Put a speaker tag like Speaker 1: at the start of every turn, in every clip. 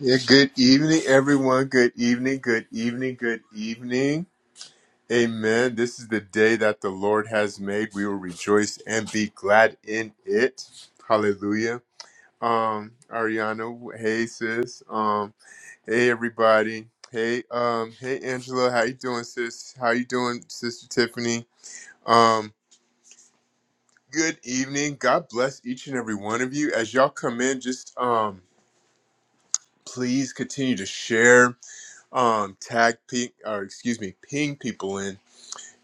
Speaker 1: Yeah, good evening, everyone. Good evening, good evening, good evening. Amen. This is the day that the Lord has made. We will rejoice and be glad in it. Hallelujah. Um, Ariana, hey sis. Um, hey everybody. Hey, um, hey Angela, how you doing, sis? How you doing, Sister Tiffany? Um, good evening. God bless each and every one of you. As y'all come in, just um please continue to share um tag ping or excuse me ping people in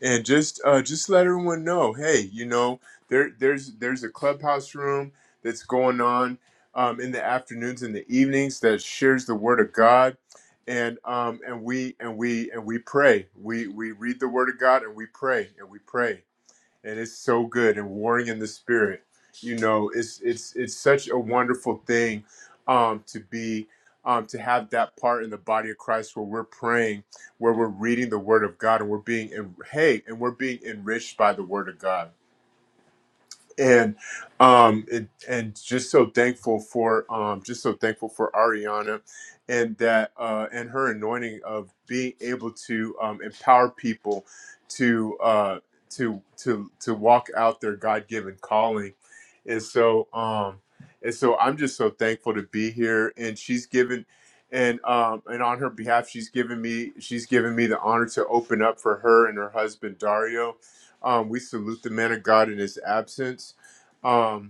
Speaker 1: and just uh just let everyone know hey you know there there's there's a clubhouse room that's going on um in the afternoons and the evenings that shares the word of god and um and we and we and we pray we we read the word of god and we pray and we pray and it's so good and warring in the spirit you know it's it's it's such a wonderful thing um to be um to have that part in the body of christ where we're praying where we're reading the word of god and we're being en- hey and we're being enriched by the word of god and um it, and just so thankful for um just so thankful for Ariana and that uh and her anointing of being able to um empower people to uh to to to walk out their God-given calling and so um and so I'm just so thankful to be here and she's given and um and on her behalf she's given me she's given me the honor to open up for her and her husband Dario um, we salute the man of God in his absence. Um,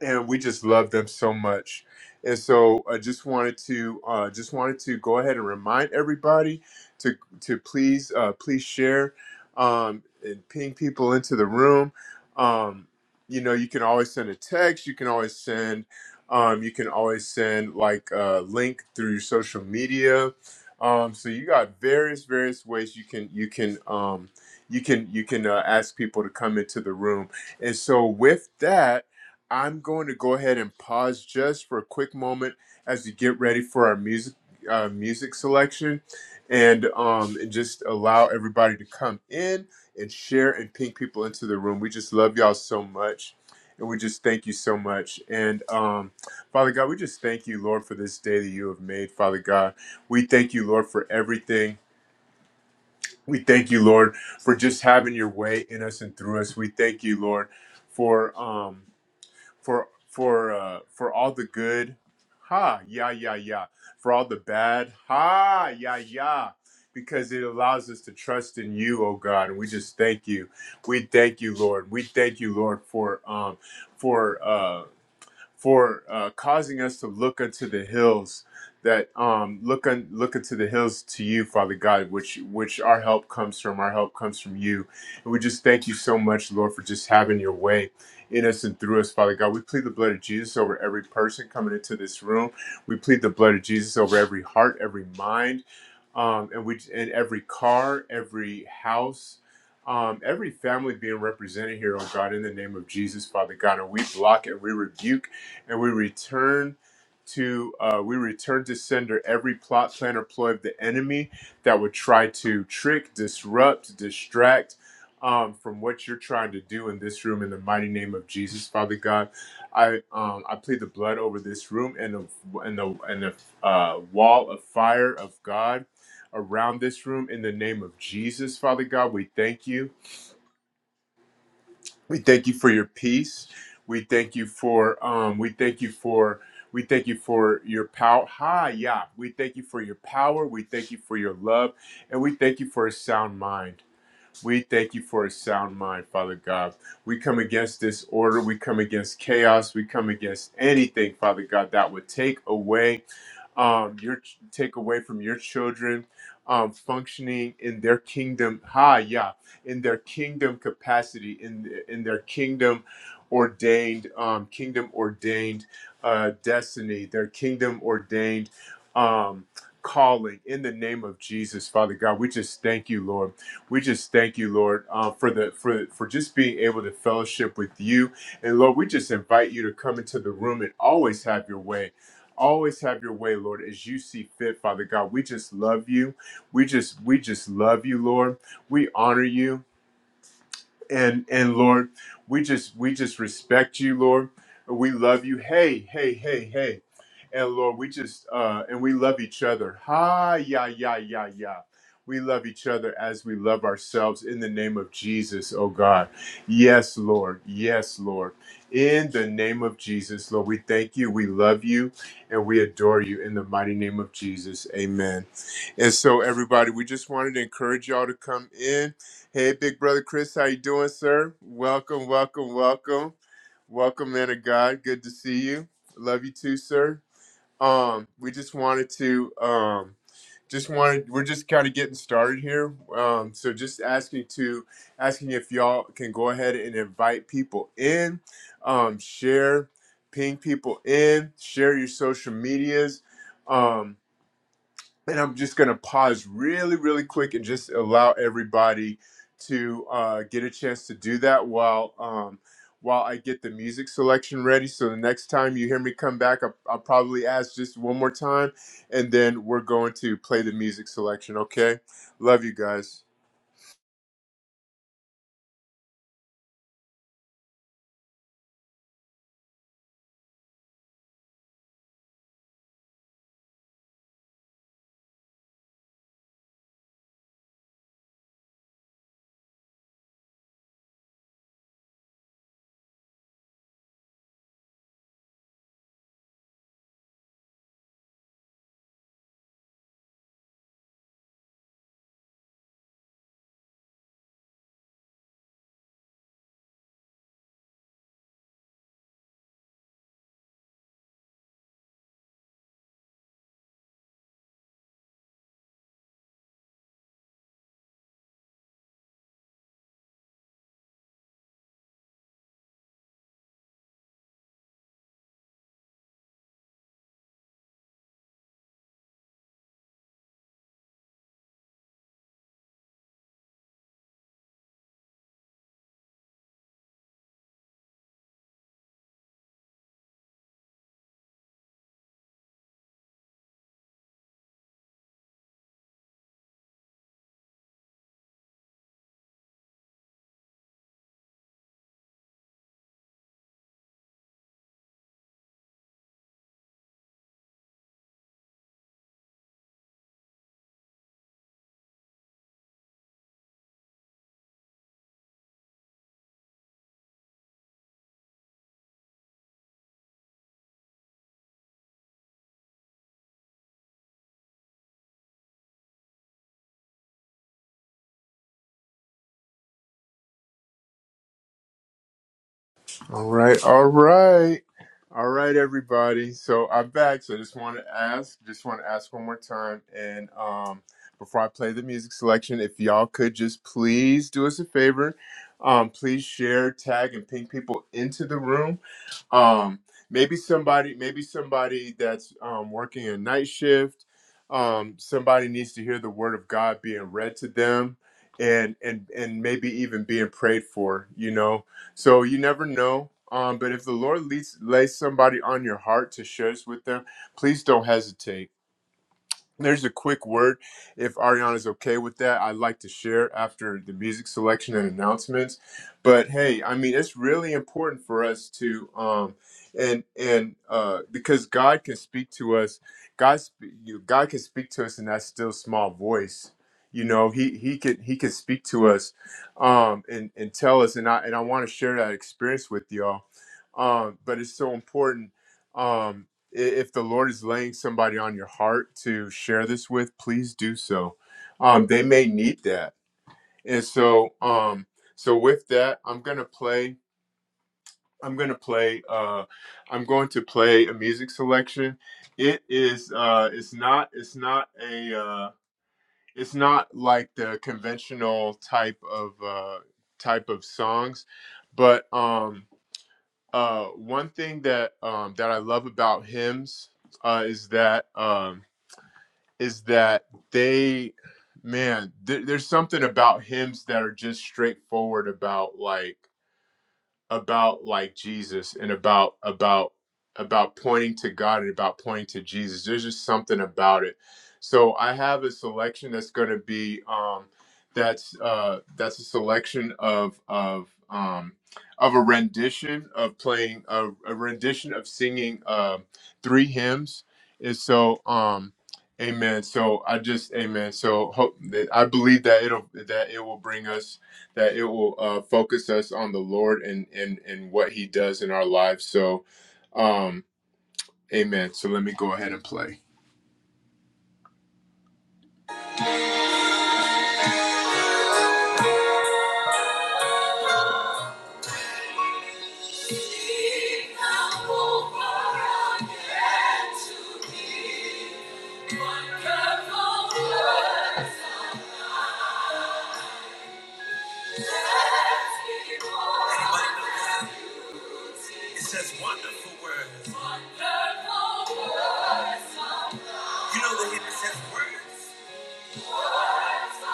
Speaker 1: and we just love them so much. And so I just wanted to uh, just wanted to go ahead and remind everybody to to please uh, please share um, and ping people into the room. Um, you know, you can always send a text. You can always send um, you can always send like a link through your social media. Um, so you got various various ways you can you can um, you can you can uh, ask people to come into the room. And so with that. I'm going to go ahead and pause just for a quick moment as we get ready for our music uh, music selection, and um, and just allow everybody to come in and share and ping people into the room. We just love y'all so much, and we just thank you so much. And um, Father God, we just thank you, Lord, for this day that you have made. Father God, we thank you, Lord, for everything. We thank you, Lord, for just having your way in us and through us. We thank you, Lord, for um, for for uh, for all the good, ha yeah yeah yeah. For all the bad, ha yeah yeah. Because it allows us to trust in you, oh God, and we just thank you. We thank you, Lord. We thank you, Lord, for um for. uh for uh, causing us to look unto the hills that um look un, look unto the hills to you father god which which our help comes from our help comes from you and we just thank you so much lord for just having your way in us and through us father god we plead the blood of jesus over every person coming into this room we plead the blood of jesus over every heart every mind um, and we in every car, every house, um, every family being represented here, oh God, in the name of Jesus, Father God, and we block and we rebuke and we return to uh, we return to sender every plot, plan, or ploy of the enemy that would try to trick, disrupt, distract. Um, from what you're trying to do in this room, in the mighty name of Jesus, Father God, I um, I plead the blood over this room and the and the and the uh, wall of fire of God around this room in the name of Jesus, Father God. We thank you. We thank you for your peace. We thank you for um we thank you for we thank you for your power. Hi, yeah. We thank you for your power. We thank you for your love. And we thank you for a sound mind. We thank you for a sound mind, Father God. We come against disorder. We come against chaos. We come against anything, Father God, that would take away um, your take away from your children um, functioning in their kingdom. Ha, yeah, in their kingdom capacity, in in their kingdom ordained, um, kingdom ordained uh, destiny, their kingdom ordained. Um, calling in the name of jesus father god we just thank you lord we just thank you lord uh, for the for for just being able to fellowship with you and lord we just invite you to come into the room and always have your way Always have your way, Lord, as you see fit, Father God. We just love you. We just we just love you, Lord. We honor you and and Lord, we just we just respect you, Lord. We love you. Hey, hey, hey, hey. And Lord, we just uh and we love each other. Ha yeah, yeah, yeah, yeah. We love each other as we love ourselves in the name of Jesus, oh God. Yes, Lord. Yes, Lord. In the name of Jesus, Lord, we thank you. We love you and we adore you in the mighty name of Jesus. Amen. And so, everybody, we just wanted to encourage y'all to come in. Hey, big brother Chris, how you doing, sir? Welcome, welcome, welcome, welcome, man of God. Good to see you. Love you too, sir. Um, we just wanted to, um, just wanted, we're just kind of getting started here. Um, so just asking to, asking if y'all can go ahead and invite people in, um, share, ping people in, share your social medias. um and I'm just going to pause really, really quick and just allow everybody to uh, get a chance to do that while um, while I get the music selection ready. So the next time you hear me come back, I'll, I'll probably ask just one more time, and then we're going to play the music selection. Okay, love you guys. All right, all right, all right, everybody. So I'm back. So I just want to ask, just want to ask one more time, and um, before I play the music selection, if y'all could just please do us a favor, um, please share, tag, and ping people into the room um maybe somebody maybe somebody that's um working a night shift um somebody needs to hear the word of god being read to them and and and maybe even being prayed for you know so you never know um but if the lord leads lays somebody on your heart to share this with them please don't hesitate there's a quick word, if Ariana's okay with that, I'd like to share after the music selection and announcements. But hey, I mean, it's really important for us to, um, and and uh, because God can speak to us, God, sp- you, God can speak to us in that still small voice. You know, he he can he can speak to us, um, and and tell us. And I and I want to share that experience with y'all. Um, but it's so important. Um, if the Lord is laying somebody on your heart to share this with, please do so. Um, they may need that. And so, um, so with that, I'm gonna play. I'm gonna play. Uh, I'm going to play a music selection. It is. Uh, it's not. It's not a. Uh, it's not like the conventional type of uh, type of songs, but um, uh, one thing that um, that I love about hymns uh, is that. Um, is that they, man, there there's something about hymns that are just straightforward about like about like Jesus and about about about pointing to God and about pointing to Jesus. There's just something about it. So I have a selection that's going to be um, that's uh, that's a selection of of um, of a rendition of playing a, a rendition of singing um three hymns. And so um, amen. So I just amen. So hope that I believe that it'll that it will bring us that it will uh, focus us on the Lord and and and what He does in our lives. So, um, Amen. So let me go ahead and play. It says wonderful words. Wonderful words. You know the hymn that says words. Wonderful words,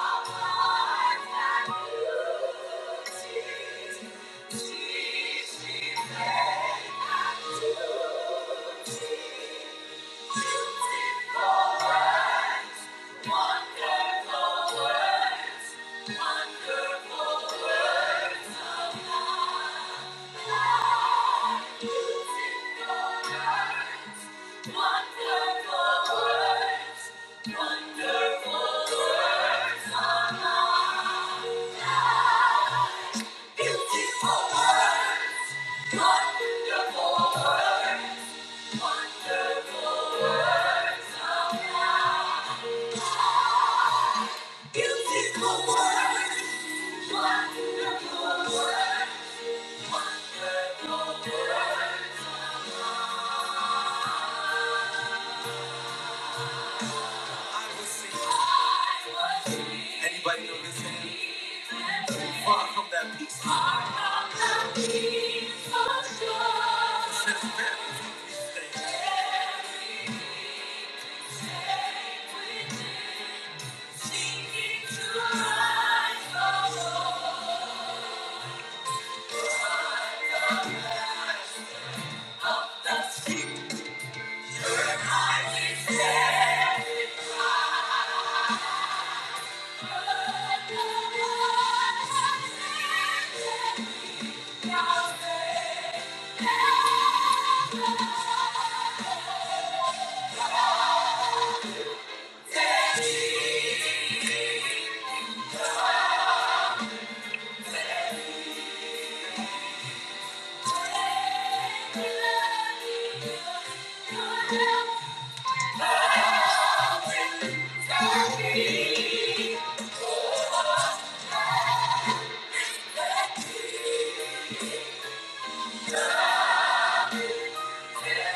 Speaker 1: wonderful words of life. Beautiful words. Wonderful words, wonderful words, Anybody know this song? Far from that peace. Far from that peace of God. This thing. Everything within, seeking to rise above the breath of the sea. Your eyes is every cry. Thank you. Yeah.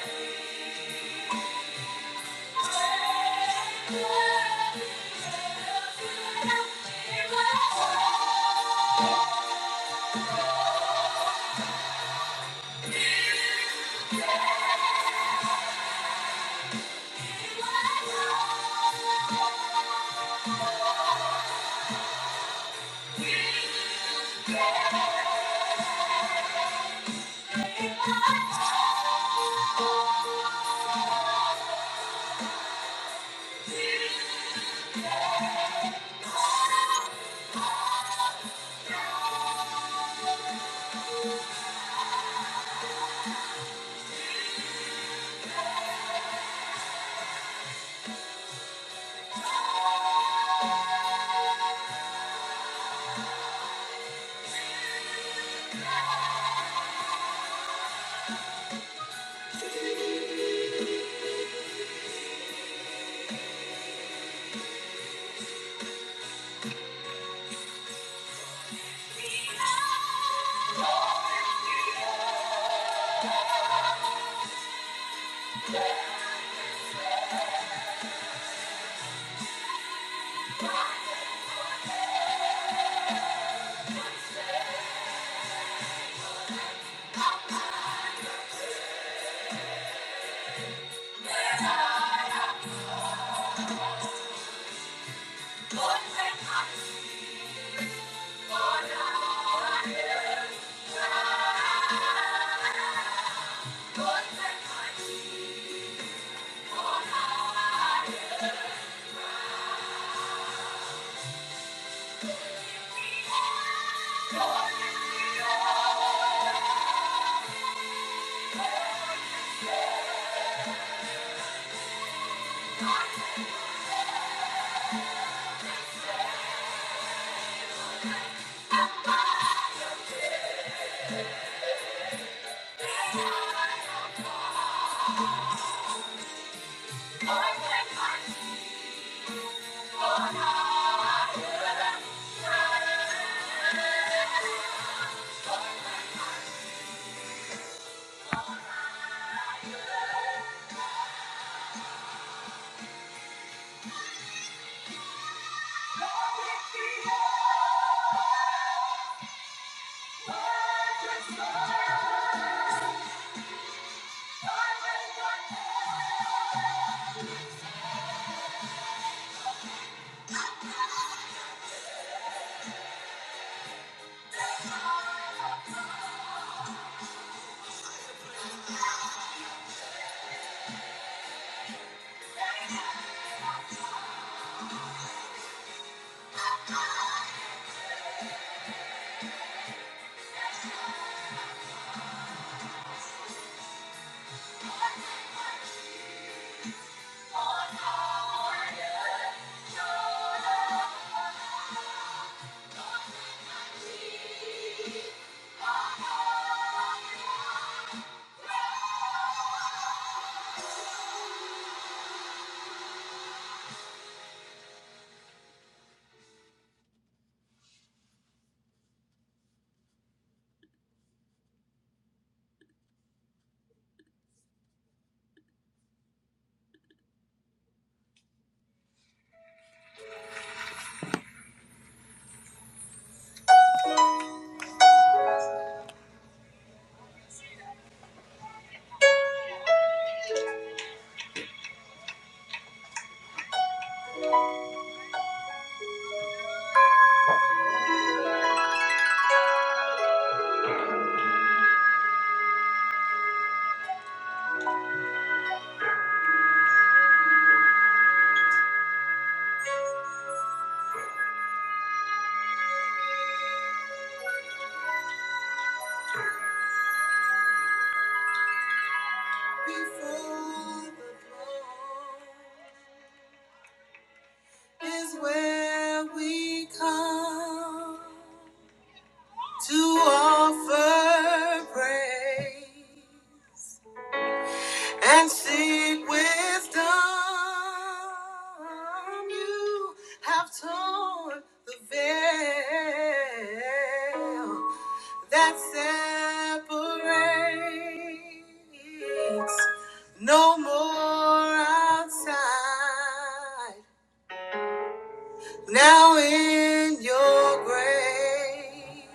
Speaker 1: Before the throne is where we come to offer praise. and seek wisdom. You have torn the veil that separates. No more outside. Now in your grace.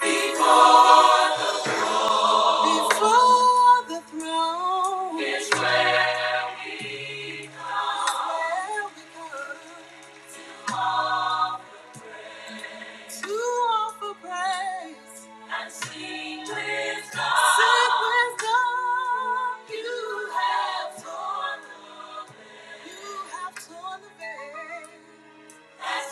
Speaker 1: Because Before the throne is where we come. Where we come. To offer praise and sing with God. Sing with God. You have torn the veil. You have torn the veil. That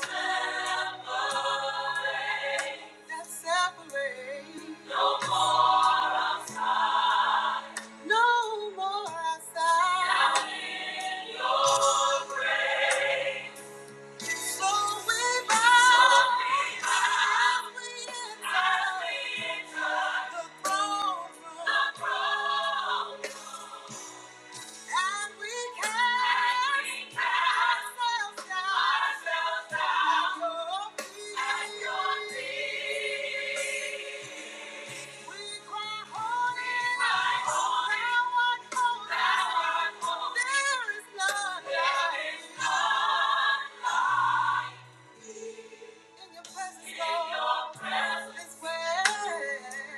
Speaker 1: separates. That separates. No more outside. No more outside. Now in your grace. So we bow. So we bow. As we enter. As we enter. The throne room. The throne room.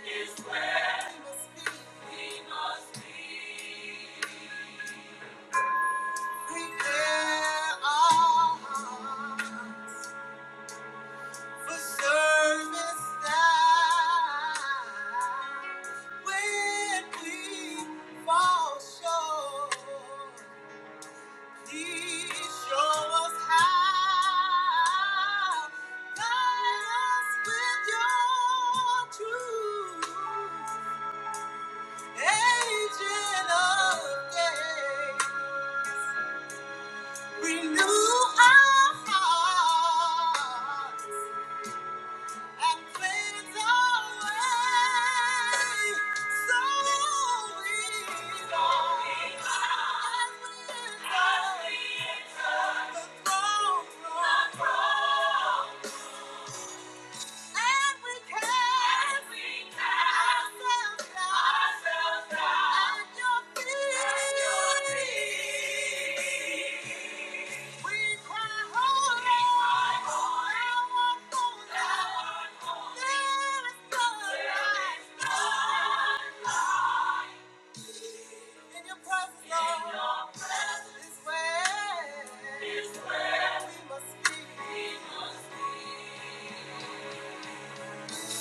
Speaker 1: Is where we must be. We must be. Prepare our hearts for service now. When we fall short, please show us how. Guide us with your truth, agent of day. Renew our hearts. I played away. So easy. I realize the wrong, wrong, wrong. In your presence, In your presence is where We must be. Thank you.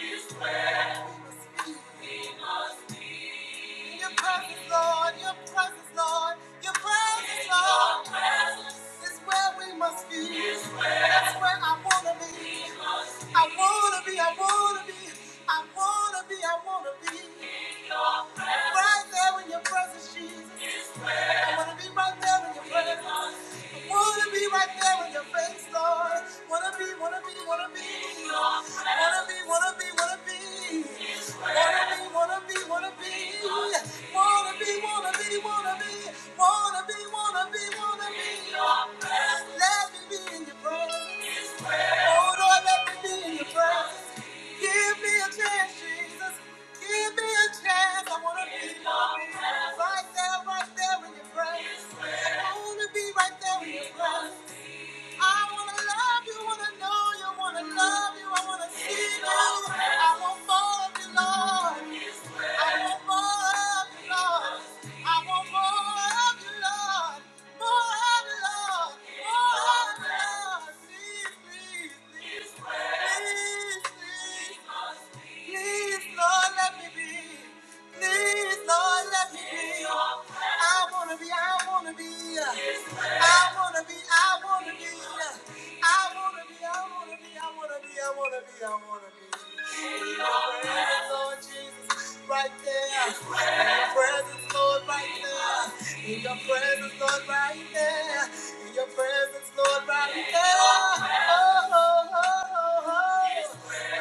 Speaker 1: Is where we must be. Your presence, Lord, your presence, Lord, your presence, Lord. Your presence is where we must be. Is where That's where I wanna be. we must be. I wanna be, I wanna be, I wanna be, I wanna be. Right there in your presence, Jesus. It's I wanna be right there when your are present. I wanna be right there when you face, Lord. Wanna be, wanna be, wanna be. Wanna be, wanna be, wanna be. Wanna be, wanna be, wanna be. Wanna be, wanna be, wanna be. Wanna be, wanna be, wanna be. Let me be in your presence. Oh Lord, let me be in your presence. Give me a chance, Jesus. Give me a chance. I want to be right there, right there when You presence. I want to be right there when You presence. I want to love you, want to know you, want to love you. I want to see you. I want more of you, Lord. I want more of you, Lord. I want more of you, Lord. More of you, Lord. More of you, Lord. Please, please, please. Please, please. Please, Lord, let me be. Please, Lord, let me be. I wanna be, I wanna be. I wanna be, I wanna be. I wanna be, I wanna be, I wanna be, I wanna be, I wanna be. In your presence, Lord Jesus right there. In your presence, Lord, right there. In your presence, Lord, right there. In your presence, Lord, right there. Oh, oh, oh, oh, oh.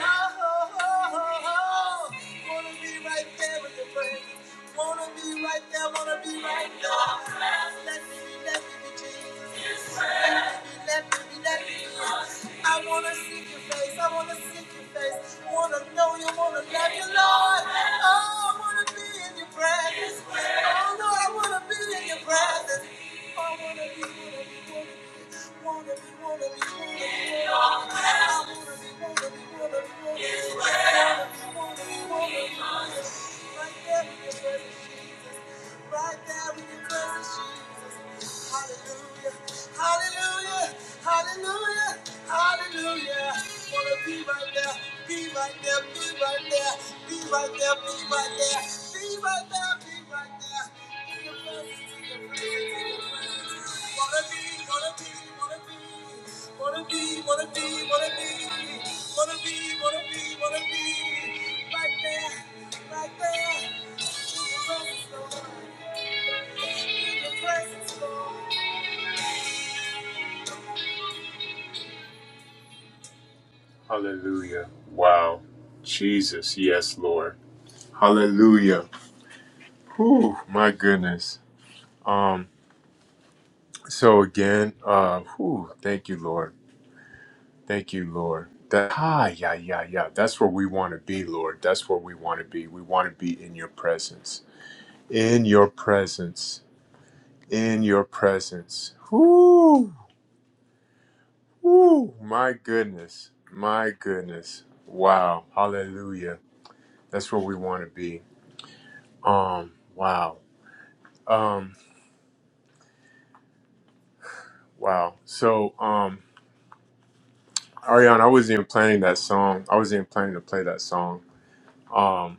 Speaker 1: Oh, oh, oh, oh, oh. Wanna be right there in your presence. Wanna be right there, wanna be right In your there. presence. Let me be, let me be Jesus. Yes, Let me be, let me be, let me be. Because I wanna seek your face, I wanna seek your face. Wanna know you, wanna love you, Lord. Oh, I wanna be in your presence. Oh, Lord, I wanna be in your presence. Oh, I wanna be, wanna be, wanna be. Wanna be, wanna be, wanna be. In your presence. I wanna be, wanna be, wanna be, wanna be. wanna be, Wanna be, wanna be, wanna be. I Right there we can praise Jesus. Right there we can praise Jesus. Hallelujah. Hallelujah. Hallelujah. Hallelujah. Wanna be right there. Be right there. Be right there. Be right there. Be right there. Be right there. Be right there. In your presence. In your presence. In your presence. Wanna be. Wanna be. Wanna be. Wanna be. Wanna be. Wanna be. Wanna be. Wanna be. Wanna be. Right there. Right there in your presence, Lord. In your presence, Lord. Hallelujah. Wow. Jesus, yes, Lord. Hallelujah. Whew, my goodness. Um, so again, uh, whew, thank you, Lord. Thank you, Lord. That, ah, yeah, yeah, yeah. That's where we want to be, Lord. That's where we want to be. We want to be in your presence. In your presence. In your presence. Whew. Woo, my goodness. My goodness. Wow. Hallelujah. That's where we want to be. Um, wow. Um, wow. So, um, Ariana, I wasn't even planning that song. I wasn't even planning to play that song. Um,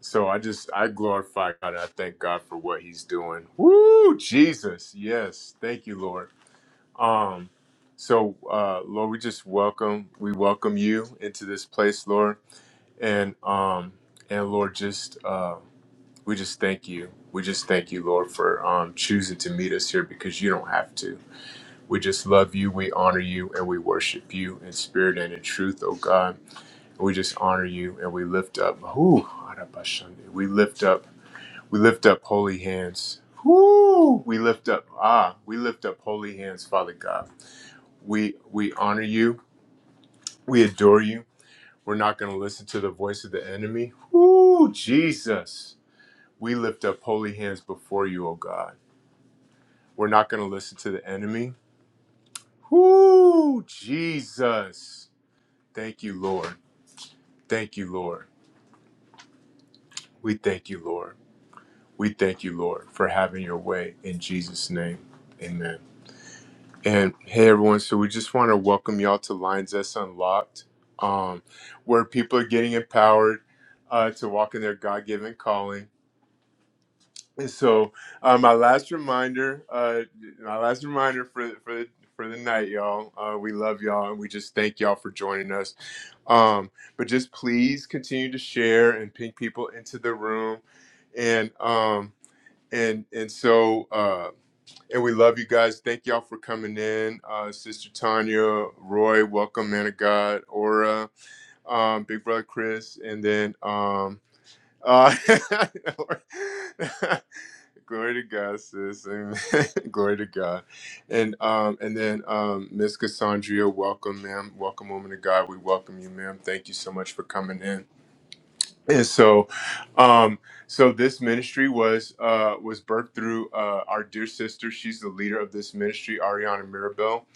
Speaker 1: so I just I glorify God and I thank God for what he's doing. Woo, Jesus. Yes. Thank you, Lord. Um, so uh Lord, we just welcome, we welcome you into this place, Lord. And um and Lord, just uh We just thank you. We just thank you, Lord, for um, choosing to meet us here because you don't have to. We just love you, we honor you, and we worship you in spirit and in truth, oh God. We just honor you and we lift up. Whoo, Arabashande. we lift up, we lift up holy hands. Whoo, we lift up, ah, we lift up holy hands, Father God. We we honor you, we adore you. We're not going to listen to the voice of the enemy. Whoo, Jesus. We lift up holy hands before you, oh God. We're not going to listen to the enemy. Whoo, Jesus. Thank you, Lord. Thank you, Lord. We thank you, Lord. We thank you, Lord, for having your way in Jesus' name. Amen. And hey, everyone. So we just want to welcome y'all to Lines That's Unlocked, um, where people are getting empowered uh, to walk in their God given calling. so uh, my last reminder, uh, my last reminder for for for the night, y'all. Uh, we love y'all, and we just thank y'all for joining us. Um, but just please continue to share and ping people into the room, and um, and and so. Uh, and we love you guys. Thank y'all for coming in. Uh, Sister Tanya, Roy, welcome, man of God, Aura, um, Big Brother Chris, and then um, uh, Glory to God, sis. Amen. Glory to God. And um and then um Miss Cassandra, welcome, ma'am. Welcome, woman of God. We welcome you, ma'am. Thank you so much for coming in and so um so this ministry was uh was birthed through uh our dear sister she's the leader of this ministry ariana mirabel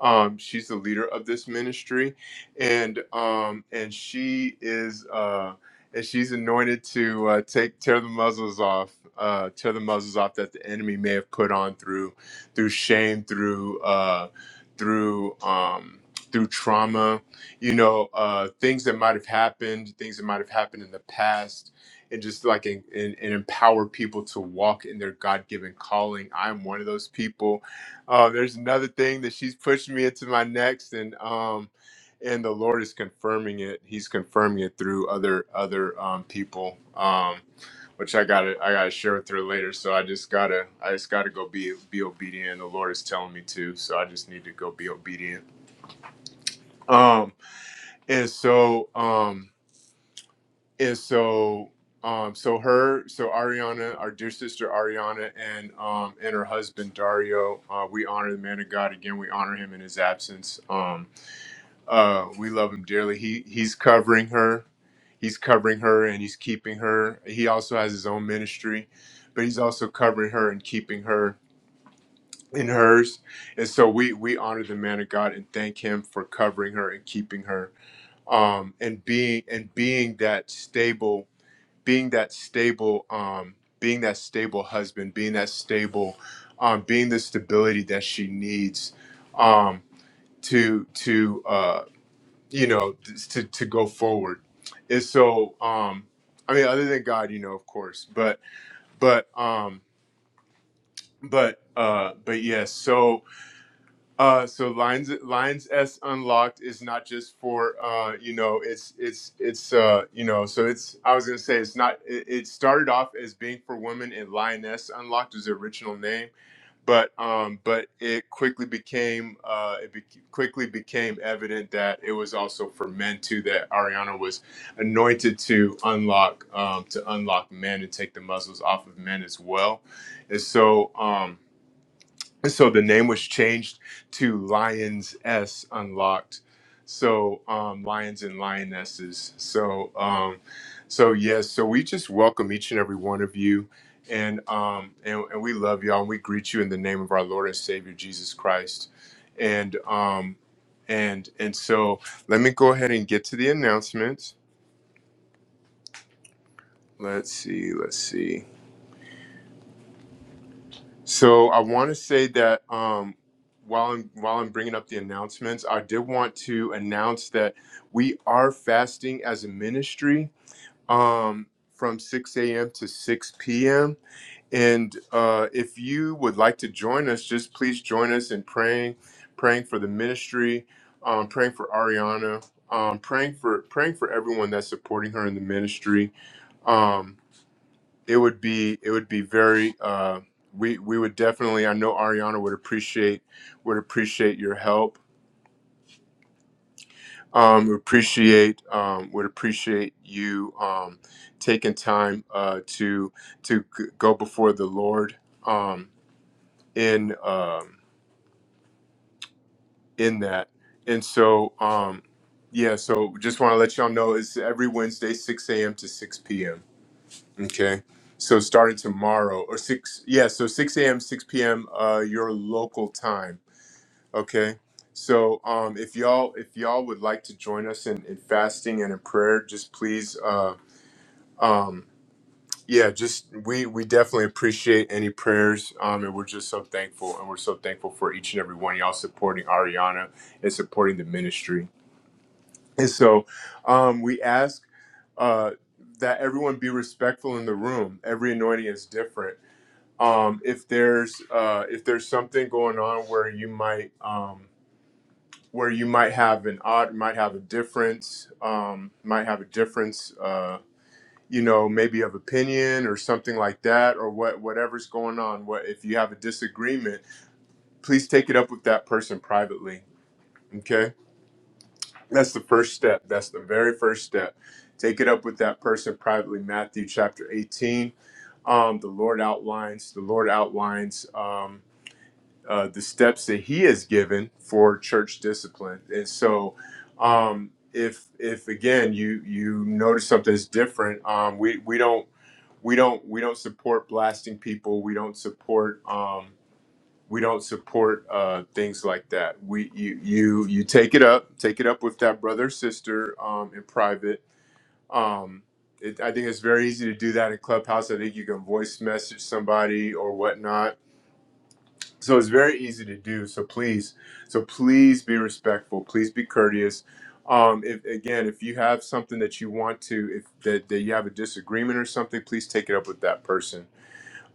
Speaker 1: um she's the leader of this ministry and um and she is uh and she's anointed to uh, take tear the muzzles off uh tear the muzzles off that the enemy may have put on through through shame through uh through um through trauma you know uh things that might have happened things that might have happened in the past and just like and, and, and empower people to walk in their god-given calling i'm one of those people uh, there's another thing that she's pushing me into my next and um and the lord is confirming it he's confirming it through other other um people um which i gotta i gotta share with her later so i just gotta i just gotta go be be obedient the lord is telling me to so i just need to go be obedient Um, and so, um, and so, um, so her, so Ariana, our dear sister Ariana, and um, and her husband Dario, uh, we honor the man of God again. We honor him in his absence. Um, uh, we love him dearly. He he's covering her, he's covering her, and he's keeping her. He also has his own ministry, but he's also covering her and keeping her in hers. And so we we honor the man of God and thank him for covering her and keeping her um, and being and being that stable, being that stable, um, being that stable husband, being that stable, um, being the stability that she needs um, to to uh, you know to to go forward. And so, um, I mean, other than God, you know, of course, but but um, but uh, but yes. so Uh, so lines lines S unlocked is not just for uh, you know it's it's it's uh, you know so it's I was gonna say it's not it, it started off as being for women and lioness unlocked was the original name but um, but it quickly became uh, it be- quickly became evident that it was also for men too that Ariana was anointed to unlock um, to unlock men and take the muzzles off of men as well and so. Um, so the name was changed to Lions S Unlocked. So um, lions and lionesses. So um, so yes. So we just welcome each and every one of you, and um, and, and we love y'all. And we greet you in the name of our Lord and Savior Jesus Christ. And um, and and so let me go ahead and get to the announcements. Let's see. Let's see. So I want to say that um, while I'm while I'm bringing up the announcements, I did want to announce that we are fasting as a ministry um, from 6 a.m. to 6 p.m. And uh, if you would like to join us, just please join us in praying, praying for the ministry, um, praying for Ariana, um, praying for praying for everyone that's supporting her in the ministry. Um, it would be it would be very uh, we we would definitely I know Ariana would appreciate would appreciate your help um, would appreciate um, would appreciate you um, taking time uh, to to g- go before the Lord um, in um, in that and so um, yeah so just want to let y'all know it's every Wednesday 6 a.m. to 6 p.m. Okay. So starting tomorrow or six, yeah. So six a.m., six p.m. Uh, your local time. Okay. So um, if y'all if y'all would like to join us in, in fasting and in prayer, just please, uh, um, yeah, just we we definitely appreciate any prayers, um, and we're just so thankful, and we're so thankful for each and every one of y'all supporting Ariana and supporting the ministry. And so um, we ask uh, that everyone be respectful in the room. Every anointing is different um, if there's uh, if there's something going on where you might um, where you might have an odd might have a difference um, might have a difference uh, you know maybe of opinion or something like that or what whatever's going on what if you have a disagreement please take it up with that person privately okay that's the first step that's the very first step take it up with that person privately matthew chapter 18 um, the lord outlines the lord outlines Um, uh, the steps that he has given for church discipline. And so, um, if if again you you notice something that's different, um, we we don't we don't we don't support blasting people. We don't support um, we don't support uh, things like that. We you you you take it up, take it up with that brother or sister um, in private. Um, it, I think it's very easy to do that in Clubhouse. I think you can voice message somebody or whatnot so it's very easy to do so please so please be respectful please be courteous um if again if you have something that you want to if that, that you have a disagreement or something please take it up with that person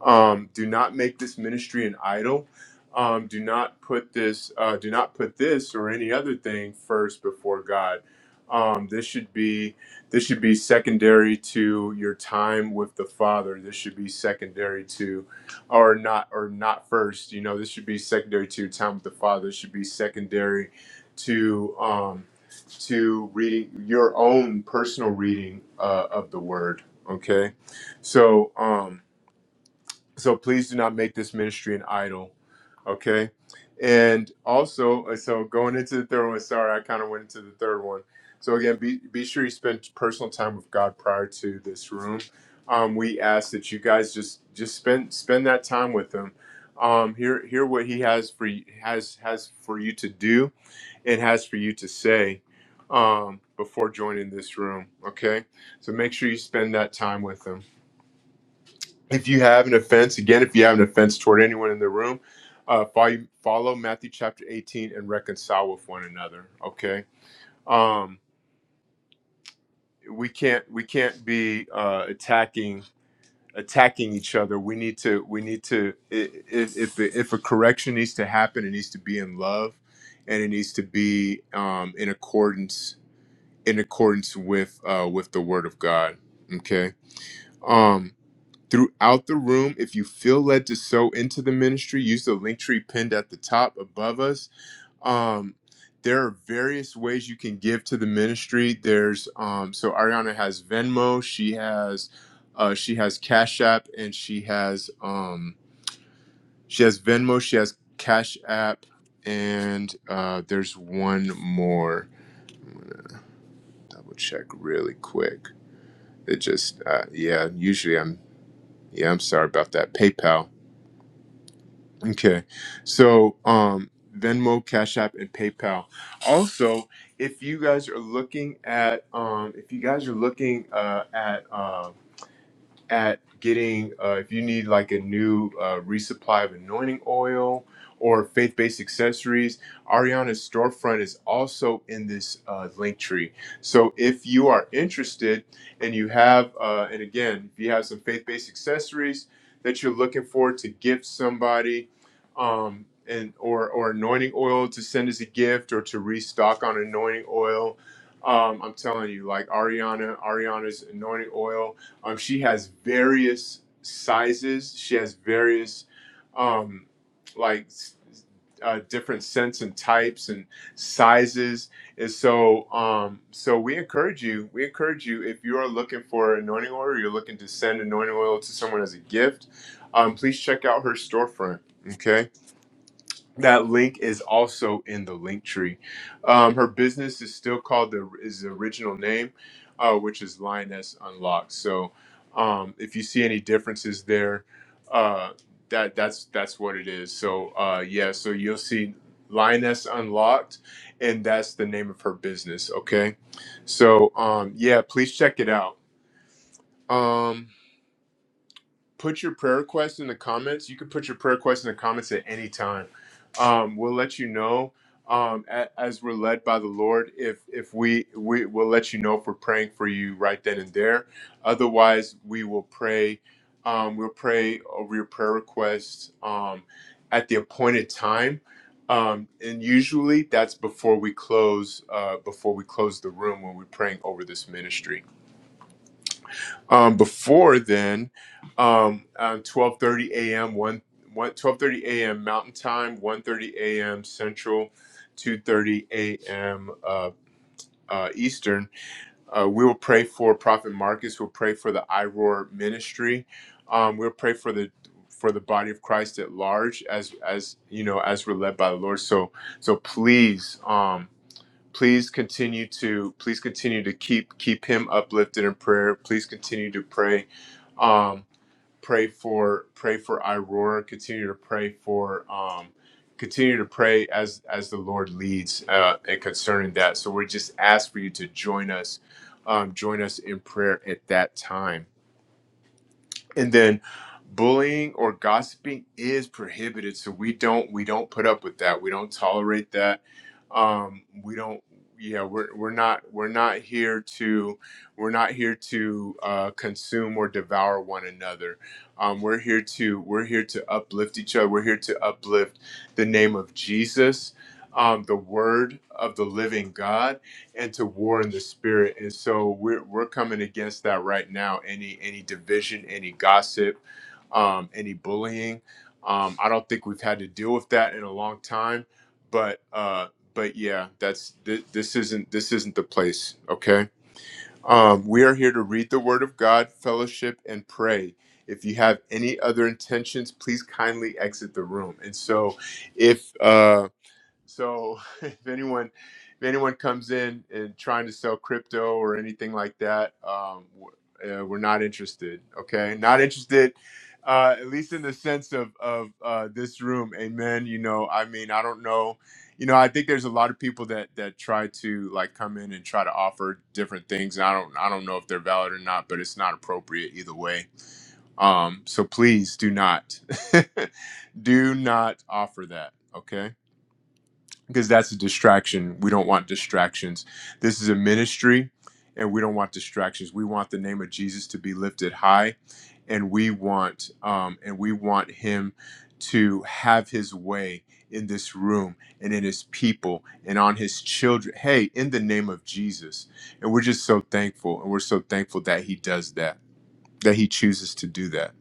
Speaker 1: um, do not make this ministry an idol. Um, do not put this, uh, do not put this or any other thing first before God. Um, this should be this should be secondary to your time with the Father. This should be secondary to, or not or not first. You know, this should be secondary to your time with the Father. This should be secondary to um, to reading your own personal reading uh, of the Word. Okay, so. Um, so please do not make this ministry an idol. Okay. And also, uh, so going into the third one, sorry, I kind of went into the third one. So again, be, be sure you spend personal time with God prior to this room. Um, we ask that you guys just just spend spend that time with Him. Um, hear hear what He has for you, has has for you to do and has for you to say um, before joining this room. Okay, so make sure you spend that time with Him if you have an offense, again, if you have an offense toward anyone in the room, uh, follow, follow Matthew chapter 18 and reconcile with one another. Okay, um, we can't we can't be uh, attacking attacking each other. We need to we need to i- if if, if a correction needs to happen, it needs to be in love, and it needs to be um, in accordance in accordance with uh, with the Word of God. Okay. Um, throughout the room. If you feel led to sow into the ministry, use the link tree pinned at the top above us. Um, there are various ways you can give to the ministry. There's um, so Ariana has Venmo, she has uh, she has Cash App, and she has um, she has Venmo, she has Cash App, and uh, there's one more. Double check really quick. It just uh, yeah. Usually I'm yeah. I'm sorry about that. PayPal. Okay. So um Venmo, Cash App, and PayPal. Also, if you guys are looking at um if you guys are looking uh at um, at getting uh, if you need like a new uh, resupply of anointing oil or faith-based accessories ariana's storefront is also in this uh, link tree so if you are interested and you have uh, and again if you have some faith-based accessories that you're looking for to gift somebody um, and or or anointing oil to send as a gift or to restock on anointing oil um, i'm telling you like ariana ariana's anointing oil um, she has various sizes. She has various um, like uh, different scents and types and sizes. And so, um, so we encourage you. We encourage you if you are looking for anointing oil, or you're looking to send anointing oil to someone as a gift. Um, please check out her storefront. Okay that link is also in the link tree. Um, her business is still called the is the original name, uh, which is Lioness Unlocked. So um, if you see any differences there, uh, that that's that's what it is. So uh, yeah, so you'll see Lioness Unlocked, and that's the name of her business. Okay, so um, yeah, please check it out. Um, put your prayer request in the comments. You can put your prayer request in the comments at any time. Um, we'll let you know um, a, as we're led by the Lord. If if we we will let you know if we're praying for you right then and there. Otherwise, we will pray. Um, we'll pray over your prayer requests um, at the appointed time. Um, and usually that's before we close uh, before we close the room when we're praying over this ministry. Um, before then, um, uh, 12:30 a.m. one one twelve thirty a.m. Mountain Time, one thirty a.m. Central, 2:30 a.m. Uh, uh, Eastern. Uh, we will pray for Prophet Marcus. We'll pray for the iRoar ministry. Um, we'll pray for the for the body of Christ at large, as as you know, as we're led by the Lord. So so please. Um, please continue to please continue to keep keep him uplifted in prayer please continue to pray um pray for pray for Aurora continue to pray for um continue to pray as as the Lord leads uh and concerning that so we just ask for you to join us um join us in prayer at that time and then bullying or gossiping is prohibited so we don't we don't put up with that we don't tolerate that um we don't yeah we're we're not we're not here to we're not here to uh consume or devour one another um we're here to we're here to uplift each other we're here to uplift the name of jesus um the word of the living god and to war in the spirit and so we're, we're coming against that right now any any division any gossip um, any bullying um, i don't think we've had to deal with that in a long time but uh but yeah that's th- this isn't this isn't the place okay um, we are here to read the word of god fellowship and pray if you have any other intentions please kindly exit the room and so if uh so if anyone if anyone comes in and trying to sell crypto or anything like that, um, we're, uh, we're not interested. Okay, not interested. Uh, at least in the sense of of uh, this room, amen. You know, I mean, I don't know. You know, I think there's a lot of people that that try to like come in and try to offer different things. And I don't I don't know if they're valid or not, but it's not appropriate either way. Um, so please do not do not offer that. Okay because that's a distraction. We don't want distractions. This is a ministry and we don't want distractions. We want the name of Jesus to be lifted high and we want um and we want him to have his way in this room and in his people and on his children. Hey, in the name of Jesus. And we're just so thankful and we're so thankful that he does that. That he chooses to do that.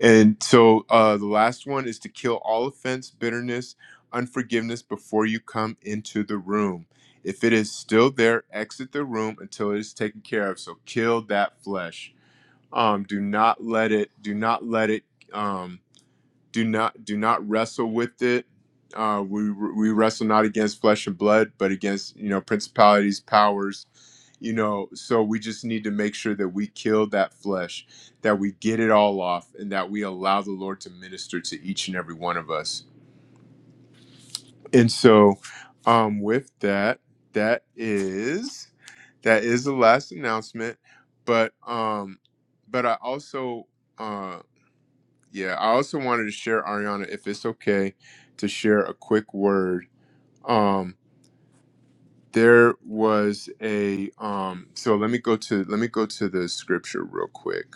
Speaker 1: And so uh, the last one is to kill all offense, bitterness, unforgiveness before you come into the room. If it is still there, exit the room until it is taken care of. So kill that flesh. Um, do not let it. Do not let it. Um, do not do not wrestle with it. Uh, we we wrestle not against flesh and blood, but against you know principalities, powers. You know, so we just need to make sure that we kill that flesh, that we get it all off, and that we allow the Lord to minister to each and every one of us. And so, um, with that, that is that is the last announcement. But um, but I also uh, yeah, I also wanted to share Ariana, if it's okay, to share a quick word. Um, there was a um, so let me go to let me go to the scripture real quick,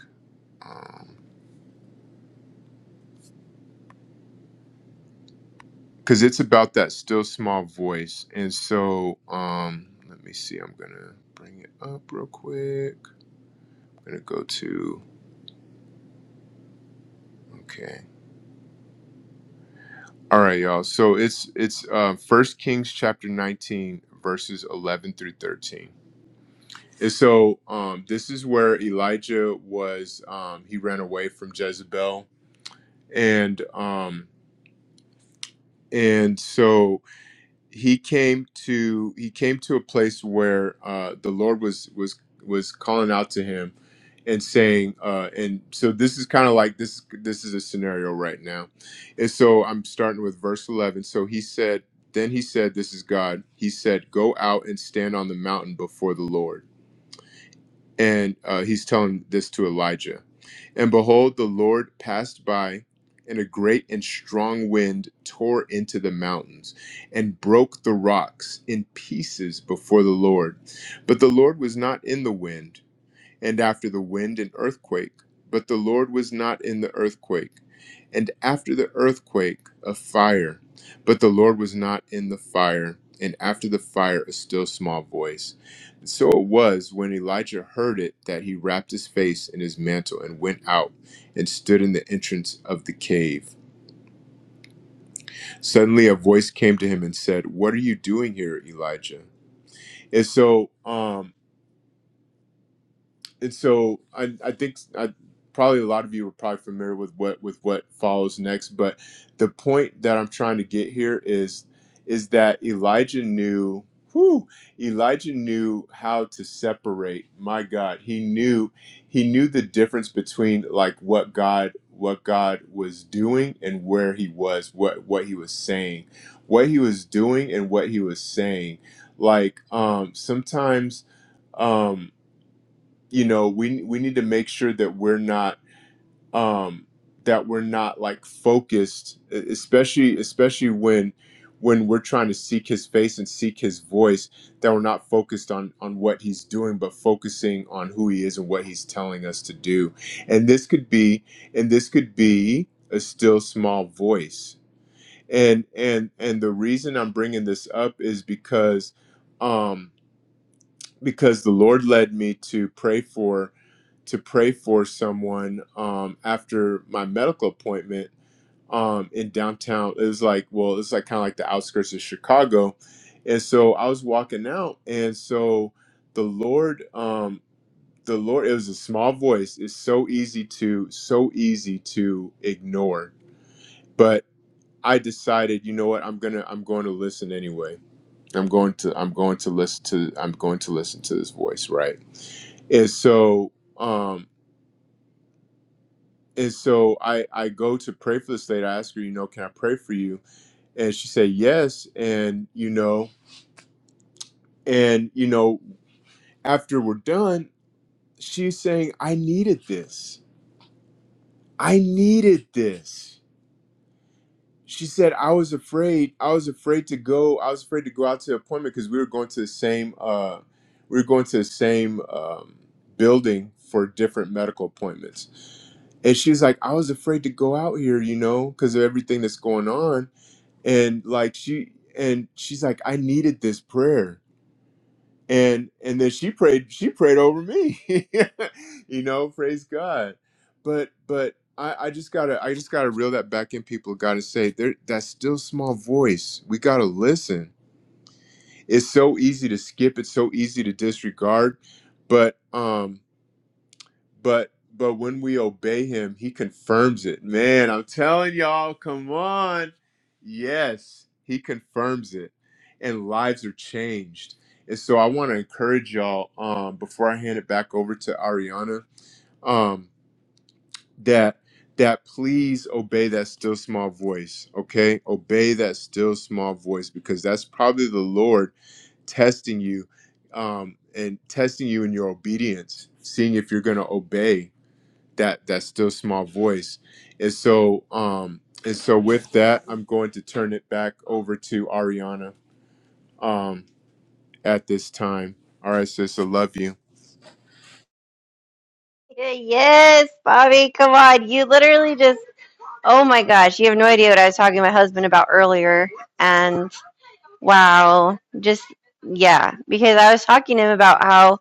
Speaker 1: because it's about that still small voice, and so um, let me see, I'm gonna bring it up real quick. I'm gonna go to okay, all right, y'all. So it's it's uh, First Kings chapter 19 verses 11 through 13. And so um, this is where Elijah was. Um, he ran away from Jezebel, and um, and so he came to he came to a place where uh, the Lord was was was calling out to him and saying, uh, and so this is kind of like this this is a scenario right now. And so I'm starting with verse 11. So he said, then he said, "This is God." He said, "Go out and stand on the mountain before the Lord." And uh, he's telling this to Elijah. And behold, the Lord passed by, and a great and strong wind tore into the mountains and broke the rocks in pieces before the Lord. But the Lord was not in the wind and after the wind an earthquake. But the Lord was not in the earthquake, and after the earthquake a fire. But the Lord was not in the fire, and after the fire a still small voice. And So it was when Elijah heard it that he wrapped his face in his mantle and went out and stood in the entrance of the cave. Suddenly a voice came to him and said, What are you doing here, Elijah? And so, um, and so I I think I probably a lot of you are probably familiar with what with what follows next, but the point that I'm trying to get here is is that Elijah knew whew, Elijah knew how to separate. My God, he knew he knew the difference between like what God what God was doing and where he was, what what he was saying, what he was doing and what he was saying. Like um sometimes um you know we we need to make sure that we're not um that we're not like focused e- especially especially when when we're trying to seek his face and seek his voice that we're not focused on on what he's doing but focusing on who he is and what he's telling us to do and this could be and this could be a still small voice and and and the reason i'm bringing this up is because um because the lord led me to pray for to pray for someone um, after my medical appointment um, in downtown. It was like, well, it's like kind of like the outskirts of Chicago, and so I was walking out, and so the Lord, um, the Lord, it was a small voice. It's so easy to, so easy to ignore, but I decided, you know what, I'm gonna, I'm going to listen anyway. I'm going to, I'm going to listen to, I'm going to listen to this voice, right? And so. Um, and so I I go to pray for this lady. I ask her, you know, can I pray for you? And she said yes. And you know, and you know, after we're done, she's saying, I needed this. I needed this. She said, I was afraid. I was afraid to go. I was afraid to go out to the appointment because we were going to the same. Uh, we were going to the same um, building for different medical appointments. And she's like, I was afraid to go out here, you know, because of everything that's going on and like she and she's like i needed this prayer and and then she prayed she prayed over me you know praise god but but I, I just gotta i just gotta reel that back in people gotta say there that still small voice we gotta listen it's so easy to skip it's so easy to disregard but um but but when we obey him he confirms it man i'm telling y'all come on yes he confirms it and lives are changed and so i want to encourage y'all um before i hand it back over to ariana um that that please obey that still small voice okay obey that still small voice because that's probably the lord testing you um and testing you in your obedience seeing if you're going to obey that that still small voice and so um and so with that i'm going to turn it back over to ariana um at this time all right sis i love you
Speaker 2: Yeah, Yes, Bobby, come on. You literally just, oh my gosh, you have no idea what I was talking to my husband about earlier. And wow, just, yeah, because I was talking to him about how,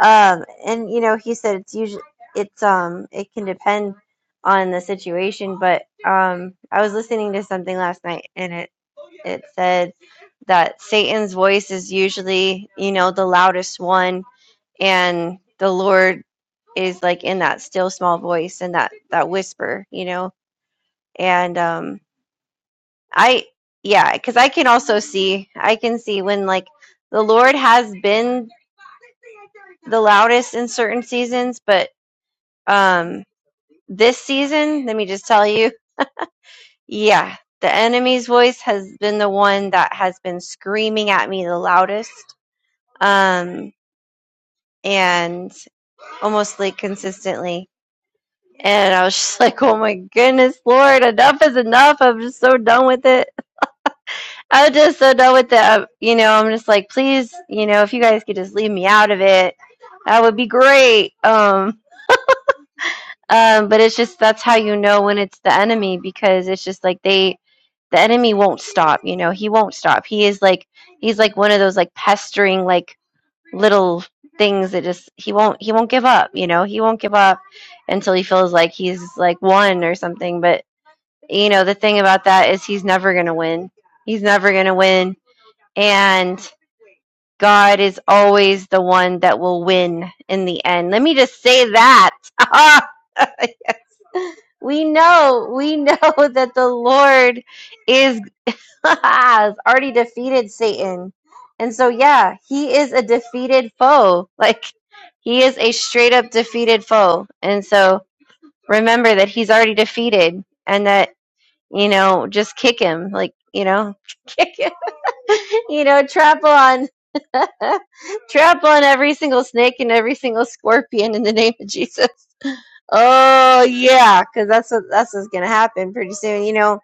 Speaker 2: um, and you know, he said it's usually, it's, um, it can depend on the situation, but, um, I was listening to something last night and it, it said that Satan's voice is usually, you know, the loudest one and the lord is like in that still small voice and that that whisper you know and um i yeah because i can also see i can see when like the lord has been the loudest in certain seasons but um this season let me just tell you yeah the enemy's voice has been the one that has been screaming at me the loudest um and almost like consistently And I was just like, oh my goodness, Lord, enough is enough. I'm just so done with it. I'm just so done with it. I- You know, I'm just like, please, you know, if you guys could just leave me out of it, that would be great. Um, um, but it's just that's how you know when it's the enemy because it's just like they, the enemy won't stop. You know, he won't stop. He is like, he's like one of those like pestering like little things that just he won't he won't give up. You know, he won't give up until he feels like he's like won or something. But you know, the thing about that is he's never going to win. He's never going to win. And God is always the one that will win in the end. Let me just say that. yes. We know, we know that the Lord is has already defeated Satan. And so yeah, he is a defeated foe. Like he is a straight up defeated foe. And so remember that he's already defeated and that you know, just kick him. Like, you know, kick him. you know, trample on trample on every single snake and every single scorpion in the name of Jesus. Oh yeah, because that's what that's what's gonna happen pretty soon. You know,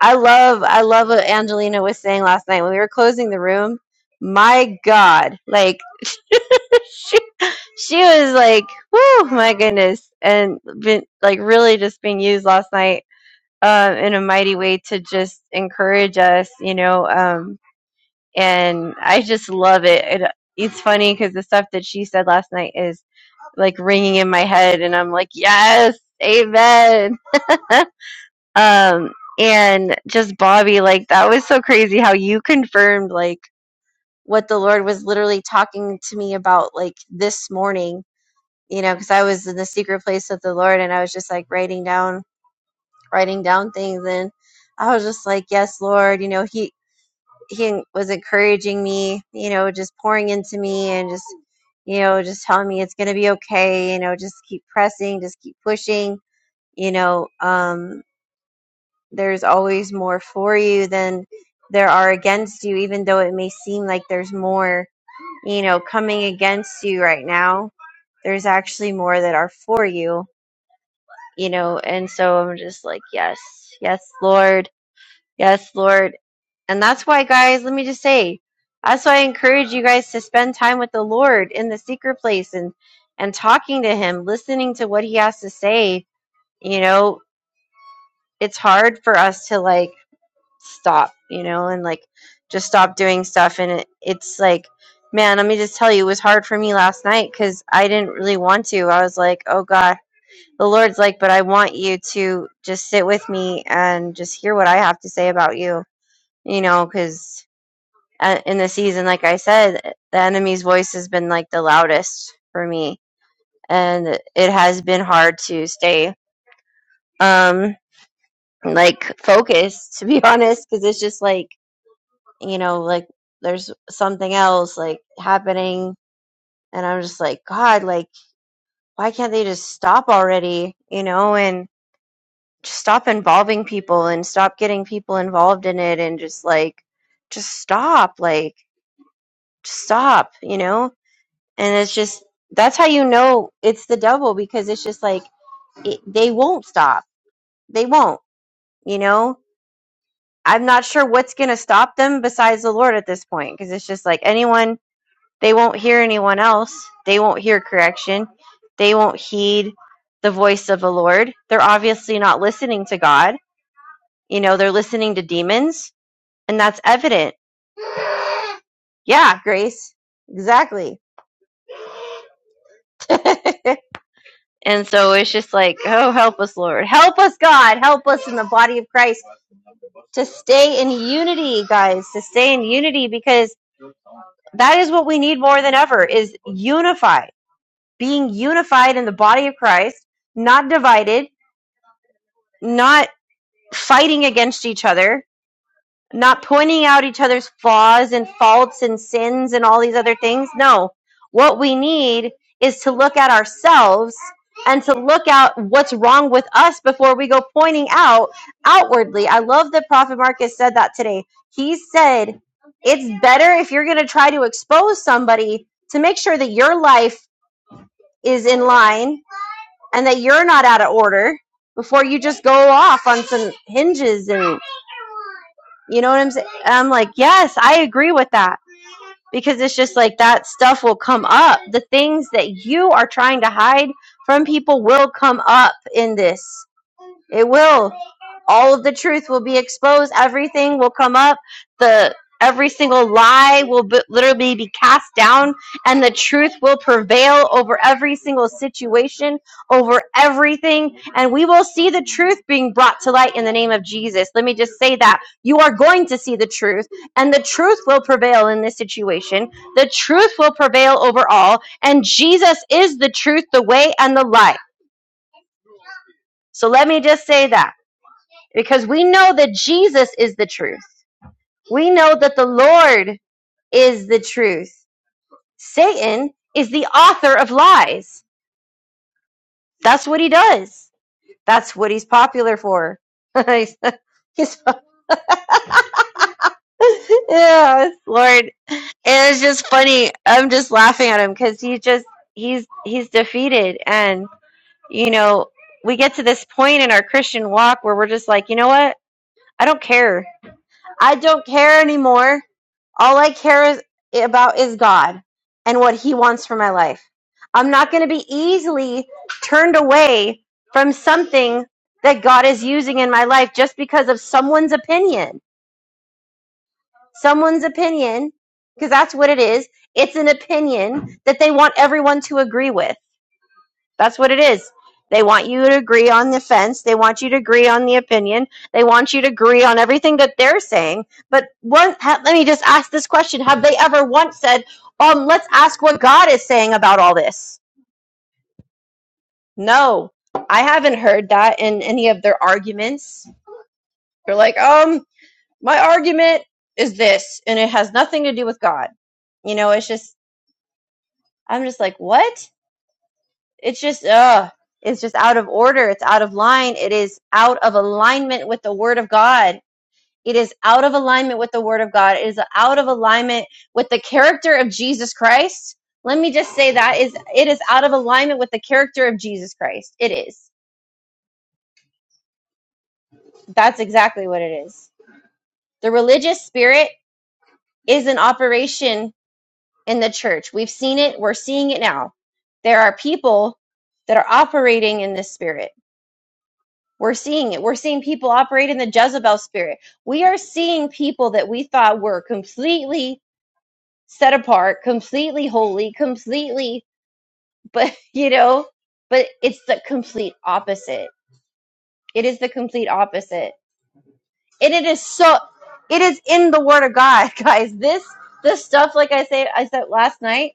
Speaker 2: I love I love what Angelina was saying last night when we were closing the room. My God, like she she was like, "Whoo, my goodness," and been like really just being used last night uh, in a mighty way to just encourage us, you know. Um, and I just love it. it it's funny because the stuff that she said last night is like ringing in my head, and I'm like, yes, amen. um, and just Bobby, like that was so crazy how you confirmed like what the Lord was literally talking to me about like this morning. You know, because I was in the secret place with the Lord, and I was just like writing down writing down things and I was just like, yes, Lord, you know, he he was encouraging me, you know, just pouring into me and just you know, just telling me it's going to be okay, you know, just keep pressing, just keep pushing, you know, um there's always more for you than there are against you even though it may seem like there's more, you know, coming against you right now. There's actually more that are for you, you know, and so I'm just like, yes, yes, Lord Yes, Lord. And that's why, guys, let me just say, that's why I encourage you guys to spend time with the Lord in the secret place and and talking to him, listening to what he has to say. You know, it's hard for us to like stop, you know, and like just stop doing stuff and it, it's like man, let me just tell you, it was hard for me last night cuz I didn't really want to. I was like, "Oh god, the Lord's like, but I want you to just sit with me and just hear what I have to say about you." You know, cuz uh, in the season, like I said, the enemy's voice has been like the loudest for me, and it has been hard to stay um like focused to be honest because it's just like you know like there's something else like happening and i'm just like god like why can't they just stop already you know and just stop involving people and stop getting people involved in it and just like just stop like just stop you know and it's just that's how you know it's the devil because it's just like it, they won't stop they won't you know i'm not sure what's going to stop them besides the lord at this point because it's just like anyone they won't hear anyone else they won't hear correction they won't heed the voice of the lord they're obviously not listening to god you know they're listening to demons and that's evident yeah grace exactly And so it's just like, oh, help us, Lord. Help us, God. Help us in the body of Christ to stay in unity, guys, to stay in unity because that is what we need more than ever is unified, being unified in the body of Christ, not divided, not fighting against each other, not pointing out each other's flaws and faults and sins and all these other things. No, what we need is to look at ourselves and to look at what's wrong with us before we go pointing out outwardly. I love that Prophet Marcus said that today. He said it's better if you're going to try to expose somebody to make sure that your life is in line and that you're not out of order before you just go off on some hinges and. You know what I'm saying? I'm like, yes, I agree with that because it's just like that stuff will come up. The things that you are trying to hide from people will come up in this. It will. All of the truth will be exposed. Everything will come up. The every single lie will be, literally be cast down, and the truth will prevail over every single situation, over everything, and we will see the truth being brought to light in the name of Jesus. Let me just say that you are going to see the truth, and the truth will prevail in this situation. The truth will prevail over all, and Jesus is the truth, the way, and the light. So let me just say that because we know that Jesus is the truth. We know that the Lord is the truth. Satan is the author of lies. That's what he does. That's what he's popular for. He's- yeah, Lord, And it's just funny. I'm just laughing at him because he just he's he's defeated, and you know we get to this point in our Christian walk where we're just like, you know what? I don't care. I don't care anymore All I care is, about is God and what He wants for my life. I'm not going to be easily turned away from something that God is using in my life just because of someone's opinion. Someone's opinion, because that's what it is. It's an opinion that they want everyone to agree with. That's what it is. They want you to agree on the fence. They want you to agree on the opinion. They want you to agree on everything that they're saying. But one, ha- let me just ask this question: Have they ever once said, "Um, let's ask what God is saying about all this"? No, I haven't heard that in any of their arguments. They're like, "Um, my argument is this, and it has nothing to do with God." You know, it's just I'm just like, "What?" it's just uh it's just out of order it's out of line it is out of alignment with the word of god it is out of alignment with the word of god it is out of alignment with the character of jesus christ let me just say that is it is out of alignment with the character of jesus christ it is that's exactly what it is the religious spirit is an operation in the church we've seen it we're seeing it now there are people that are operating in this spirit We're seeing it. We're seeing people operate in the Jezebel spirit. We are seeing people that we thought were completely set apart, completely holy, completely, but you know, but it's the complete opposite. It is the complete opposite and it is so it is in the word of god guys this this stuff like i said i said last night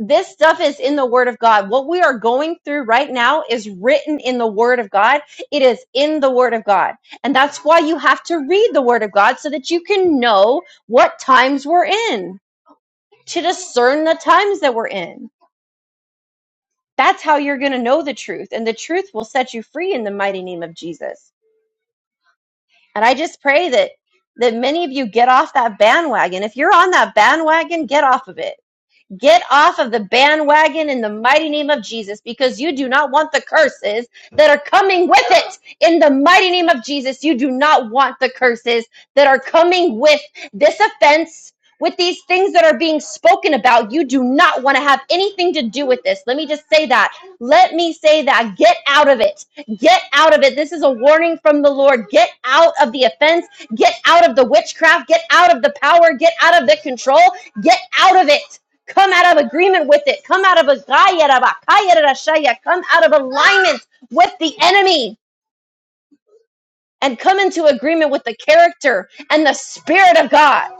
Speaker 2: this stuff is in the word of god what we are going through right now is written in the word of god it is in the word of god and that's why you have to read the word of god so that you can know what times we're in to discern the times that we're in that's how you're going to know the truth and the truth will set you free in the mighty name of jesus And I just pray that that many of you get off that bandwagon. If you're on that bandwagon, get off of it Get off of the bandwagon in the mighty name of Jesus because you do not want the curses that are coming with it. In the mighty name of Jesus, you do not want the curses that are coming with this offense, with these things that are being spoken about. You do not want to have anything to do with this. Let me just say that. Let me say that. Get out of it. Get out of it. This is a warning from the Lord. Get out of the offense. Get out of the witchcraft. Get out of the power. Get out of the control. Get out of it. Come out of agreement with it. Come out of a gayarabakayarashaya. Come out of alignment with the enemy and come into agreement with the character and the spirit of God.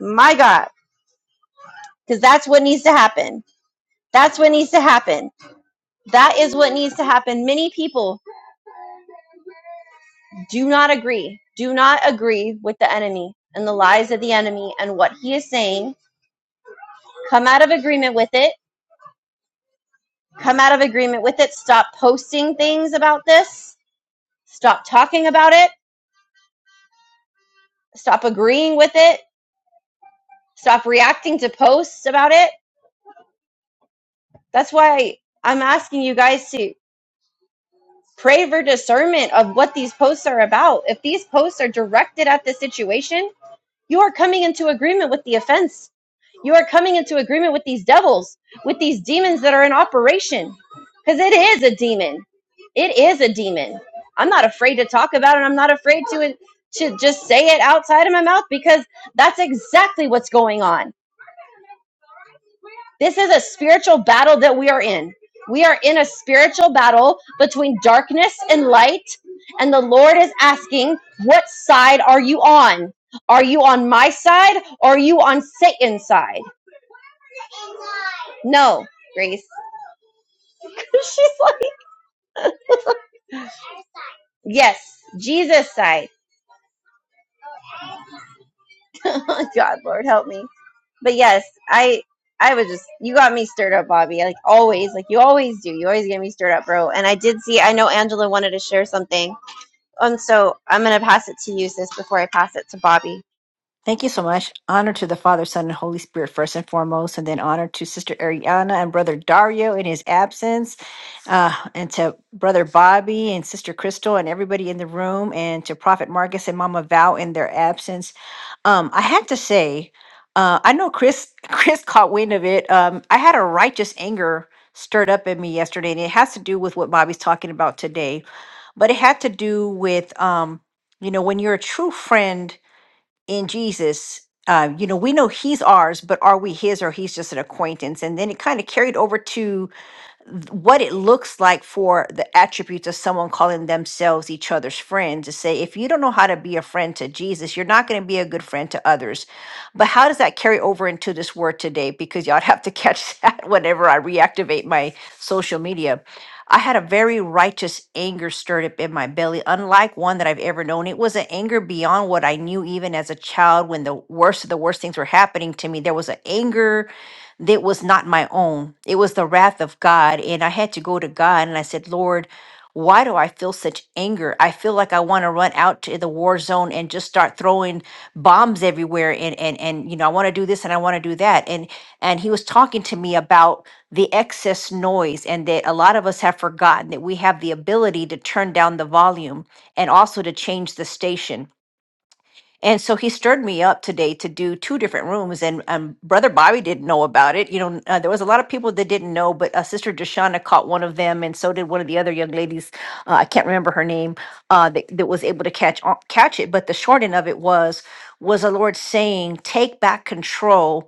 Speaker 2: My God, because that's what needs to happen. That's what needs to happen. That is what needs to happen. Many people do not agree. Do not agree with the enemy and the lies of the enemy and what he is saying. Come out of agreement with it. Come out of agreement with it. Stop posting things about this. Stop talking about it Stop agreeing with it. Stop reacting to posts about it. That's why I'm asking you guys to pray for discernment of what these posts are about. If these posts are directed at the situation, you are coming into agreement with the offense. You are coming into agreement with these devils, with these demons that are in operation. Because it is a demon. It is a demon. I'm not afraid to talk about it. I'm not afraid to, to just say it outside of my mouth because that's exactly what's going on. This is a spiritual battle that we are in. We are in a spiritual battle between darkness and light, and the Lord is asking, What side are you on? Are you on my side or are you on Satan's side? No, Grace. She's like, Yes, Jesus side. Oh God, Lord help me. But yes, I I was just you got me stirred up, Bobby. Like always, like you always do. You always get me stirred up, bro. And I did see I know Angela wanted to share something And so I'm going to pass it to you, sis, before I pass it to Bobby.
Speaker 3: Thank you so much. Honor to the Father, Son, and Holy Spirit first and foremost, and then honor to Sister Ariana and Brother Dario in his absence, uh, and to Brother Bobby and Sister Crystal and everybody in the room, and to Prophet Marcus and Mama Val in their absence. Um, I had to say, uh, I know Chris Chris caught wind of it. Um, I had a righteous anger stirred up in me yesterday, and it has to do with what Bobby's talking about today, but it had to do with um, you know when you're a true friend in Jesus, uh, you know, we know he's ours, but are we his or he's just an acquaintance? And then it kind of carried over to th- what it looks like for the attributes of someone calling themselves each other's friend to say, if you don't know how to be a friend to Jesus, you're not going to be a good friend to others. But how does that carry over into this word today? Because y'all have to catch that whenever I reactivate my social media. I had a very righteous anger stirred up in my belly, unlike one that I've ever known. It was an anger beyond what I knew even as a child when the worst of the worst things were happening to me. There was an anger that was not my own. It was the wrath of God. And I had to go to God and I said, Lord, why do I feel such anger? I feel like I want to run out to the war zone and just start throwing bombs everywhere and and and you know, I want to do this and I want to do that. And and he was talking to me about the excess noise and that a lot of us have forgotten that we have the ability to turn down the volume and also to change the station and so he stirred me up today to do two different rooms, and um, Brother Bobby didn't know about it. You know, uh, there was a lot of people that didn't know, but uh, Sister Deshauna caught one of them, and so did one of the other young ladies. Uh, I can't remember her name uh, that, that was able to catch on, catch it. But the short end of it was was the Lord saying, "Take back control."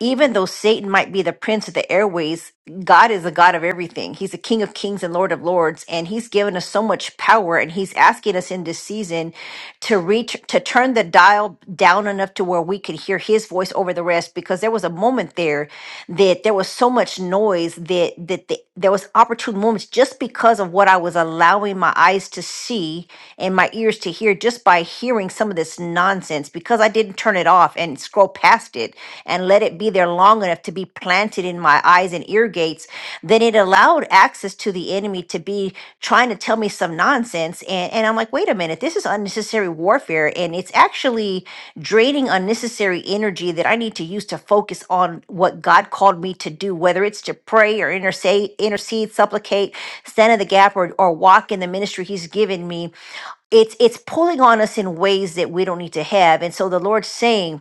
Speaker 3: even though Satan might be the prince of the airways, God is the God of everything. He's the King of kings and Lord of lords, and He's given us so much power. And He's asking us in this season to reach, to turn the dial down enough to where we could hear His voice over the rest. Because there was a moment there that there was so much noise that that the, there was opportune moments just because of what I was allowing my eyes to see and my ears to hear just by hearing some of this nonsense nonsense because I didn't turn it off and scroll past it and let it be there long enough to be planted in my eyes and ear gates, then it allowed access to the enemy to be trying to tell me some nonsense. And, and I'm like, wait a minute, this is unnecessary warfare. And it's actually draining unnecessary energy that I need to use to focus on what God called me to do, whether it's to pray or intercede, intercede supplicate, stand in the gap, or, or walk in the ministry He's given me it's it's pulling on us in ways that we don't need to have and so the lord's saying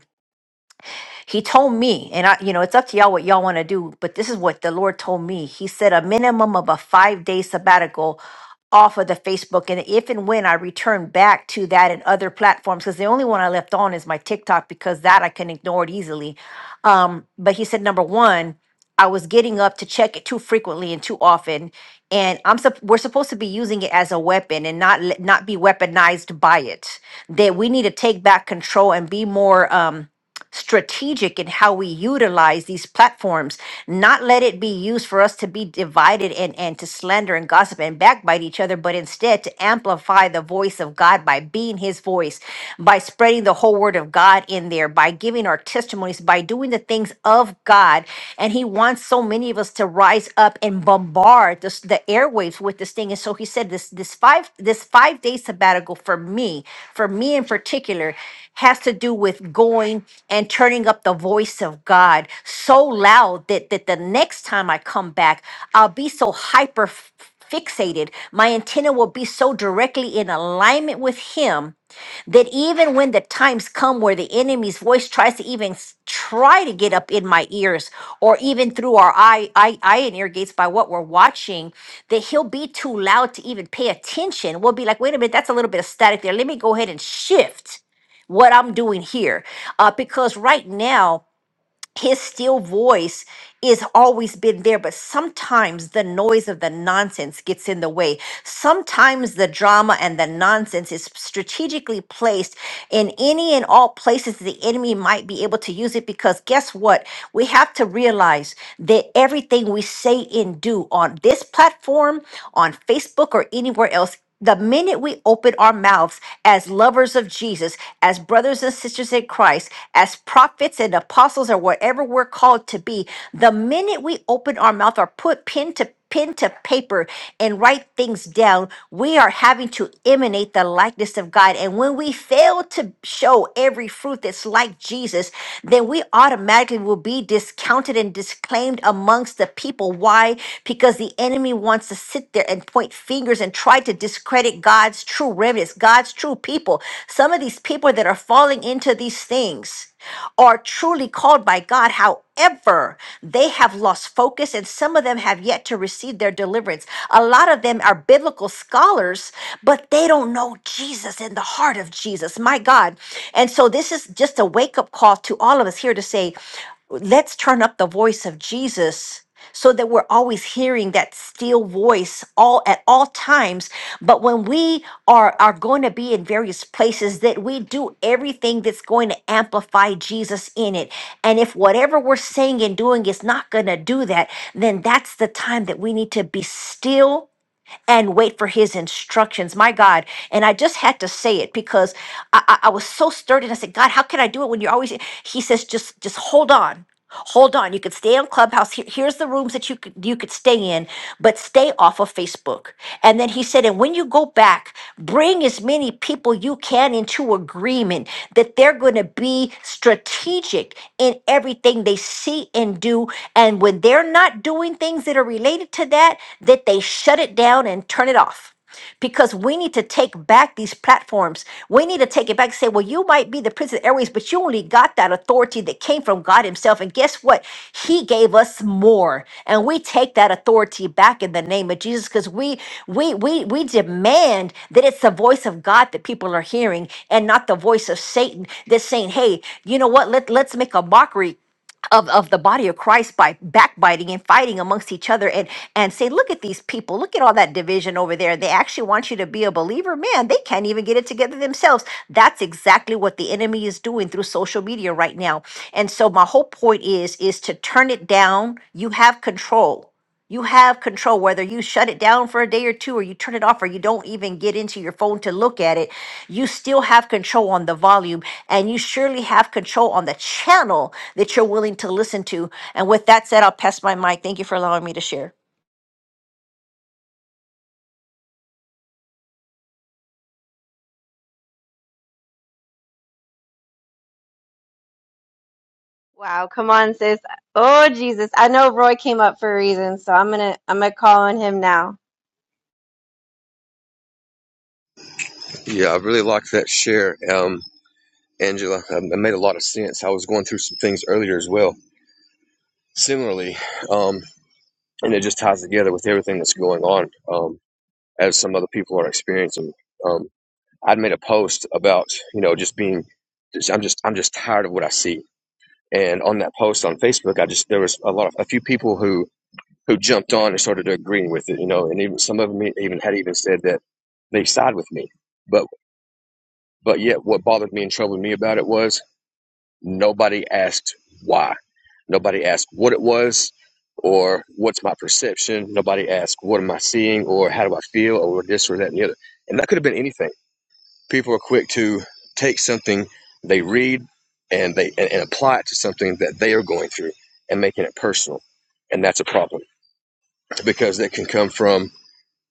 Speaker 3: he told me, and I, you know, it's up to y'all what y'all want to do, but this is what the Lord told me. He said a minimum of a five day sabbatical off of the Facebook. And if and when I return back to that and other platforms, because the only one I left on is my TikTok, because that I can ignore it easily. Um, but he said, number one, I was getting up to check it too frequently and too often, and I'm sup- we're supposed to be using it as a weapon and not let- not be weaponized by it. That we need to take back control and be more. Um, strategic in how we utilize these platforms, not let it be used for us to be divided and, and to slander and gossip and backbite each other, but instead to amplify the voice of God by being his voice, by spreading the whole word of God in there, by giving our testimonies, by doing the things of God. And he wants so many of us to rise up and bombard bombard this, the airwaves with this thing. And so he said this this five this five day sabbatical for me, for me in particular, has to do with going and turning up the voice of God so loud that that the next time I come back, I'll be so hyper f- fixated. My antenna will be so directly in alignment with him that even when the times come where the enemy's voice tries to even s- try to get up in my ears or even through our eye, eye, eye and ear gates by what we're watching, that he'll be too loud to even pay attention. We'll be like, wait a minute, that's a little bit of static there. Let me go ahead and shift what I'm doing here. Uh, because right now, his still voice is always been there but sometimes the noise of the nonsense gets in the way sometimes the drama and the nonsense is strategically placed in any and all places the enemy might be able to use it because guess what we have to realize that everything we say and do on this platform on facebook or anywhere else the minute we open our mouths as lovers of Jesus, as brothers and sisters in Christ, as prophets and apostles, or whatever we're called to be, the minute we open our mouth or put pen to pen to paper and write things down, we are having to emanate the likeness of God. And when we fail to show every fruit that's like Jesus, then we automatically will be discounted and disclaimed proclaimed amongst the people. Why? Because the enemy wants to sit there and point fingers and try to discredit God's true remnants, God's true people. Some of these people that are falling into these things are truly called by God. However, they have lost focus and some of them have yet to receive their deliverance. A lot of them are biblical scholars, but they don't know Jesus in the heart of Jesus. My God. And so this is just a wake up call to all of us here to say, let's turn up the voice of Jesus so that we're always hearing that still voice all at all times but when we are are going to be in various places that we do everything that's going to amplify Jesus in it and if whatever we're saying and doing is not going to do that then that's the time that we need to be still and wait for his instructions. My God. And I just had to say it because I, I, I was so stirred and I said, God, how can I do it when you're always he says, just just hold on. Hold on. You could stay on Clubhouse. Here- here's the rooms that you could you could stay in, but stay off of Facebook. And then then he said, and when you go back, bring as many people you can into agreement that they're going to be strategic in everything they see and do. And when they're not doing things that are related to that, that they shut it down and turn it off because we need to take back these platforms. We need to take it back and say, well, you might be the Prince of the Airways, but you only got that authority that came from God Himself. And guess what? He gave us more. And we take that authority back in the name of Jesus because we we we we demand that it's the voice of God that people are hearing and not the voice of Satan that's saying, hey, you know what? Let, let's make a mockery of, of the body of Christ by backbiting and fighting amongst each other and and say, look at these people, look at all that division over there. They actually want you to be a believer. Man, they can't even get it together themselves. That's exactly what the enemy is doing through social media right now. And so my whole point is is to turn it down. You have control. You have control whether you shut it down for a day or two or you turn it off or you don't even get into your phone to look at it. You still have control on the volume and you surely have control on the channel that you're willing to listen to. And with that said, I'll pass my mic. Thank you for allowing me to share.
Speaker 2: Wow, come on, sis. Oh, Jesus. I know Roy came up for a reason, so I'm going to I'm going to call on him now.
Speaker 4: Yeah, I really liked that share, um, Angela. Um, It made a lot of sense. I was going through some things earlier as well, similarly, um, and it just ties together with everything that's going on um, as some other people are experiencing. Um, I'd made a post about you know just being, just, I'm just I'm just tired of what I see. And on that post on Facebook, I just there was a lot of a few people who who jumped on and started agreeing with it, you know, and even some of them even had even said that they side with me. But but yet, what bothered me and troubled me about it was Nobody asked why. Nobody asked what it was or what's my perception. Nobody asked what am I seeing or how do I feel or this or that and the other. And that could have been anything. People are quick to take something they read and they and, and apply it to something that they are going through and making it personal. And that's a problem because that can come from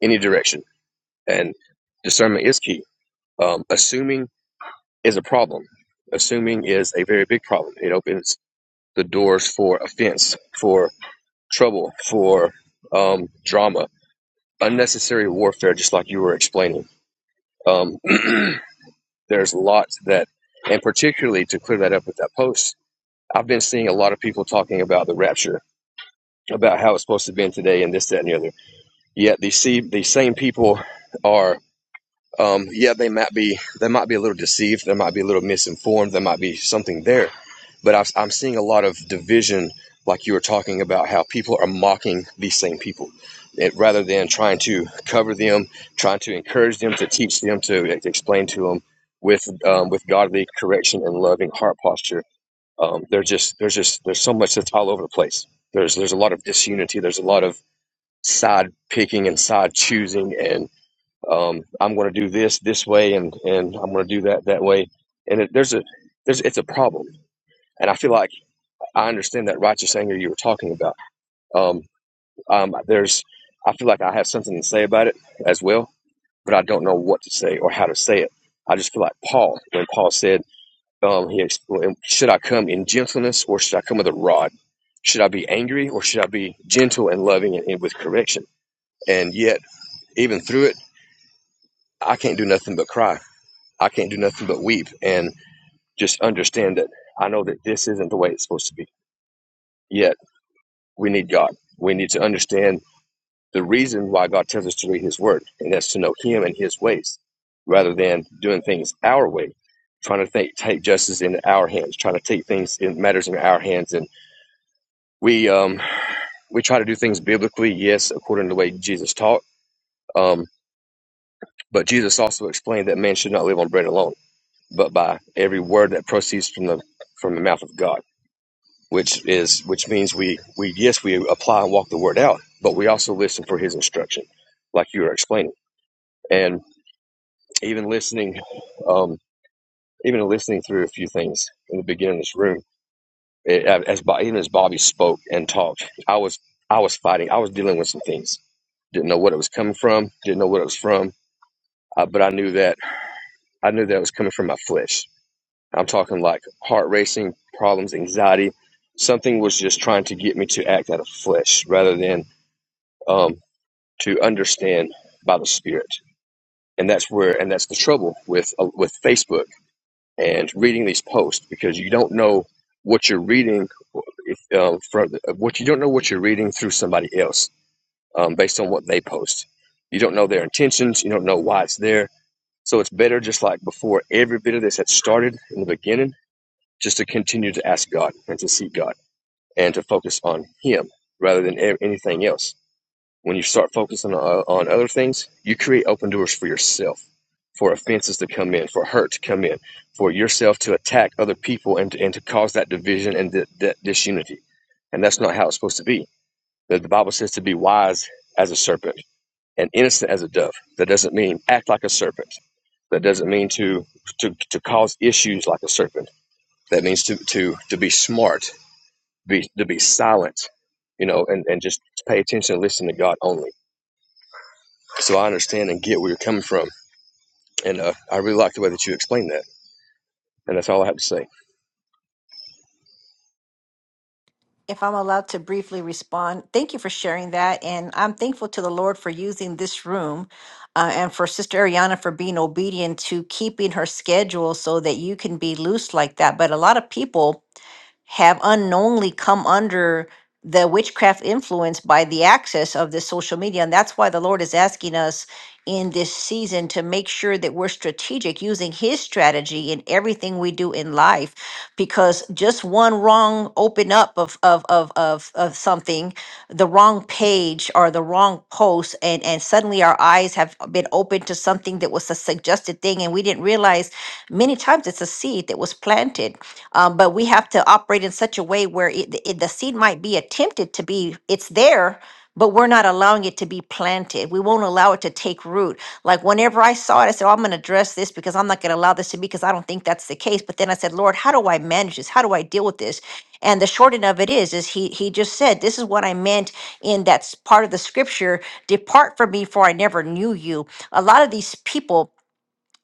Speaker 4: any direction. And discernment is key. Um, assuming is a problem. Assuming is a very big problem. It opens the doors for offense, for trouble, for um, drama, unnecessary warfare, just like you were explaining. Um, there's lots that, and particularly to clear that up with that post, I've been seeing a lot of people talking about the rapture, about how it's supposed to be in today and this, that, and the other. Yet these, these same people are Um, yeah, they might be they might be a little deceived. They might be a little misinformed. There might be something there, but I've, I'm seeing a lot of division, like you were talking about, how people are mocking these same people, it, rather than trying to cover them, trying to encourage them, to teach them, to, eh, to explain to them with um, with godly correction and loving heart posture. Um, there's just there's just there's so much that's all over the place. There's there's a lot of disunity. There's a lot of side picking and side choosing and um, I'm going to do this this way and and I'm going to do that that way. And it, there's a there's it's a problem. And I feel like I understand that righteous anger you were talking about. Um, um, there's I feel like I have something to say about it as well, but I don't know what to say or how to say it. I just feel like Paul when Paul said, um, he ex- should I come in gentleness or should I come with a rod? Should I be angry or should I be gentle and loving and, and with correction? And yet, even through it, I can't do nothing but cry I can't do nothing but weep and just understand that I know that this isn't the way it's supposed to be. Yet we need God. We need to understand the reason why God tells us to read His Word, and that's to know Him and His ways, rather than doing things our way, trying to think, take justice in our hands, trying to take things in matters in our hands. And we um, we try to do things biblically, yes, according to the way Jesus taught. Um, but Jesus also explained that man should not live on bread alone, but by every word that proceeds from the from the mouth of God which is which means we we yes we apply and walk the word out but we also listen for his instruction like you were explaining and even listening um even listening through a few things in the beginning of this room it, as Bo- even as bobby spoke and talked i was i was fighting i was dealing with some things didn't know what it was coming from didn't know what it was from uh, but i knew that i knew that it was coming from my flesh i'm talking like heart racing problems anxiety something was just trying to get me to act out of flesh rather than um, to understand by the Spirit, and that's where and that's the trouble with uh, with Facebook and reading these posts because you don't know what you're reading if, um, from uh, what you don't know what you're reading through somebody else um, based on what they post. You don't know their intentions. You don't know why it's there. So it's better just like before every bit of this had started in the beginning, just to continue to ask God and to seek God and to focus on Him rather than anything else When you start focusing on, on other things, you create open doors for yourself, for offenses to come in, for hurt to come in, for yourself to attack other people and, to- and to cause that division and that that disunity. And that's not how it's supposed to be. The, the Bible says to be wise as a serpent and innocent as a dove. That doesn't mean act like a serpent. That doesn't mean to to, to cause issues like a serpent. That means to to to be smart, be to be silent, you know, and, and just pay attention and listen to God only so I understand and get where you're coming from. And uh, I really like the way that you explained that. And that's all I have to say.
Speaker 3: If I'm allowed to briefly respond, thank you for sharing that. And I'm thankful to the Lord for using this room uh, and for Sister Ariana for being obedient to keeping her schedule so that you can be loose like that. But a lot of people have unknowingly come under the witchcraft influence by the access of this social media. And that's why the Lord is asking us in this season to make sure that we're strategic using his strategy in everything we do in life because just one wrong open up of of of of, of something the wrong page or the wrong post and and suddenly our eyes have been opened to something that was a suggested thing and we didn't realize many times it's a seed that was planted um, but we have to operate in such a way where it, it, the seed might be attempted to be it's there but we're not allowing it to be planted. We won't allow it to take root. Like whenever I saw it, I said, oh, I'm going to address this because I'm not going to allow this to be because I don't think that's the case. But then I said, Lord, how do I manage this? How do I deal with this? And the short end of it is, is he he just said, this is what I meant in that s- part of the scripture, depart from me for I never knew you. A lot of these people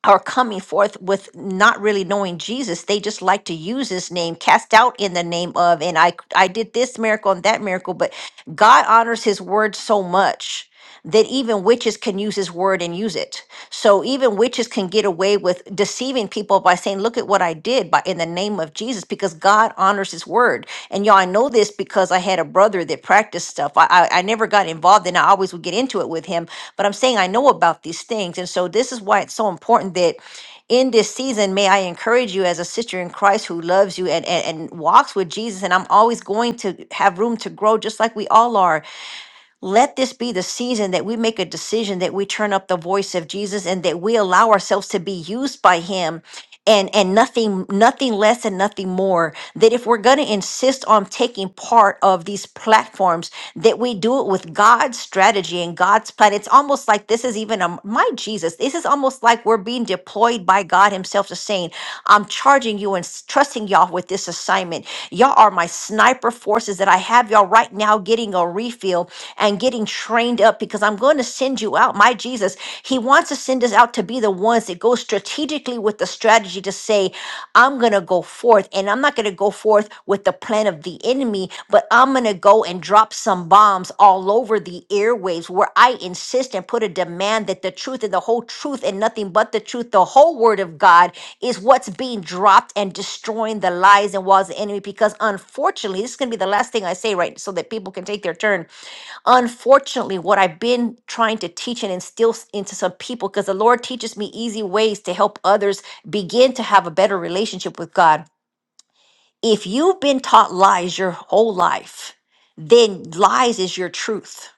Speaker 3: are coming forth with not really knowing Jesus. They just like to use his name, cast out in the name of, and I I did this miracle and that miracle, but God honors his word so much that even witches can use his word and use it. So even witches can get away with deceiving people by saying, "Look at what I did," by in the name of Jesus, because God honors His word. And y'all, I know this because I had a brother that practiced stuff. I I, I never got involved, and I always would get into it with him. But I'm saying I know about these things, and so this is why it's so important that in this season, may I encourage you as a sister in Christ who loves you and, and, and walks with Jesus. And I'm always going to have room to grow, just like we all are. Let this be the season that we make a decision that we turn up the voice of Jesus and that we allow ourselves to be used by him and and nothing nothing less and nothing more that if we're going to insist on taking part of these platforms that we do it with God's strategy and God's plan it's almost like this is even a my Jesus this is almost like we're being deployed by God himself to saying I'm charging you and s- trusting y'all with this assignment y'all are my sniper forces that I have have y'all right now getting a refill and getting trained up because I'm going to send you out. My Jesus, He wants to send us out to be the ones that go strategically with the strategy to say, I'm going to go forth and I'm not going to go forth with the plan of the enemy, but I'm going to go and drop some bombs all over the airwaves where I insist and put a demand that the the truth and the whole truth and nothing but the truth, the whole word of God is what's being dropped and destroying the lies and walls of the enemy. Because unfortunately, this is going to be the last thing I say, right? So that people can take their turn. Unfortunately, what I've been trying to teach and instill s- into some people, because the Lord teaches me easy ways to help others begin to have a better relationship with God. If you've been taught lies your whole life, then lies is your truth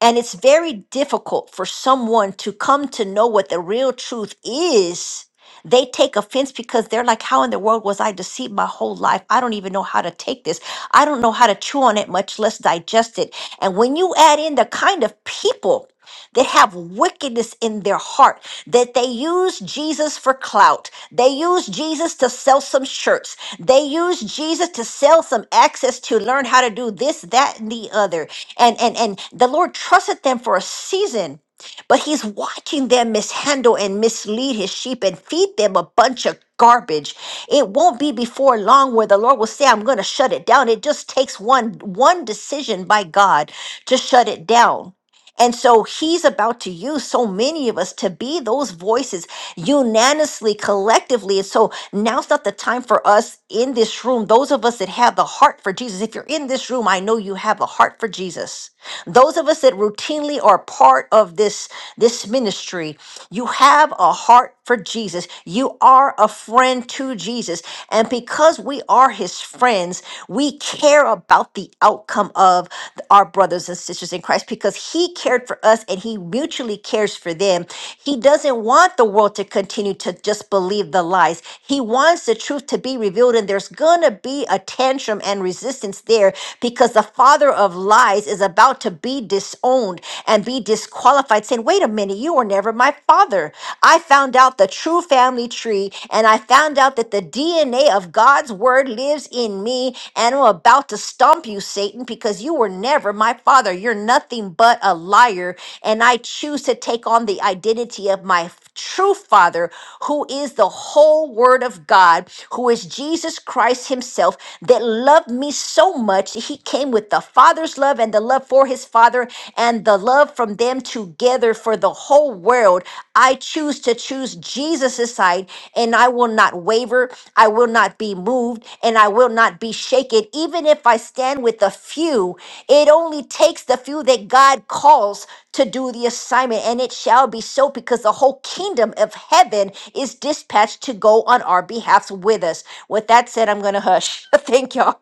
Speaker 3: and it's very difficult for someone to come to know what the real truth is. They take offense because they're like, How in the world was I deceived my whole life? I don't even know how to take this. I don't know how to chew on it, much less digest it. And when you add in the kind of people that have wickedness in their heart, that they use Jesus for clout. They use Jesus to sell some shirts. They use Jesus to sell some access to learn how to do this, that, and the other. And and and the Lord trusted them for a season. But he's watching them mishandle and mislead his sheep and feed them a bunch of garbage. It won't be before long where the Lord will say, I'm gonna shut it down. It just takes one one decision by God to shut it down. And so he's about to use so many of us to be those voices unanimously, collectively. And so now's not the time for us in this room, those of us that have the heart for Jesus. If you're in this room, I know you have a heart for Jesus. Those of us that routinely are part of this this ministry, you have a heart for Jesus. You are a friend to Jesus, and because we are his friends, we care about the outcome of our brothers and sisters in Christ because he cared for us and he mutually cares for them. He doesn't want the world to continue to just just believe the lies. He wants the truth to be revealed, and there's going to be a tantrum and resistance there because the father of lies is about to be disowned and be disqualified, saying, Wait a minute, you were never my father. I found out the true family tree, and I found out that the DNA of God's word lives in me, and I'm about to stomp you, you, Satan, because you were never my father. You're nothing but a liar. And I choose to take on the identity of my f- true father, who is the whole word of God, who is Jesus Christ himself, that loved me so much that he came with the father's love and the love for his father and the love from them together for the whole world. I choose to choose Jesus' side and I will not waver. I will not be moved and I will not be shaken. Even if I stand with the few, it only takes the few that God calls to do the assignment. And it shall be so because the whole kingdom of heaven is dispatched to go on our behalfs with us. With that said, I'm going to hush. Thank y'all.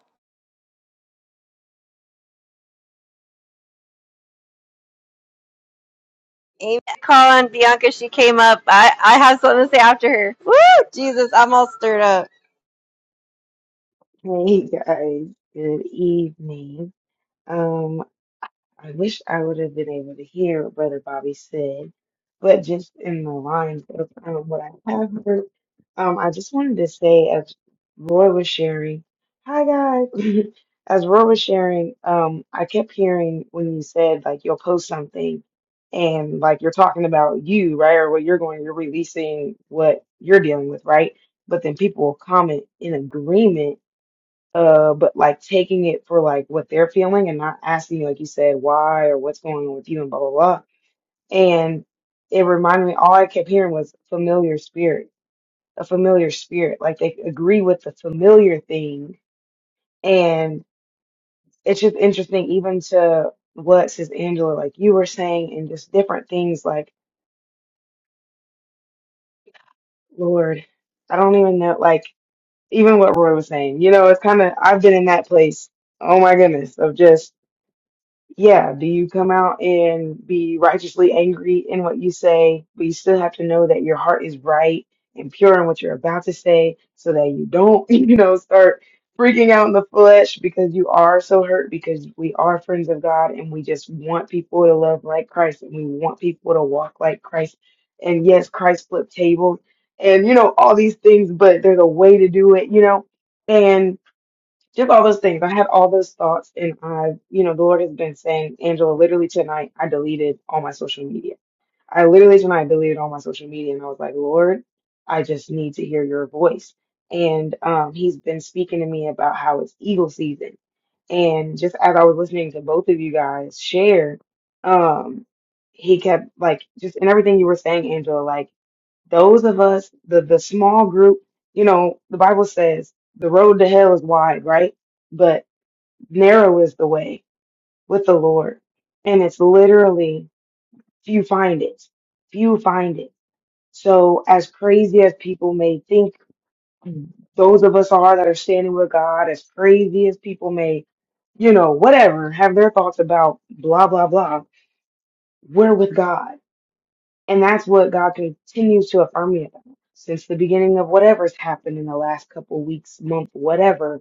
Speaker 2: Amen. Call on Bianca. She came up. I, I have something to say after her. Woo! Jesus, I'm all stirred up.
Speaker 5: Hey guys, good evening. Um, I wish I would have been able to hear what Brother Bobby said, but just in the lines of um, what I have heard, um, I just wanted to say as Roy was sharing, hi guys. As Roy was sharing, um, I kept hearing when you said like you'll post something and like you're talking about you, right? Or what you're going, you're releasing what you're dealing with, right? But then people will comment in agreement uh, but like taking it for like what they're feeling and not asking, like you said, why or what's going on with you and blah blah blah. And it reminded me, all I kept hearing was familiar spirit, a familiar spirit. Like they agree with the familiar thing, and it's just interesting, even to what says Angela, like you were saying, and just different things. Like Lord, I don't even know, like even what Roy was saying. You know, it's kind of I've been in that place. Oh my goodness, of just. Yeah, do you come out and be righteously angry in what you say, but you still have to know that your heart is right and pure in what you're about to say so that you don't, you know, start freaking out in the flesh because you are so hurt because we are friends of God and we just want people to love like Christ and we want people to walk like Christ. And yes, Christ flipped tables and, you know, all these things, but there's a way to do it, you know just all those things. I had all those thoughts, and I, you know, the Lord has been saying, Angela, literally tonight, I deleted all my social media. I literally tonight deleted all my social media, and I was like, Lord, I just need to hear your voice. And um, he's been speaking to me about how it's eagle season. And just as I was listening to both of you guys share, um, he kept like just in everything you were saying, Angela, like those of us, the, the small group, you know, the Bible says the road to hell is wide, right? But narrow is the way with the Lord. And it's literally few find it. Few find it. So as crazy as people may think those of us are that are standing with God, as crazy as people may, you know, whatever, have their thoughts about blah, blah, blah, we're with God And that's what God continues to affirm me about since the beginning of whatever's happened in the last couple weeks, month, whatever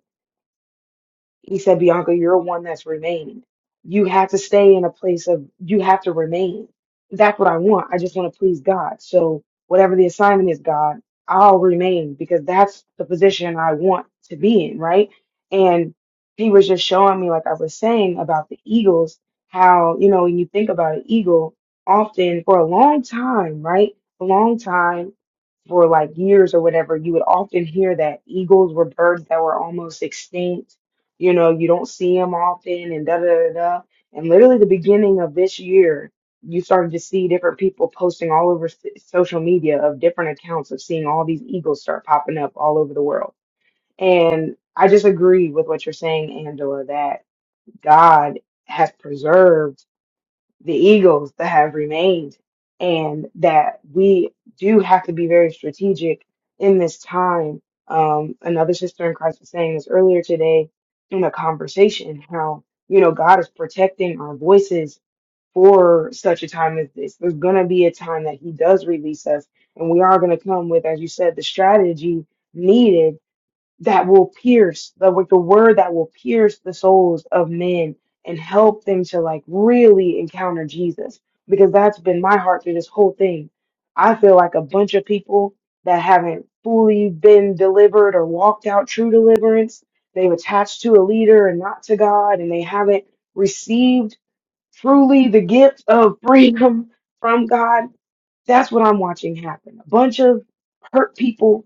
Speaker 5: he said, Bianca, you're one that's remained. You have to stay in a place of, you have to remain. That's what I want. I just want to please God. So whatever the assignment is, God, I'll remain because that's the position I want to be in, right? And he was just showing me, like I was saying about the Eagles, how, you know, when you think about an Eagle, often for a long time, right? A long time for like years or whatever, you would often hear that eagles were birds that were almost extinct. You know, you don't see them often and da da da da. And literally the beginning of this year, you started to see different people posting all over s- social media of different accounts of seeing all these eagles start popping up all over the world. And I just agree with what you're saying, Angela, that God has preserved the egos that have remained and that we do have to be very strategic in this time. Um, another sister in Christ was saying this earlier today in a conversation, how, you know, God is protecting our voices for such a time as this. There's going to be a time that he does release us and we are going to come with, as you said, the strategy needed that will pierce the like the word that will pierce the souls of men and help them to like really encounter Jesus because that's been my heart through this whole thing. I feel like a bunch of people that haven't fully been delivered or walked out true deliverance, they've attached to a leader and not to God and they haven't received truly the gift of freedom from God. That's what I'm watching happen. A bunch of hurt people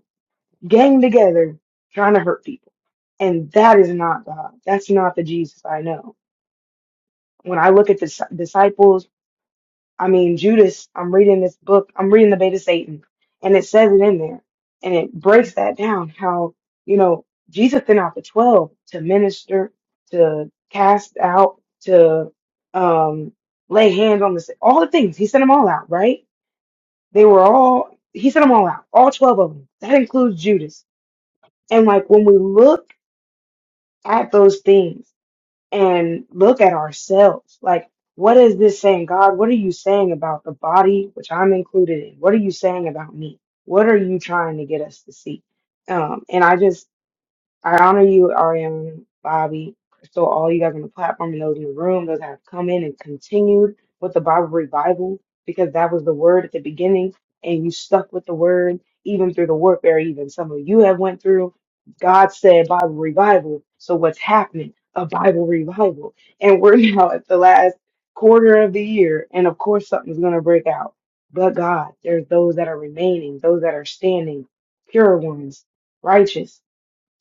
Speaker 5: gang together trying to hurt people. And that is not God. That's not the Jesus I know. When I look at the dis- disciples, I mean, Judas, I'm reading this book, I'm reading the Bait of Satan, and it says it in there. And it breaks that down how, you know, Jesus sent out the 12 to minister, to cast out, to um, lay hands on the sick, all the things. He sent them all out, right? They were all, he sent them all out, all 12 of them. That includes Judas. And like when we look, at those things and look at ourselves. Like, what is this saying? God, what are you saying about the body, which I'm included in? What are you saying about me? What are you trying to get us to see? Um, and I just I honor you, Ariana, Bobby, Crystal, all you guys on the platform and those in the room, those that have come in and continued with the Bible revival, because that was the word at the beginning, and you stuck with the word even through the warfare, even some of you have went through. God said Bible revival. So what's happening? A Bible revival. And we're now at the last quarter of the year, and of course something's gonna break out. But God, there's those that are remaining, those that are standing, pure ones, righteous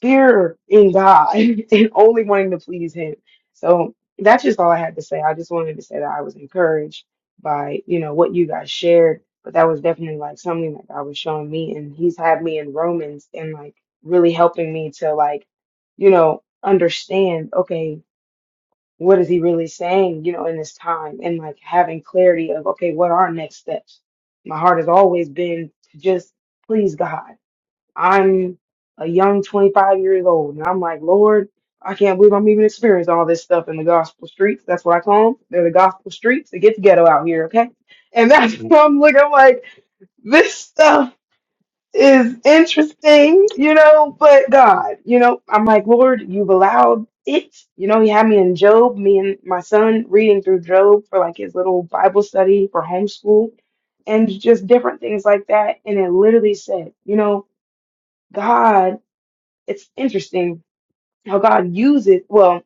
Speaker 5: fear in God and only wanting to please Him. So that's just all I had to say. I just wanted to say that I was encouraged by, you know, what you guys shared, but that was definitely like something that God was showing me and he's had me in Romans and like really helping me to like, you know, understand, okay, what is he really saying, you know, in this time and like having clarity of, okay, what are next steps? My heart has always been to just please God I'm a young 25 years old, and I'm like, Lord, I can't believe I'm even experiencing all this stuff in the gospel streets. That's what I call them. They're the gospel streets. It gets ghetto out here, okay? And that's what I'm looking like. This stuff is interesting, you know, but God, you know, I'm like, Lord, you've allowed it. You know, He had me in Job, me and my son reading through Job for like his little Bible study for homeschool and just different things like that. And it literally said, you know, God it's interesting how God uses well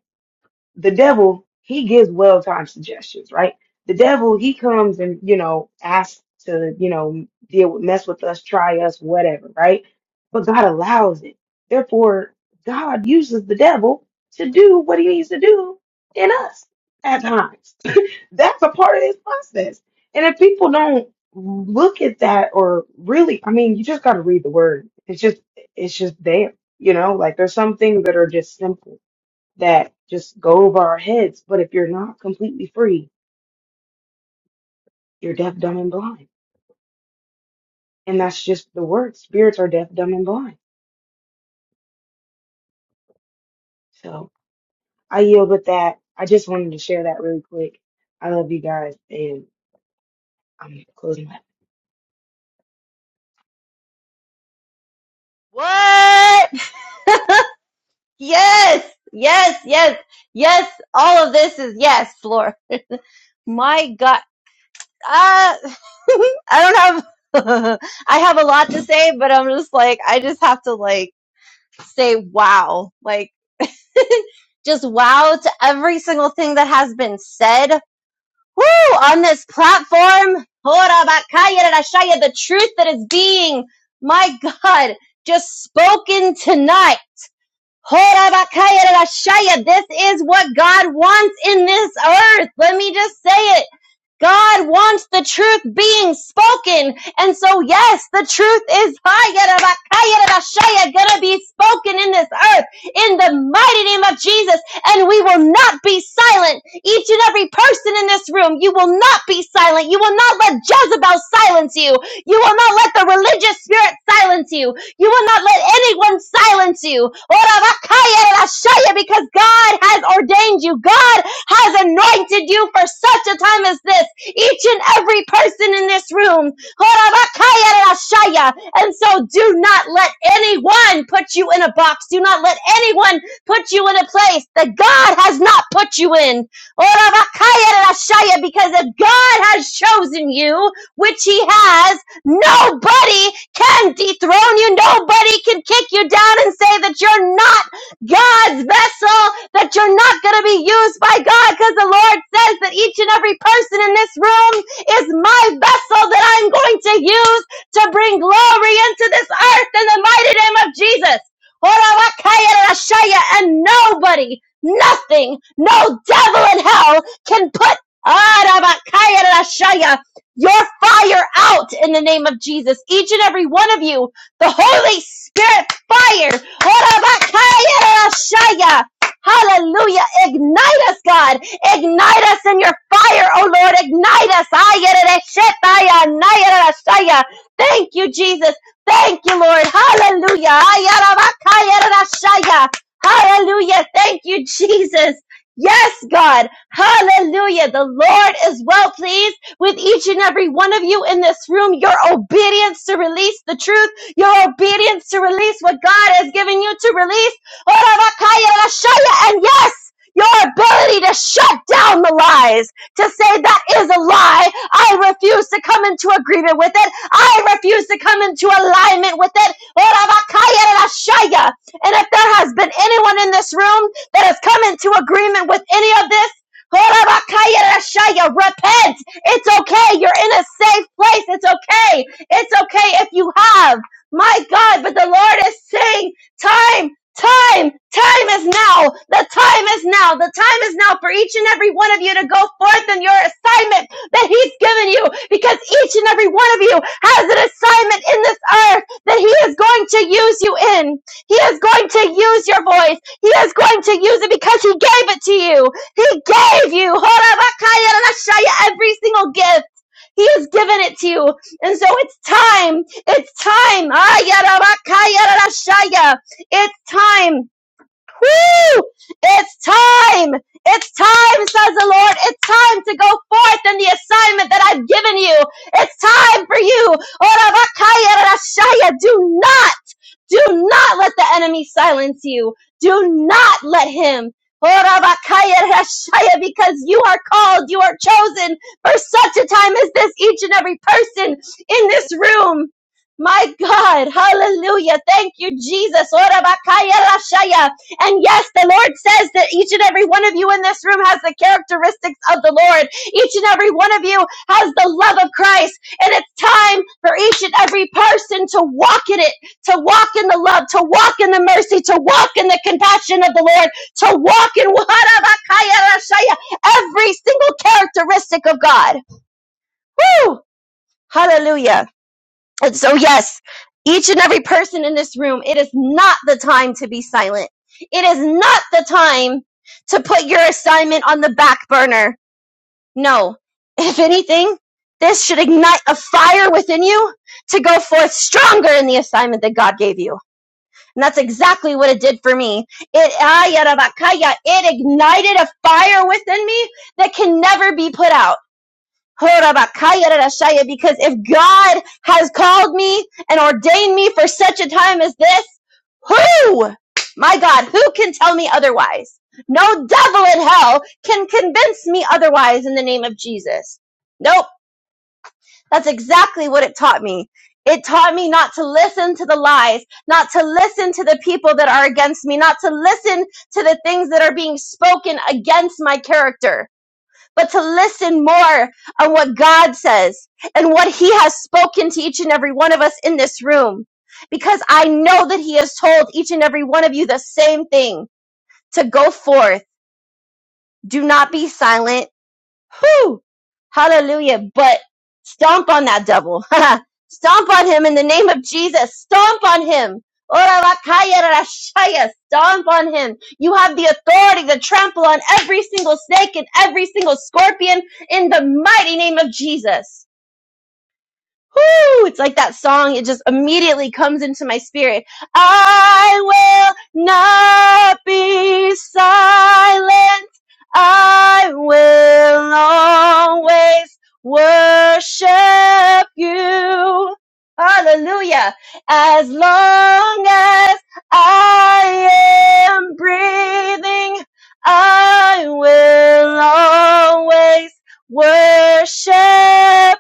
Speaker 5: the devil he gives well-timed suggestions right the devil he comes and you know asks to you know deal with mess with us try us whatever right but god allows it therefore god uses the devil to do what he needs to do in us at times that's a part of his process and if people don't look at that or really i mean you just got to read the word it's just it's just there you know like there's some things that are just simple that just go over our heads. But if you're not completely free, you're deaf, dumb, and blind. And that's just the word. Spirits are deaf, dumb, and blind. So I yield with that. I just wanted to share that really quick. I love you guys, and I'm closing my.
Speaker 2: What? Yes, yes, yes, yes. All of this is yes, Lord. My God. Uh, I don't have, I have a lot to say, but I'm just like, I just have to like say wow. Like just wow to every single thing that has been said. Woo! On this platform. Ora bakaya rarashaya, The truth that is being, my God, just spoken tonight. Ora bakaya rarashaya, This is what God wants in this earth. Let me just say it. God wants the truth being spoken. And so, yes, the truth is going to be spoken in this earth in the mighty name of Jesus. And we will not be silent. Each and every person in this room, you will not be silent. You will not let Jezebel silence you. You will not let the religious spirit silence you. You will not let anyone silence you. Because God has ordained you. God has anointed you for such a time as this. Each and every person in this room. And so do not let anyone put you in a box. Do not let anyone put you in a place that God has not put you in. Because if God has chosen you, which he has, nobody can dethrone you. Nobody can kick you down and say that you're not God's vessel, that you're not going to be used by God because the Lord says that each and every person in this room is my vessel that I'm going to use to bring glory into this earth in the mighty name of Jesus. And nobody, nothing, no devil in hell can put your fire out in the name of Jesus. Each and every one of you, the Holy Spirit fire Orabakayarashaya. Hallelujah. Ignite us, God. Ignite us in your fire, oh Lord. Ignite us. Ayarashetaya, nayarashaya. Thank you, Jesus. Thank you, Lord. Hallelujah. Ayarabakayarashaya. Hallelujah. Thank you, Jesus. Yes, God. Hallelujah. The Lord is well pleased with each and every one of you in this room, your obedience to release the truth, your obedience to release what God has given you to release. And yes, your ability to shut down the lies, to say that is a lie. I refuse to come into agreement with it. I refuse to come into alignment with it. And if there has been anyone in this room that has come into agreement with any of this, repent. It's okay. You're in a safe place. It's okay. It's okay if you have. My God, but the Lord is saying, time, time, time is now. The time is now. The time is now for each and every one of you to go forth in your assignment that He's given you because each and every one of you has an assignment in this earth that He is going to use you in. He is going to use your voice. He is going to use it because He gave it to you. He gave you every single gift. He has given it to you. And so it's time. It's time. Ah, It's time. Woo! It's time. It's time, says the Lord. It's time to go forth in the assignment that I've given you. It's time for you. Ora, Do not. Do not let the enemy silence you. Do not let him. Because you are called, you are chosen for such a time as this, each and every person in this room. My God, hallelujah. Thank you, Jesus. And yes, the Lord says that each and every one of you in this room has the characteristics of the Lord. Each and every one of you has the love of Christ. And it's time for each and every person to walk in it to walk in the love, to walk in the mercy, to walk in the compassion of the Lord, to walk in every single characteristic of God. Woo! Hallelujah. And so, yes, each and every person in this room, it is not the time to be silent. It is not the time to put your assignment on the back burner. No. If anything, this should ignite a fire within you to go forth stronger in the assignment that God gave you. And that's exactly what it did for me. It, ay, it ignited a fire within me that can never be put out. Horabakaya rarashaya, Because if God has called me and ordained me for such a time as this, who, my God, who can tell me otherwise? No devil in hell can convince me otherwise in the name of Jesus. Nope. That's exactly what it taught me. It taught me not to listen to the lies, not to listen to the people that are against me, not to listen to the things that are being spoken against my character, but to listen more on what God says and what He has spoken to each and every one of us in this room. Because I know that He has told each and every one of you the same thing to go forth. Do not be silent. Whew! Hallelujah. But stomp on that devil. stomp on him in the name of Jesus. Stomp on him. Ora vakaya rashaya. Stomp on him. You have the authority to trample on every single snake and every single scorpion in the mighty name of Jesus. Whoo! It's like that song. It just immediately comes into my spirit. I will not be silent. I will always worship you. Hallelujah. As long as I am breathing, I will always worship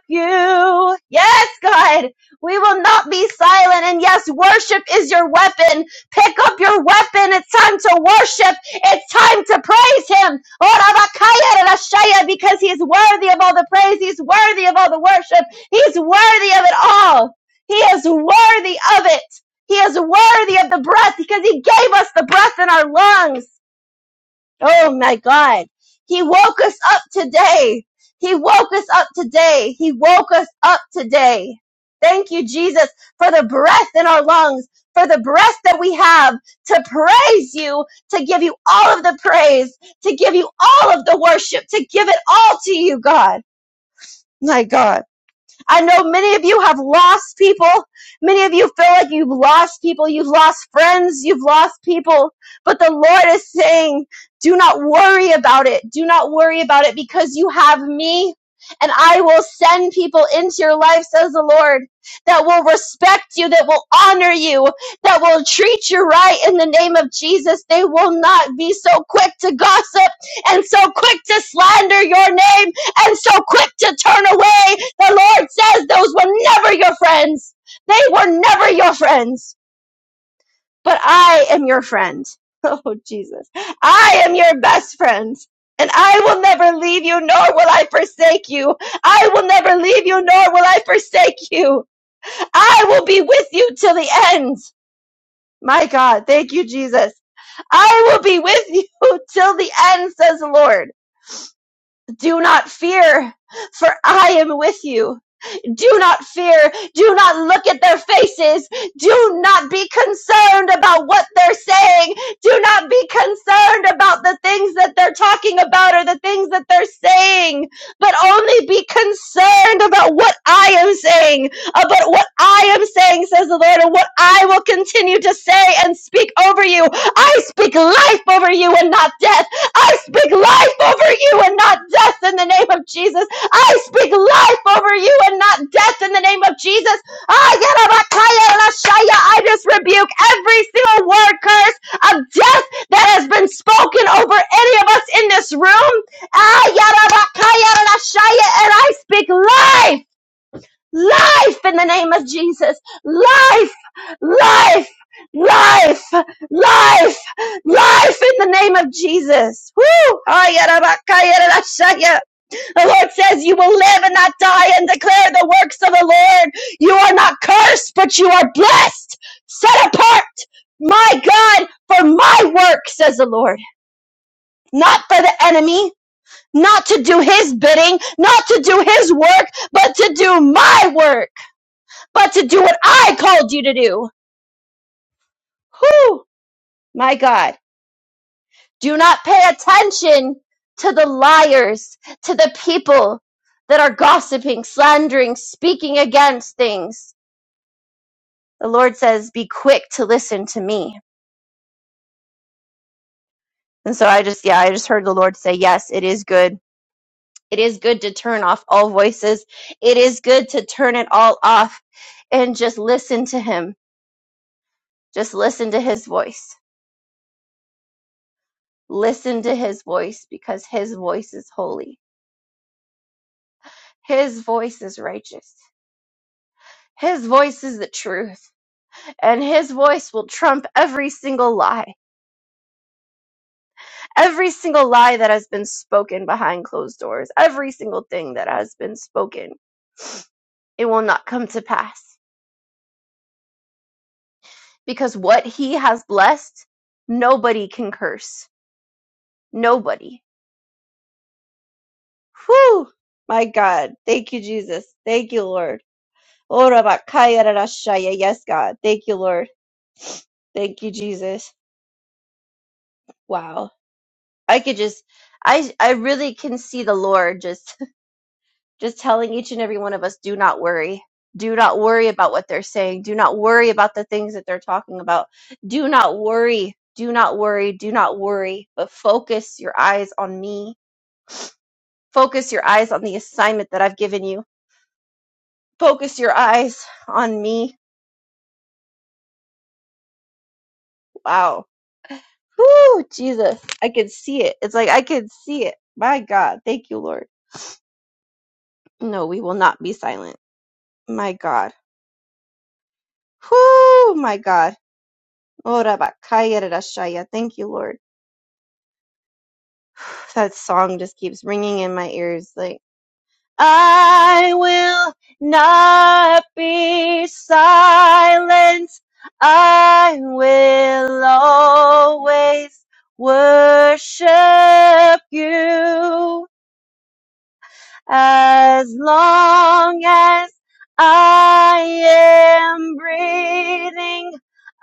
Speaker 2: you. Yes, God, we will not be silent. And yes, worship is your weapon. Pick up your weapon. It's time to worship. It's time to praise him. Oh, Rabakaya Rashaya, Because he's worthy of all the praise. He's worthy of all the worship. He's worthy of it all. He is worthy of it. He is worthy of the breath because he gave us the breath in our lungs. Oh my God. He woke us up today. He woke us up today. He woke us up today. Thank you, Jesus, for the breath in our lungs, for the breath that we have to praise you, to give you all of the praise, to give you all of the worship, to give it all to you, God. My God. I know many of you have lost people. Many of you feel like you've lost people. You've lost friends. You've lost people. But the Lord is saying, do not worry about it. Do not worry about it because you have me and I will send people into your life, says the Lord, that will respect you, that will honor you, that will treat you right in the name of Jesus. They will not be so quick to gossip and so quick to slander your name and so quick to turn away the Lord says those were never your friends. They were never your friends, but I am your friend. Oh, Jesus. I am your best friend. And I will never leave you, nor will I forsake you. I will never leave you, nor will I forsake you. I will be with you till the end. My God, thank you, Jesus. I will be with you till the end, says the Lord. Do not fear, for I am with you. Do not fear. Do not look at their faces. Do not be concerned about what they're saying. Do not be concerned about the things that they're talking about or the things that they're saying, but only be concerned about what I am saying, about what I am saying, says the Lord, and what I will continue to say and speak over you. I speak life over you and not death. I speak life over you and not death in the name of Jesus. I speak life over you and not death in the name of Jesus. Ah, I just rebuke every single word curse of death that has been spoken over any of us in this room. Ah, And I speak life, life in the name of Jesus. Life, life, life, life, life in the name of Jesus. Woo! Ah, the Lord says you will live and not die and declare the works of the Lord. You are not cursed, but you are blessed, set apart, my God, for my work, says the Lord. Not for the enemy, not to do his bidding, not to do his work, but to do my work, but to do what I called you to do. Whew, my God. Do not pay attention to the liars, to the people that are gossiping, slandering, speaking against things the Lord says, be quick to listen to me. And so I just, yeah, I just heard the Lord say, yes, it is good. It is good to turn off all voices. It is good to turn it all off and just listen to Him. Just listen to His voice. Listen to His voice because His voice is holy. His voice is righteous. His voice is the truth. And His voice will trump every single lie, every single lie that has been spoken behind closed doors, every single thing that has been spoken it will not come to pass. Because what he has blessed, nobody can curse. Nobody. Whew! My God. Thank you, Jesus. Thank you, Lord. Ora bakaya rarashaya. Yes, God. Thank you, Lord. Thank you, Jesus. Wow. I could just I I really can see the Lord just just telling each and every one of us do not worry. Do not worry about what they're saying. Do not worry about the things that they're talking about. Do not worry. Do not worry. Do not worry. But focus your eyes on me. Focus your eyes on the assignment that I've given you. Focus your eyes on me. Wow. Whoo, Jesus. I can see it. It's like I can see it. My God. Thank you, Lord. No, we will not be silent. My God. Whoo, my God. Ora bakaya rarashaya. Thank you, Lord. that song just keeps ringing in my ears like I will not be silent. I will always worship you as long as I am breathing.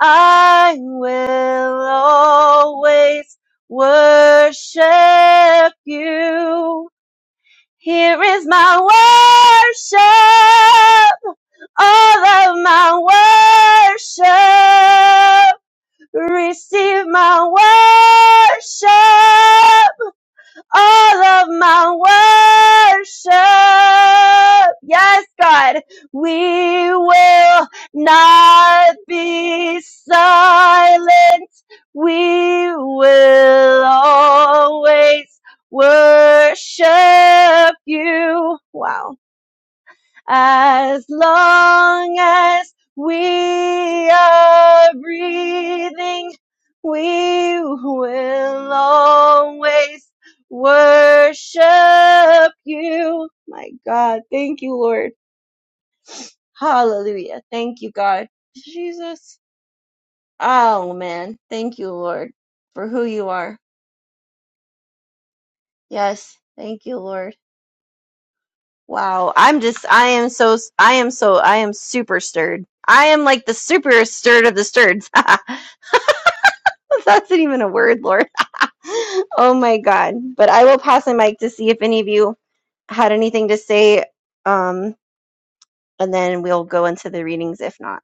Speaker 2: I will always worship you. Here is my worship, all of my worship. Receive my worship, all of my worship. Yes, God, we will not be silent. We will always worship you. Wow as long as we are breathing, we will always worship you. My God, thank you, Lord. Hallelujah. Thank you, God. Jesus. Oh, man. Thank you, Lord, for who you are. Yes. Thank you, Lord. Wow, I'm just I am so I am so I am super stirred. I am like the super stirred of the stirreds. That's not even a word, Lord. Oh my God. But I will pass the mic to see if any of you had anything to say. Um, and then we'll go into the readings if not.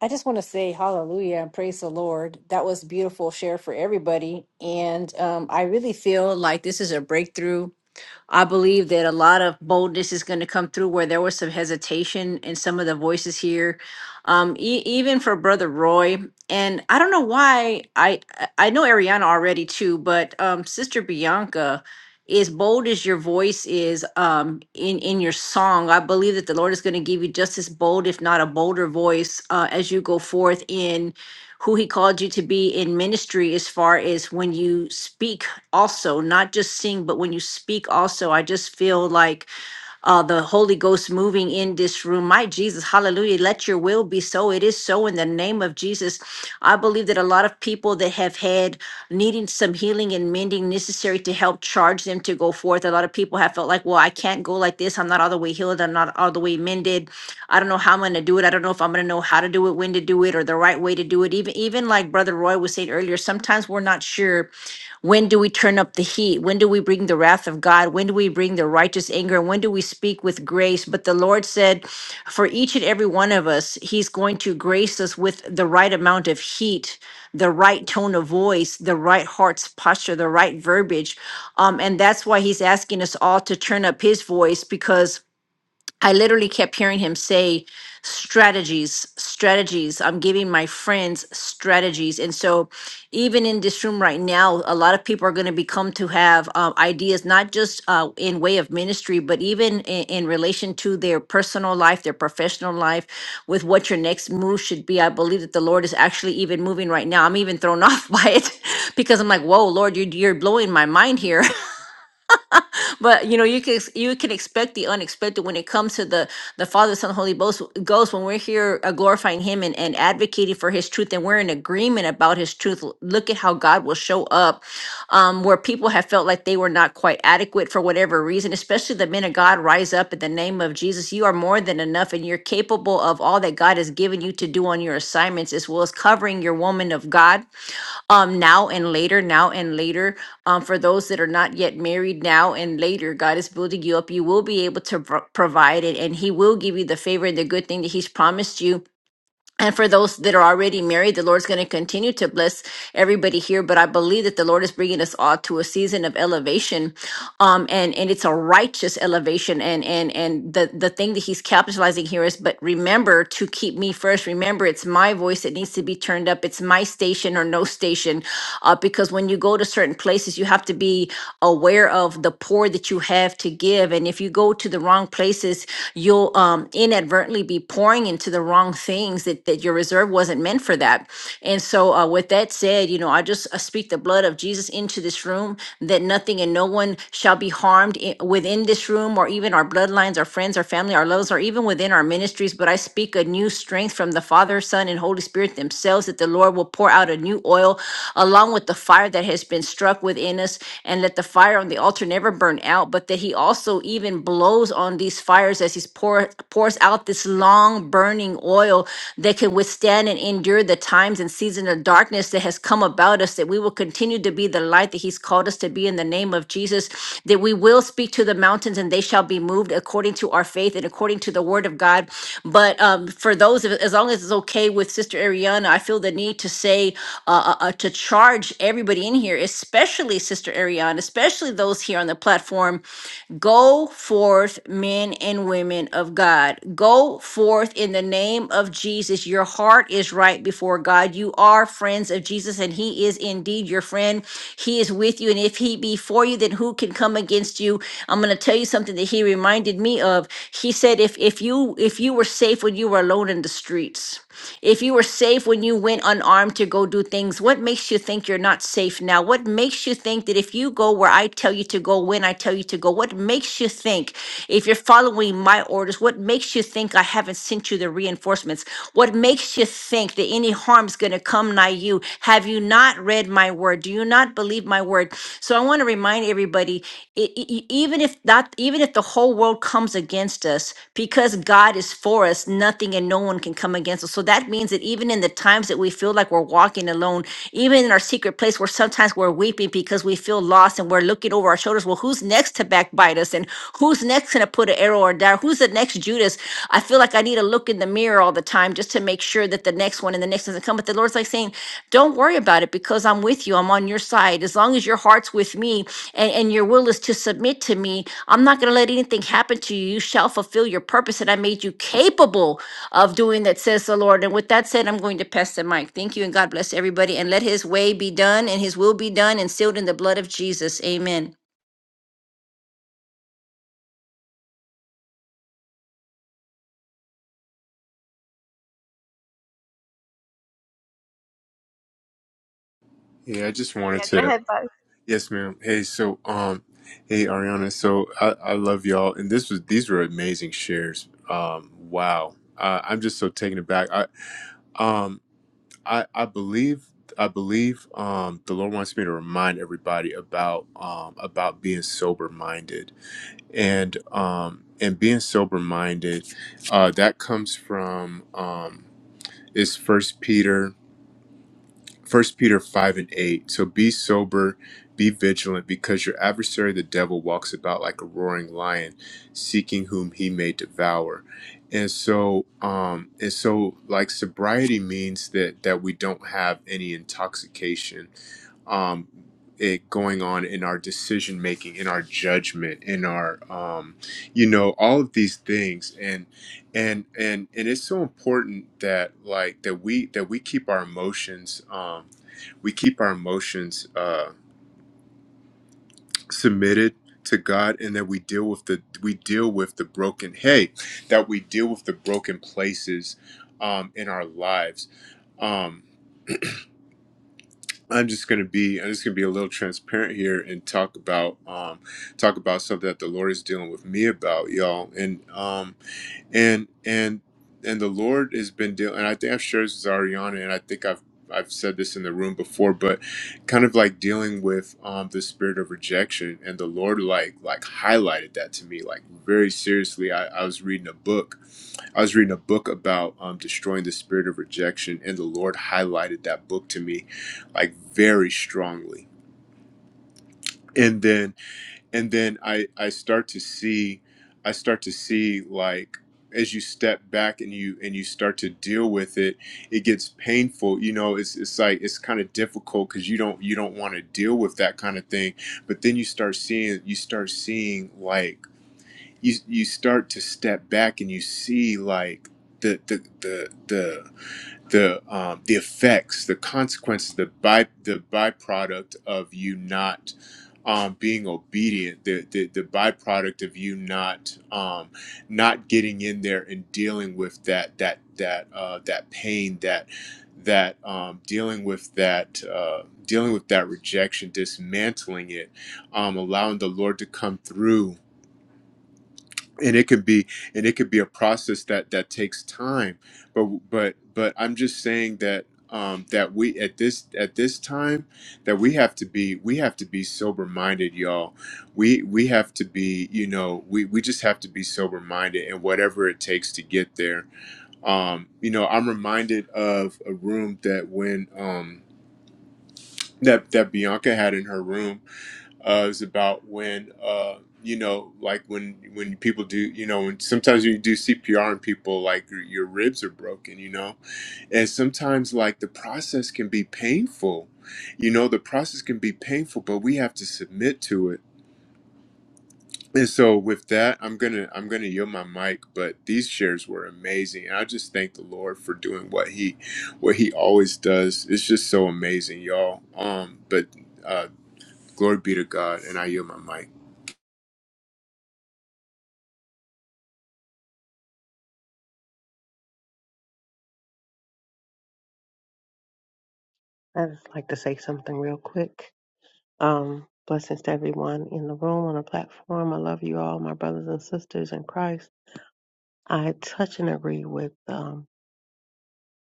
Speaker 3: I just want to say hallelujah and praise the Lord. That was beautiful share for everybody. And um, I really feel like this is a breakthrough I believe that a lot of boldness is going to come through where there was some hesitation in some of the voices here, um, e- even for Brother Roy. And I don't know why I I I know Ariana already too, but um, Sister Bianca, as bold as your voice is um, in in your song, I believe that the Lord is going to give you just as bold, if not a bolder voice, uh, as you go forth in who he called you to be in ministry as far as when you speak also not just sing but when you speak also i just feel like uh, the Holy Ghost moving in this room. My Jesus, hallelujah. Let your will be so. It is so in the name of Jesus. I believe that a lot of people that have had needing some healing and mending necessary to help charge them to go forth. A lot of people have felt like, well, I can't go like this. I'm not all the way healed. I'm not all the way mended. I don't know how I'm going to do it. I don't know if I'm going to know how to do it, when to do it, or the right way to do it. Even even like Brother Roy was saying earlier, sometimes we're not sure when do we turn up the heat? When do we bring the wrath of God? When do we bring the righteous anger? And when do we speak with grace? But the Lord said, for each and every one of us, He's going to grace us with the right amount of heat, the right tone of voice, the right heart's posture, the right verbiage. Um, and that's why He's asking us all to turn up His voice because I literally kept hearing him say strategies, strategies. I'm giving my friends strategies. And so, even in this room right now, a lot of people are going to become to have uh, ideas, not just uh, in way of ministry, but even in, in relation to their personal life, their professional life, with what your next move should be. I believe that the Lord is actually even moving right now. I'm even thrown off by it because I'm like, whoa, Lord, you're, you're blowing my mind here. but you know, you can ex- you can expect the unexpected when it comes to the the Father, Son, Holy Ghost. Ghost when we're here uh, glorifying Him and, and advocating for His truth, and we're in agreement about His truth. l- Look at how God will show up, um, where people have felt like they were not quite adequate for whatever reason. Especially the men of God rise up in the name of Jesus. Jesus, you are more than enough and you're capable of all that God has given you to do on your assignments, as well as covering your woman of God um now and later now and later um for those that are not yet married now and later god is building you up you will be able to pro- provide it and he will give you the favor and the good thing that he's promised you and for those that are already married, the Lord's going to continue to bless everybody here. But I believe that the Lord is bringing us all to a season of elevation, um, and and it's a righteous elevation. And and and the the thing that He's capitalizing here is, but remember to keep me first. Remember, it's my voice that needs to be turned up. It's my station or no station, uh, because when you go to certain places, you have to be aware of the pour that you have to give. And if you go to the wrong places, because you'll um, inadvertently be pouring into the wrong things that, that your reserve wasn't meant for that. And so, uh, with that said, you know, I just uh, speak the blood of Jesus into this room that nothing and no one shall be harmed i- within this room or even our bloodlines, our friends, our family, our loves, or even within our ministries. But I speak a new strength from the Father, Son, and Holy Spirit themselves that the Lord will pour out a new oil along with the fire that has been struck within us. And let the fire on the altar never burn out, but that he also even blows on these fires as he pour, pours out this long burning oil that can withstand and endure the times and season of darkness that has come about us, that we will continue to be the light that he's called us to be in the name of Jesus, that we will speak to the mountains and they shall be moved according to our faith and according to the word of God. But um, for those, of- as long as it's okay with Sister Ariana, I feel the need to say, uh, a. a uh, to charge everybody in here, especially Sister Ariane, especially those here on the platform, Go forth, men and women of God. Go forth in the name of Jesus. Your heart is right before God. You are friends of Jesus, and He is indeed your friend. He is with you. And if He be for you, then who can come against you? I'm going to tell you something that He reminded me of. He said, if, if you if you were safe when you were alone in the streets. If you were safe when you went unarmed to go do things, what makes you think you're not safe now? What makes you think that if you go where I tell you to go, when I tell you to go, what makes you think if you're following my orders, what makes you think I haven't sent you the reinforcements? What makes you think that any harm's going to come nigh you? Have you not read my word? Do you not believe my word? So I want to remind everybody, e- e- e- even if that, even if the whole world comes against against us. Because God is for us, nothing and no one can come against us. So that means that even in the times that we feel like we're walking alone, even in our secret place where sometimes we're weeping because we feel lost and we're looking over our shoulders, well, who's next to backbite us? And who's next going to put an arrow or dart? Who's the next Judas? I feel like I need to look in the mirror all the time just to make sure that the next one and the next doesn't come. But the Lord's like saying, don't worry about it because I'm with you. I'm on your side. As long as your heart's with me and, and your will is to submit to me, I'm not going to let anything happen to you. You shall fulfill your purpose, and I made you capable of doing that, says the Lord. And with that said, I'm going to pass the mic. Thank you, and God bless everybody. And let his way be done, and his will be done, and sealed in the blood of Jesus. Amen.
Speaker 1: yeah i just
Speaker 2: But
Speaker 1: wanted
Speaker 2: yeah, go
Speaker 1: to
Speaker 2: ahead, Bobby.
Speaker 1: yes ma'am hey so um hey ariana so i, I love y'all and this was these were amazing shares um wow uh, i'm just so taken aback i um i i believe I believe um, the Lord wants me to remind everybody about um, about being sober minded and um and being sober minded uh that comes from um is first peter first peter 5 and 8 so be sober be vigilant because your adversary the devil walks about like a roaring lion seeking whom he may devour and so um and so like sobriety means that that we don't have any intoxication um, it going on in our decision making, in our judgment, in our um, you know all of these things, and and and and it's so important that like that we that we keep our emotions um, we keep our emotions uh, submitted to God, and that we deal with the we deal with the broken hey that we deal with the broken places um, in our lives. Um, I'm just gonna be I'm just gonna be a little transparent here and talk about um talk about something that the Lord is dealing with me about, y'all. And um and and and the Lord has been dealing and I think I've shared this with Ariana and I think I've I've said this in the room before, but kind of like dealing with um the spirit of rejection and the Lord like like highlighted that to me like very seriously. I, I was reading a book I was reading a book about um, destroying the spirit of rejection, and the Lord highlighted that book to me, like very strongly. And then, and then I I start to see, I start to see like as you step back and you and you start to deal with it, it gets painful. You know, it's it's like it's kind of difficult because you don't you don't want to deal with that kind of thing. But then you start seeing you start seeing like you you start to step back and you see like the the the the the um the effects the consequences the by the byproduct of you not um being obedient the the, the byproduct of you not um not getting in there and dealing with that that that uh that pain that that um dealing with that uh dealing with that rejection dismantling it um allowing the lord to come through and it could be and it could be a process that that takes time but but but i'm just saying that um that we at this at this time that we have to be we have to be sober minded y'all we we have to be you know we we just have to be sober minded and whatever it takes to get there um you know i'm reminded of a room that when um that that bianca had in her room uh, is about when uh, you know, like when when people do, you know, when sometimes when you do CPR and people like your, your ribs are broken, you know, and sometimes like the process can be painful, you know, the process can be painful, but we have to submit to it. And so with that, I'm gonna I'm gonna yield my mic. But these shares were amazing, and I just thank the Lord for doing what he what he always does. It's just so amazing, y'all. Um, but uh, glory be to God, and I yield my mic.
Speaker 6: I'd just like to say something real quick. Um, blessings to everyone in the room on the platform. I love you all, my brothers and sisters in Christ. I touch and agree with um,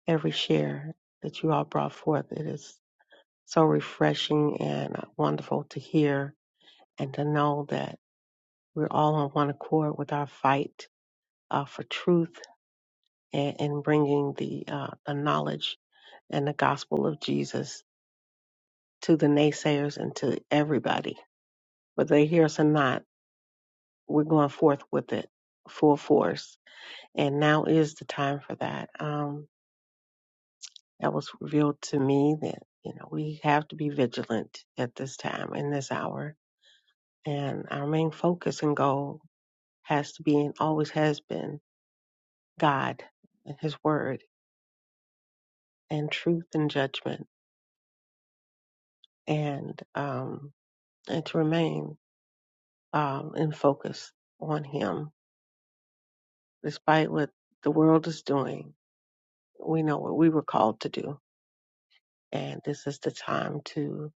Speaker 6: every share that you all brought forth. It is so refreshing and uh, wonderful to hear and to know that we're all on one accord with our fight uh, for truth and, and bringing the, uh, the knowledge and the gospel of Jesus to the naysayers and to everybody, whether they hear us or not we're going forth with it full force. And now is the time for that. Um, that was revealed to me that, you know, we have to be vigilant at this time, in this hour. And our main focus and goal has to be and always has been God and His Word and truth and judgment and, um, and to remain, um, in focus on Him despite what the world is doing. We know what we were called to do and this is the time to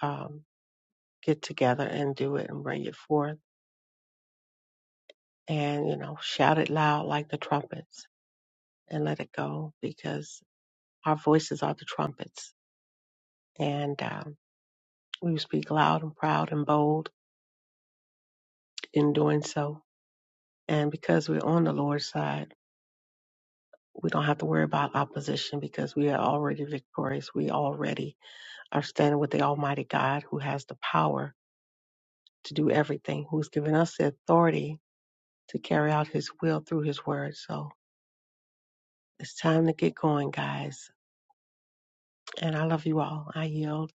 Speaker 6: um, get together and do it and bring it forth and you know shout it loud like the trumpets and let it go because our voices are the trumpets and um, we speak loud and proud and bold in doing so and because we're on the lord's side we don't have to worry about opposition because we are already victorious we already are standing with the almighty god who has the power to do everything who's given us the authority to carry out his will through his word. So it's time to get going, guys. And I love you all. I yield.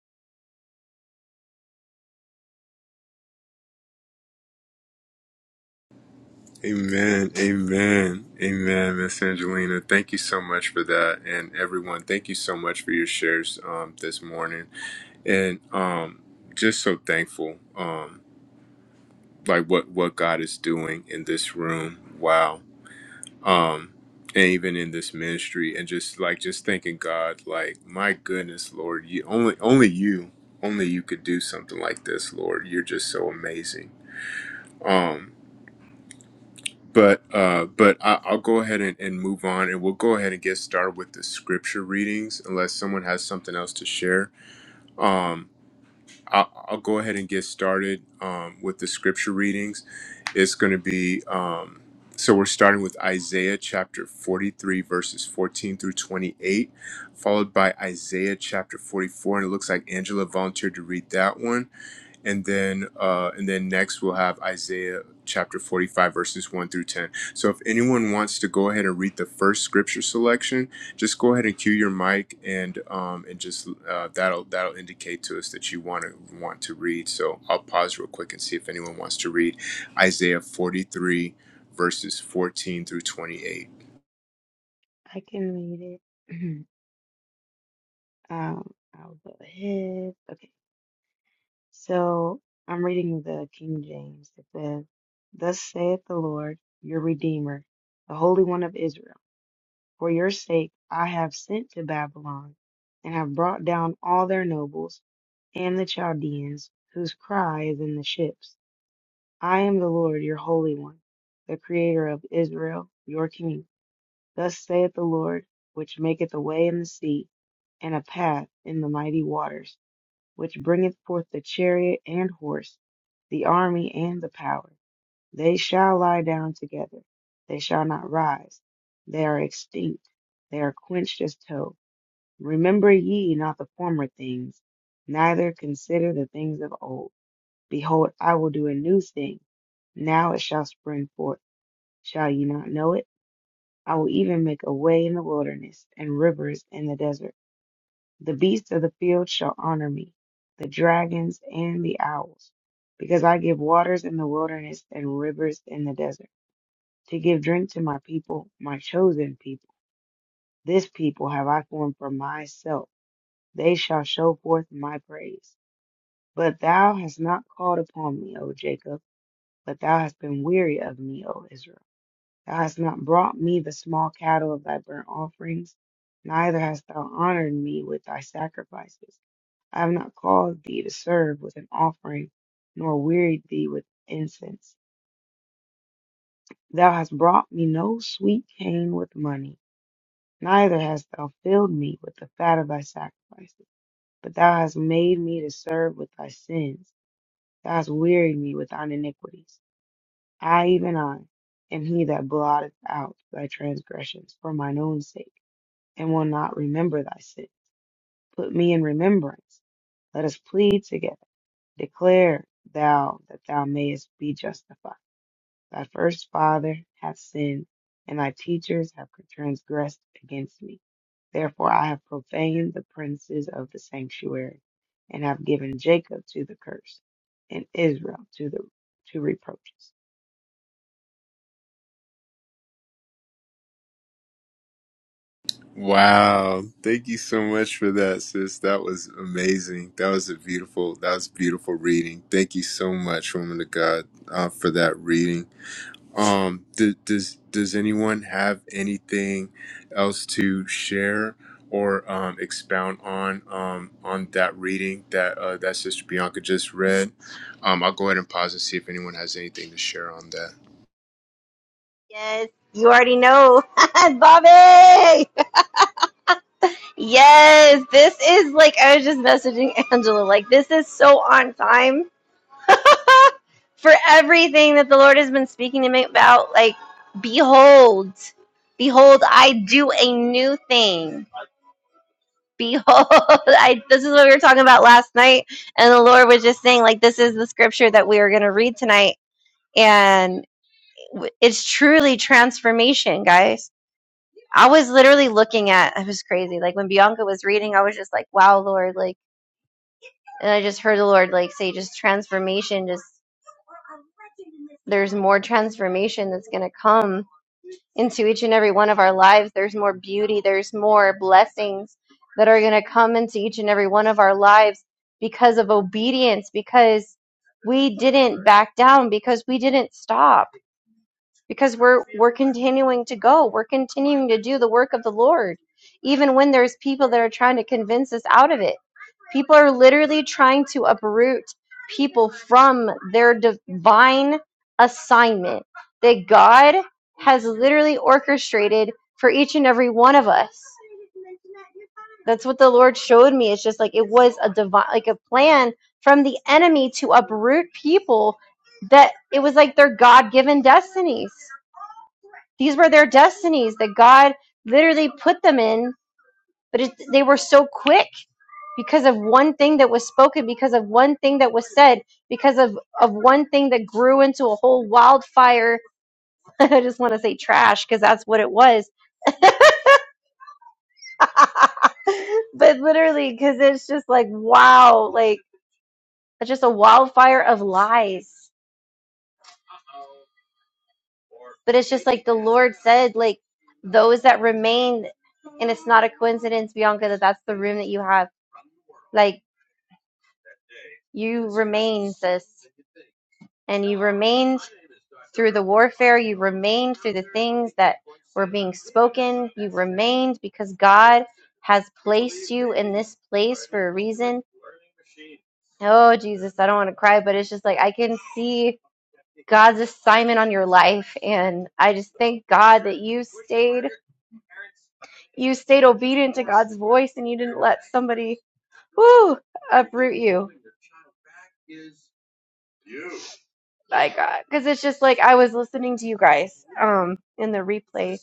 Speaker 1: Amen. Amen. Amen, Miss Angelina. Thank you so much for that. And everyone, thank you so much for your shares um this morning. And um just so thankful um like what what God is doing in this room. Wow. Um and even in this ministry and just like just thanking God like my goodness, Lord, you only only you only you could do something like this, Lord. You're just so amazing. Um But uh, but I, I'll go ahead and, and move on, and we'll go ahead and get started with the scripture readings, unless someone has something else to share. Um, I'll, I'll go ahead and get started um, with the scripture readings. It's going to be um, so we're starting with Isaiah chapter forty three, verses fourteen through twenty eight followed by Isaiah chapter 44. And it looks like Angela volunteered to read that one. And then, uh, and then next we'll have Isaiah chapter 45, verses 1 through 10. So if anyone wants to go ahead and read the first scripture selection, just go ahead and cue your mic and, um, and just, uh, that'll, that'll indicate to us that you want to want to read. So I'll pause real quick and see if anyone wants to read Isaiah 43 verses 14 through 28.
Speaker 5: I can read it. um, I'll go ahead. Okay. So I'm reading the King James. It says, Thus saith the Lord, your Redeemer, the Holy One of Israel. For your sake I have sent to Babylon, and have brought down all their nobles and the Chaldeans, whose cry is in the ships. I am the Lord your Holy One, the Creator of Israel, your King. Thus saith the Lord, which maketh a way in the sea, and a path in the mighty waters, which bringeth forth the chariot and horse, the army and the power. They shall lie down together. They shall not rise. They are extinct. They are quenched as tow. Remember ye not the former things, neither consider the things of old. Behold, I will do a new thing. Now it shall spring forth. Shall ye not know it? I will even make a way in the wilderness and rivers in the desert. The beasts of the field shall honor me, the dragons and the owls, because I give waters in the wilderness and rivers in the desert to give drink to my people, my chosen people. This people have I formed for myself. They shall show forth my praise. But thou hast not called upon me, O Jacob, but thou hast been weary of me, O Israel. Thou hast not brought me the small cattle of thy burnt offerings, neither hast thou honored me with thy sacrifices. I have not caused thee to serve with an offering, nor wearied thee with incense. Thou hast brought me no sweet cane with money Neither hast thou filled me with the fat of thy sacrifices, but thou hast made me to serve with thy sins. Thou hast wearied me with thine iniquities. I, even I, am he that blotteth out thy transgressions for mine own sake, and will not remember thy sin. Put me in remembrance. Let us plead together. Declare thou that thou mayest be justified. Thy first father hath sinned, and thy teachers have transgressed against me. Therefore I have profaned the princes of the sanctuary, and have given Jacob to the curse, and Israel to the to reproaches.
Speaker 1: Wow. Thank you so much for that, sis. That was amazing. That was a beautiful, that was beautiful reading. Thank you so much, woman of God, uh, for that reading. Um, d- does, does anyone have anything else to share or, um, expound on, um, on that reading that, uh, that Sister Bianca just read? Um, I'll go ahead and pause and see if anyone has anything to share on that.
Speaker 2: Yes, you already know. Bobby! Yes, this is like I was just messaging Angela, like this is so on time for everything that the Lord has been speaking to me about. Like, behold, behold, I do a new thing. Behold, I, this is what we were talking about last night. And the Lord was just saying, like, this is the scripture that we are going to read tonight. And w- it's truly transformation, guys. I was literally looking at, I was crazy. Like, when Bianca was reading, I was just like, wow, Lord. Like, and I just heard the Lord, like, say, just transformation, just there's more transformation that's going to come into each and every one of our lives. There's more beauty, there's more blessings that are going to come into each and every one of our lives because of obedience, because we didn't back down, because we didn't stop because we're we're continuing to go we're continuing to do the work of the lord even when there's people that are trying to convince us out of it people are literally trying to uproot people from their divine assignment that god has literally orchestrated for each and every one of us that's what the lord showed me it's just like it was a divine like a plan from the enemy to uproot people that it was like their god-given destinies these were their destinies that God literally put them in, but it, they were so quick because of one thing that was spoken, because of one thing that was said, because of, of one thing that grew into a whole wildfire. I just want to say trash because that's what it was. but literally, because it's just like, wow, like it's just a wildfire of lies. But it's just like the Lord said, like those that remain, and it's not a coincidence, Bianca, that that's the room that you have. Like, You remain, sis, and you remained through the warfare. You remained through the things that were being spoken. You remained because God has placed you in this place for a reason. Oh, Jesus, I don't want to cry, but it's just like I can see God's assignment on your life. And I just thank God that you stayed, you stayed obedient to God's voice and you didn't let somebody, whoo, uproot you my God. Because it's just like I was listening to you guys um in the replay,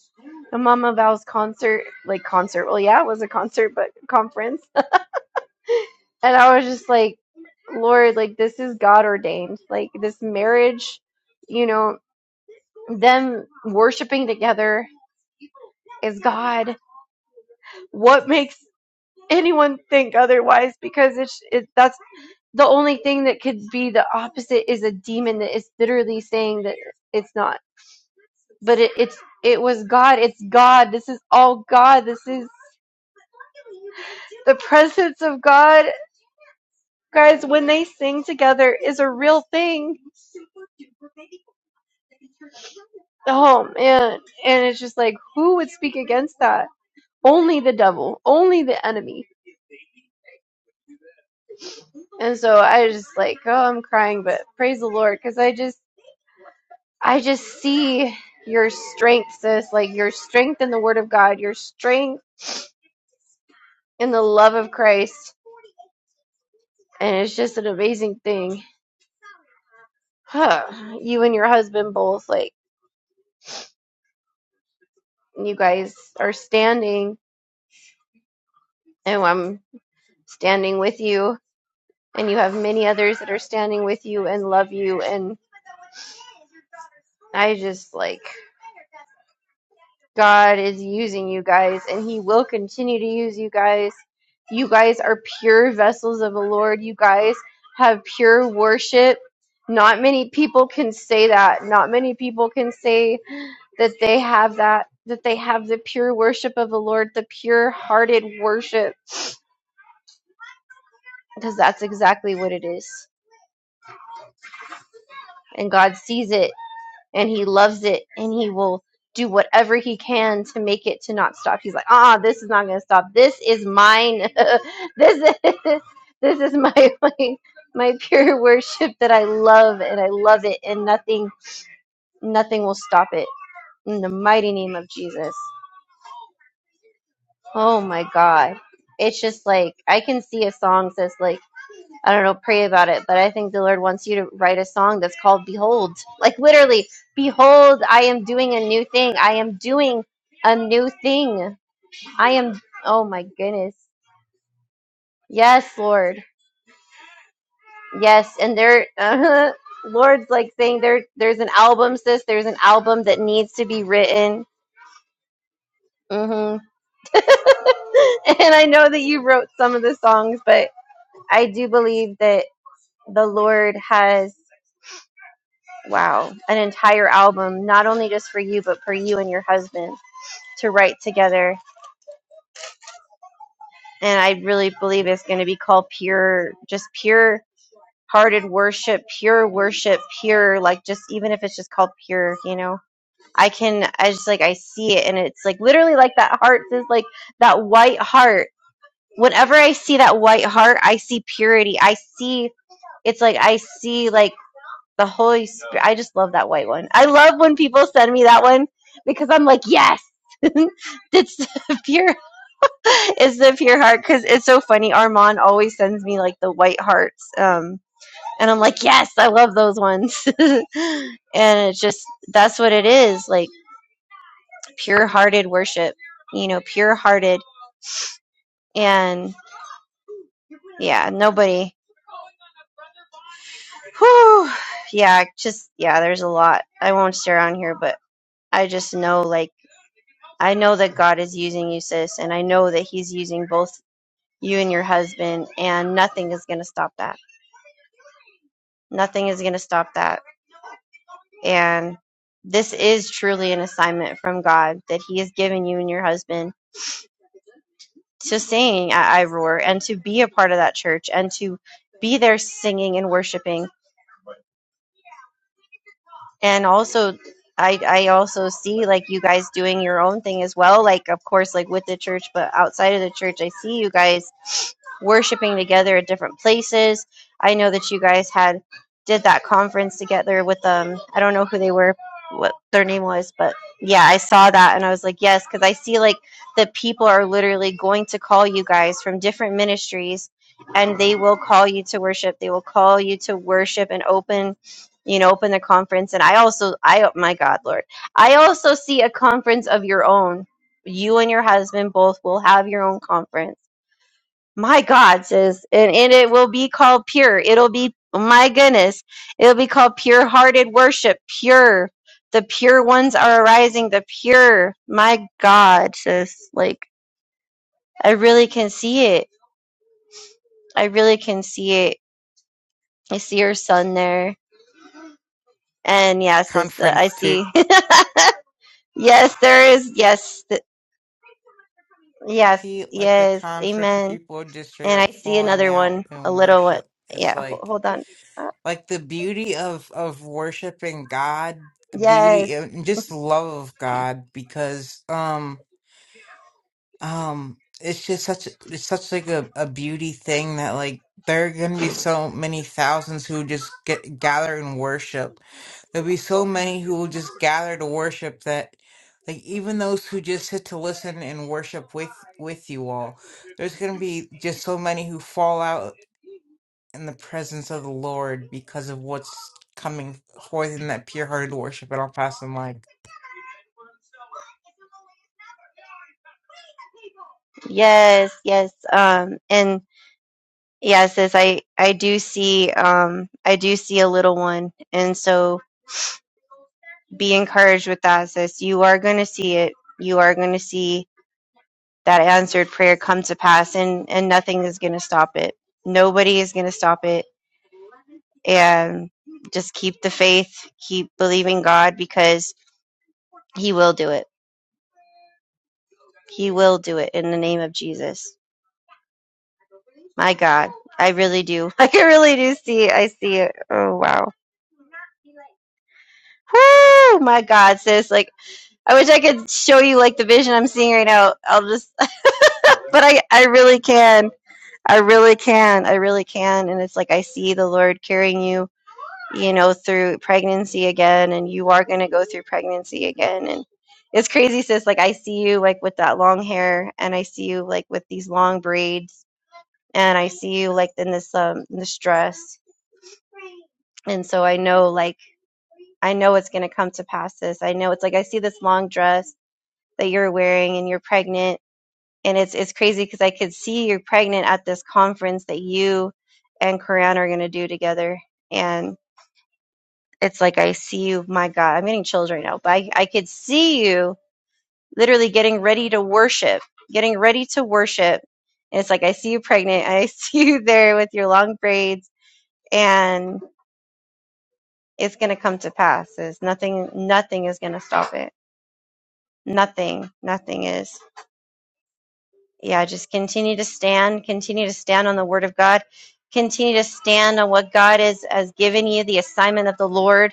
Speaker 2: the Mama Val's concert, like concert. Well, yeah, it was a concert, but conference. And I was just like, Lord, like this is God ordained. Like this marriage, you know, them worshiping together is God. What makes anyone think otherwise? Because it's it, that's the only thing that could be the opposite is a demon that is literally saying that it's not but it, it's it was God. It's God. This is all God. This is the presence of God. Guys, when they sing together is a real thing. Oh man. And it's just like who would speak against that? Only the devil, only the enemy. And so I just like, oh, I'm crying, but praise the Lord cuz I just I just see your strength, sis, like your strength in the word of God, your strength in the love of Christ. And it's just an amazing thing. huh, you and your husband both like you guys are standing and I'm standing with you and you have many others that are standing with you and love you and I just like God is using you guys and he will continue to use you guys. You guys are pure vessels of the Lord. You guys have pure worship. Not many people can say that. Not many people can say that they have that that they have the pure worship of the Lord, the pure hearted worship because that's exactly what it is. And God sees it and he loves it and he will do whatever he can to make it to not stop. He's like, "Ah, this is not going to stop. This is mine. this is this is my my my pure worship that I love and I love it and nothing nothing will stop it." In the mighty name of Jesus. Oh my God. It's just like, I can see a song says, like, I don't know, pray about it, but I think the Lord wants you to write a song that's called Behold. Like, literally, Behold, I am doing a new thing. I am doing a new thing. I am, oh my goodness. Yes, Lord. Yes. And there, Lord's like saying there, there's an album, sis. There's an album that needs to be written. hmm and I know that you wrote some of the songs, but I do believe that. the Lord has, wow, an entire album, not only just for you, but for you and your husband to write together. And I really believe it's going to be called pure, just pure hearted worship, pure worship, pure, like just even if it's just called pure, you know, I can, I just like, I see it and it's like literally like that heart is like that white heart. Whenever I see that white heart, I see purity. I see, it's like, I see like. The Holy Spirit. I just love that white one. I love when people send me that one because I'm like, yes, it's the pure, it's the pure heart. Because it's so funny. Armand always sends me like the white hearts, um, and I'm like, yes, I love those ones. and it's just that's what it is, like pure-hearted worship. You know, pure-hearted, and yeah, nobody. Whew, yeah, just yeah. There's a lot. I won't stare on here, but I just know like. I know that God is using you, sis, and I know that He's using both you and your husband, and nothing is going to stop that. Nothing is going to stop that. And this is truly an assignment from God that He has given you and your husband to sing at Iroar and to be a part of that church and to be there singing and worshiping and also I I also see like you guys doing your own thing as well like of course like with the church but outside of the church I see you guys worshiping together at different places I know that you guys had did that conference together with um I don't know who they were what their name was but yeah I saw that and I was like yes cuz I see like the people are literally going to call you guys from different ministries and they will call you to worship they will call you to worship and open you know open the conference and i also i my god lord i also see a conference of your own you and your husband both will have your own conference my god says and, and it will be called pure it'll be my goodness it'll be called pure hearted worship pure the pure ones are arising the pure my god says like i really can see it i really can see it i see your son there and yes, it's uh, I
Speaker 7: conference too.
Speaker 2: see. Yes, there is. Yes, th- yes,
Speaker 7: See, like the
Speaker 2: yes.
Speaker 7: conference where
Speaker 2: Amen.
Speaker 7: people are just straight
Speaker 2: And I
Speaker 7: up
Speaker 2: see
Speaker 7: falling
Speaker 2: another
Speaker 7: out
Speaker 2: one, a
Speaker 7: in
Speaker 2: little one.
Speaker 7: worship. It's
Speaker 2: Yeah, ho-
Speaker 7: like
Speaker 2: hold on. Uh,
Speaker 7: like the beauty of of worshiping God, the
Speaker 2: Yes,
Speaker 7: beauty and just love of God, because um. um it's just such it's such like a, a beauty thing that like there are gonna be so many thousands who just get gather and worship there'll be so many who will just gather to worship that like even those who just sit to listen and worship with with you all there's gonna be just so many who fall out in the presence of the lord because of what's coming forth in that pure-hearted worship and i'll pass the mic
Speaker 2: yes, yes. Um, and yes, as I I do see um I do see a little one, and so be encouraged with that, sis. You are going to see it. You are going to see that answered prayer come to pass, and and nothing is going to stop it. Nobody is going to stop it and just keep the faith, keep believing God because He will do it. He will do it in the name of Jesus. My God, I really do. I can really do see it. I see it. Oh wow. Woo! My God, sis. Like I wish I could show you like the vision I'm seeing right now. I'll just, but I I really can. I really can. I really can. And it's like I see the Lord carrying you you know, through pregnancy again, and you are going to go through pregnancy again. And it's crazy, sis. Like, I see you, like, with that long hair, and I see you, like, with these long braids, and I see you, like, in this, um, this dress. And so I know, like, I know it's going to come to pass, sis. I know it's like I see this long dress that you're wearing, and you're pregnant. And it's, it's crazy because I could see you're pregnant at this conference that you and Koran are going to do together. and. It's like I see you, my God, I'm getting chills right now, but I, I could see you literally getting ready to worship, getting ready to worship. And it's like I see you pregnant, I see you there with your long braids, and it's gonna come to pass. There's nothing nothing is gonna stop it. Nothing, nothing is. Yeah, just continue to stand, continue to stand on the word of God, continue to stand on what God is has given you, the assignment of the Lord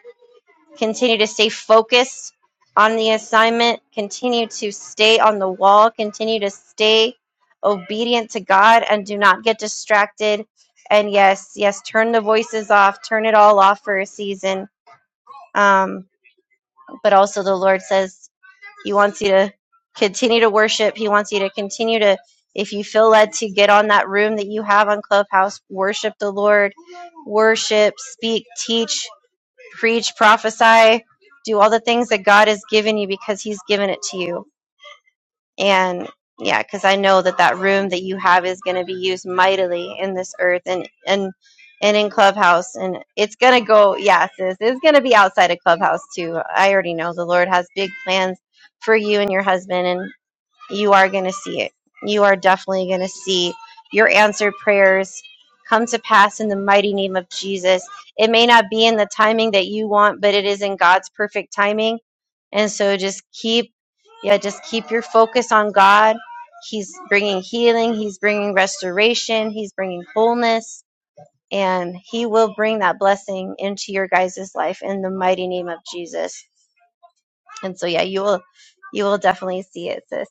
Speaker 2: Continue to stay focused on the assignment. Continue to stay on the wall. Continue to stay obedient to God and do not get distracted. And yes, yes, turn the voices off. Turn it all off for a season. Um, but also, the Lord says He wants you to continue to worship. He wants you to continue to, if you feel led to get on that room that you have on Clubhouse, worship the Lord, worship, speak, teach preach, prophesy, do all the things that God has given you because He's given it to you. And yeah, because I know that that room that you have is going to be used mightily in this earth and and and in Clubhouse, and it's going to go. Yeah, sis, it's going to be outside of Clubhouse too. I already know the Lord has big plans for you and your husband, and you are going to see it. You are definitely going to see your answered prayers come to pass in the mighty name of Jesus. It may not be in the timing that you want, but it is in God's perfect timing. And so just keep, yeah, just keep your focus on God. He's bringing healing, He's bringing restoration, He's bringing wholeness, and He will bring that blessing into your guys' life in the mighty name of Jesus. And so, yeah, you will, you will definitely see it, sis.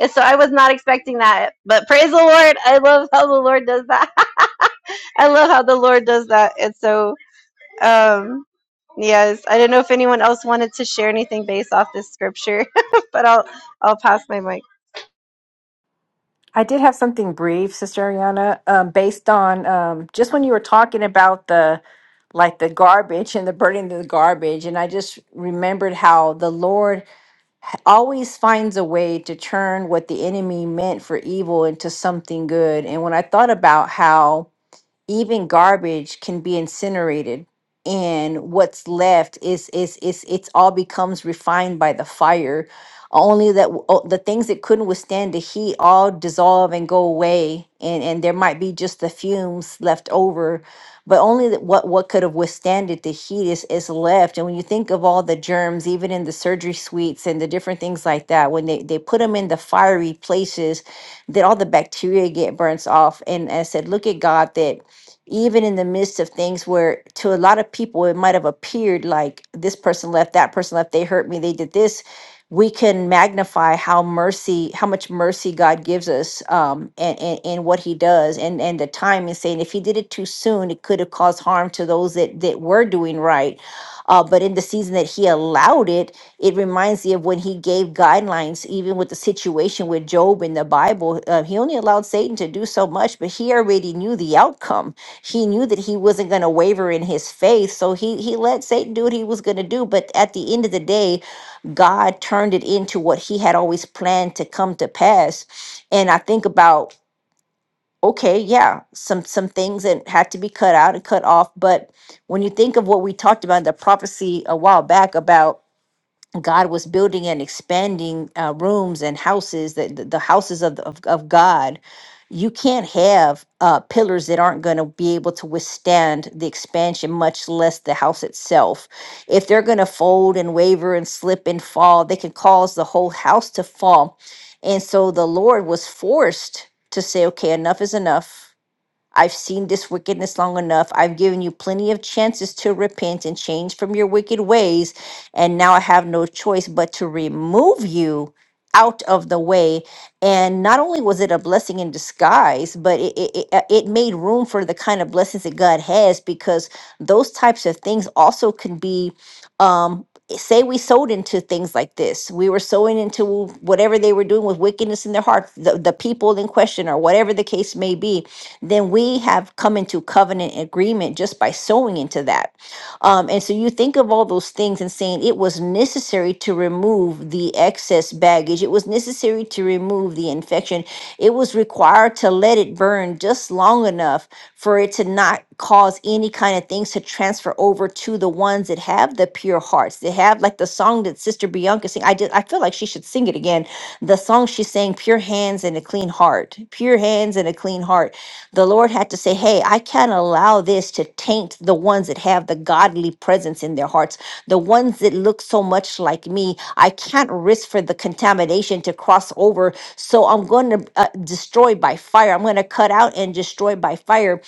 Speaker 2: So I was not expecting that. But praise the Lord. I love how the Lord does that. I love how the Lord does that. And so, um, yes, I don't know if anyone else wanted to share anything based off this scripture, but I'll I'll pass my mic.
Speaker 3: I did have something brief, Sister Ariana, um, based on um, just when you were talking about the like the garbage and the burning of the garbage, and I just remembered how the Lord always finds a way to turn what the enemy meant for evil into something good. And when I thought about how even garbage can be incinerated and what's left is is is it's all becomes refined by the fire only that w- o- the things that couldn't withstand the heat all dissolve and go away and and there might be just the fumes left over but only that what what could have withstanded the heat is is left and when you think of all the germs even in the surgery suites and the different things like that when they they put them in the fiery places that all the bacteria get burnt off and i said look at god that even in the midst of things where to a lot of people it might have appeared like this person left, that person left, they hurt me, they did this. We can magnify how mercy, how much mercy God gives us, um, and, and and what He does, and and the time is saying if He did it too soon, it could have caused harm to those that that were doing right, uh, but in the season that He allowed it, it reminds me of when he gave guidelines, even with the situation with Job in the Bible. Uh, he only allowed Satan to do so much, but he already knew the outcome. He knew that he wasn't going to waver in his faith. So he, he let Satan do what he was going to do. But at the end of the day, God turned it into what he had always planned to come to pass. And I think about, okay, yeah, some some things that had to be cut out and cut off. But when you think of what we talked about in the prophecy a while back about God was building and expanding uh, rooms and houses that the the houses of, the- of of God. You can't have uh, pillars that aren't going to be able to withstand the expansion, much less the house itself. If they're going to fold and waver and slip and fall, they can cause the whole house to fall. And so the Lord was forced to say, "Okay, enough is enough." I've seen this wickedness long enough. I've given you plenty of chances to repent and change from your wicked ways. And now I have no choice but to remove you out of the way. And not only was it a blessing in disguise, but it, it, it uh, it made room for the kind of blessings that God has because those types of things also can be. Um, Say we sowed into things like this. We were sowing into whatever they were doing with wickedness in their heart, the, the people in question, or whatever the case may be then we have come into covenant agreement just by sowing into that. Um, and so you think of all those things and saying it was necessary to remove the excess baggage, it was necessary to remove the infection, it was required to let it burn just long enough for it to not cause any kind of things to transfer over to the ones that have the pure hearts. They have like the song that Sister Bianca sing. I did I feel like she should sing it again the song she sang, Pure Hands and a Clean Heart, Pure Hands and a Clean Heart. The Lord had to say, Hey, I can't allow this to taint the ones that have the godly presence in their hearts, the ones that look so much like me. I can't risk for the contamination to cross over. So I'm going to uh, destroy by fire. I'm going to cut out and destroy by fire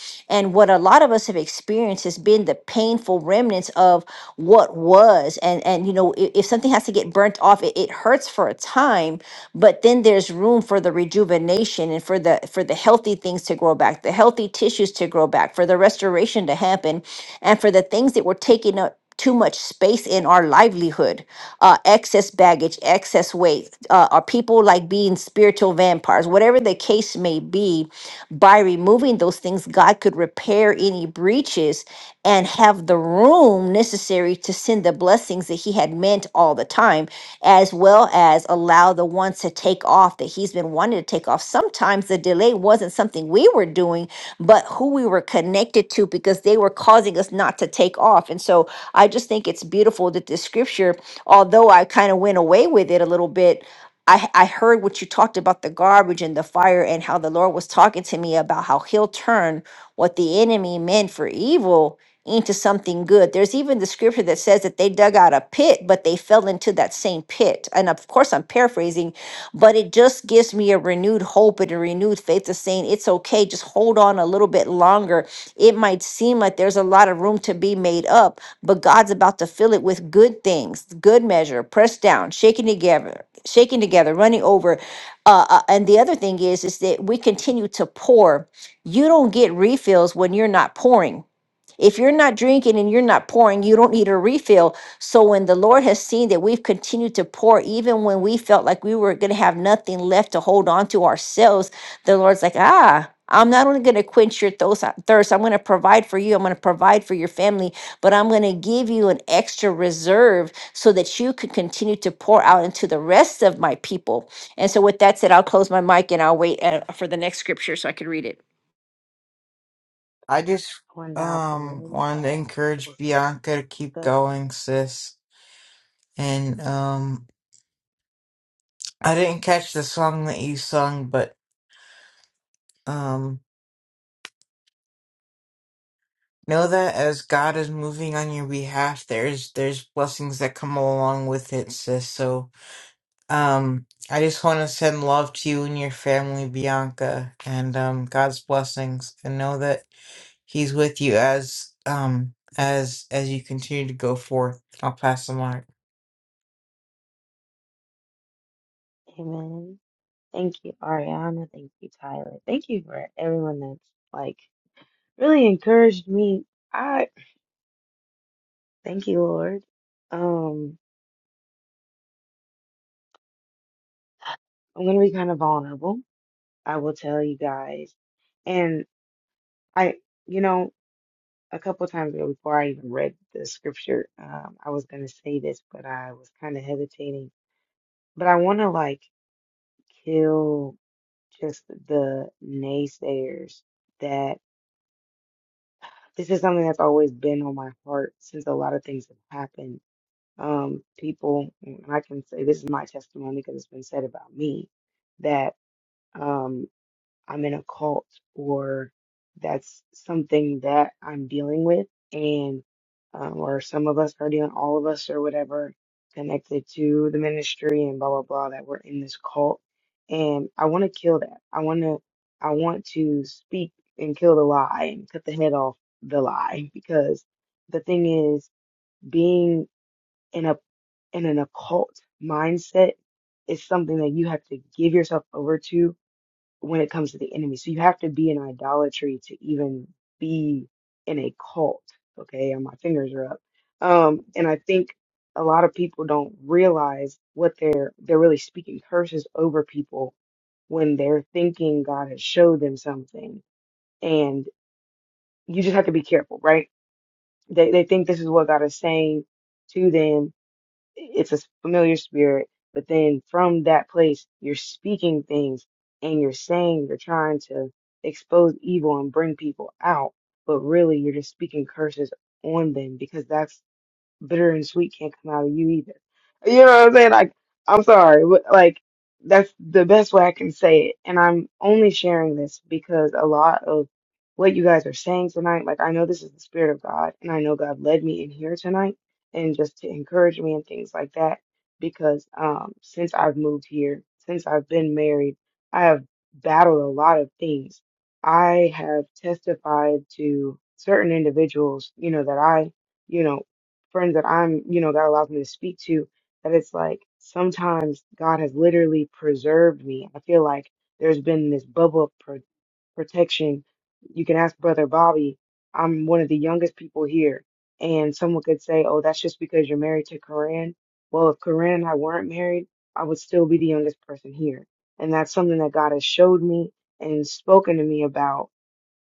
Speaker 3: and what a lot of us have experienced has been the painful remnants of what was. And and you know, if, if something has to get burnt off, it, it hurts for a time, but then there's room for the rejuvenation and for the for the healthy things to grow back, the healthy tissues to grow back, for the restoration to happen, and for the things that were taking up too much space in our livelihood, uh, excess baggage, excess weight, uh, are people like being spiritual vampires, whatever the case may be by removing those things, God could repair any breaches and have the room necessary to send the blessings that He had meant all the time, as well as allow the ones to take off that He's been wanting to take off. Sometimes the delay wasn't something we were doing, but who we were connected to because they were causing us not to take off. And so I just think it's beautiful that this scripture, although I kind of went away with it a little bit, I, I heard what you talked about the garbage and the fire and how the Lord was talking to me about how he'll turn what the enemy meant for evil into something good. There's even the scripture that says that they dug out a pit, but they fell into that same pit. And of course, I'm paraphrasing, but it just gives me a renewed hope and a renewed faith of saying it's okay. Just hold on a little bit longer it might seem like there's a lot of room to be made up, but God's about to fill it with good things, good measure, pressed down, shaken together, shaken together, running over. Uh, uh, and the other thing is, is that we continue to pour. You don't get refills when you're not pouring if you're not drinking and you're not pouring, you don't need a refill. So when the Lord has seen that we've continued to pour, even when we felt like we were going to have nothing left to hold on to ourselves, the Lord's like, ah. I'm not only going to quench your thos- thirst, I'm going to provide for you. I'm going to provide for your family, but I'm going to give you an extra reserve so that you can continue to pour out into the rest of my people. And so, with that said, I'll close my mic and I'll wait uh, for the next scripture so I can read it.
Speaker 7: I just
Speaker 5: I went off and
Speaker 7: um
Speaker 5: really
Speaker 7: wanted to
Speaker 5: fast. It
Speaker 7: encourage
Speaker 5: was
Speaker 7: Bianca to keep
Speaker 5: good.
Speaker 7: going, sis. And um I didn't catch the song that you sung, but um know that as God is moving on your behalf, there's there's blessings that come along with it, sis. So um I just want to send love to you and your family, Bianca, and um God's blessings and know that he's with you as um as as you continue to go forth. I'll pass the mic.
Speaker 5: Amen. Thank you, Ariana. Thank you, Tyler. Thank you for everyone that's like really encouraged me. I thank you, Lord. Um, I'm gonna be kind of vulnerable I will tell you guys. And I, you know, a couple times ago before I even read the scripture, um, I was going to say this, but I was kind of hesitating. But I want to like kill just the naysayers that this is something that's always been on my heart since a lot of things have happened. Um, people, and I can say this is my testimony because it's been said about me that. Um, I'm in a cult or that's something that I'm dealing with and um, or some of us are dealing all of us or whatever connected to the ministry and blah blah blah that we're in this cult and I want to kill that. I want to I want to speak and kill the lie and cut the head off the lie because the thing is being in a in an occult mindset is something that you have to give yourself over to when it comes to the enemy. So you have to be in idolatry to even be in a cult. Okay, and my fingers are up. Um, and I think a lot of people don't realize what they're they're really speaking curses over people when they're thinking God has showed them something. And you just have to be careful, right? They they think this is what God is saying to them it's a familiar spirit, but then from that place, you're speaking things and you're saying you're trying to expose evil and bring people out, but really you're just speaking curses on them because that's bitter and sweet can't come out of you either. You know what I'm saying? Like, I'm sorry, but like, that's the best way I can say it. And I'm only sharing this because a lot of what you guys are saying tonight, like, I know this is the Spirit of God, and I know God led me in here tonight and just to encourage me and things like that. Because um, since I've moved here, since I've been married, I have battled a lot of things. I have testified to certain individuals, you know, that I you know, friends that I'm, you know, that allows me to speak to, that it's like sometimes God has literally preserved me. I feel like there's been this bubble of pro- protection. You can ask Brother Bobby, I'm one of the youngest people here. And someone could say, oh, that's just because you're married to Corinne. Well, if Corinne and I weren't married, I would still be the youngest person here. And that's something that God has showed me and spoken to me about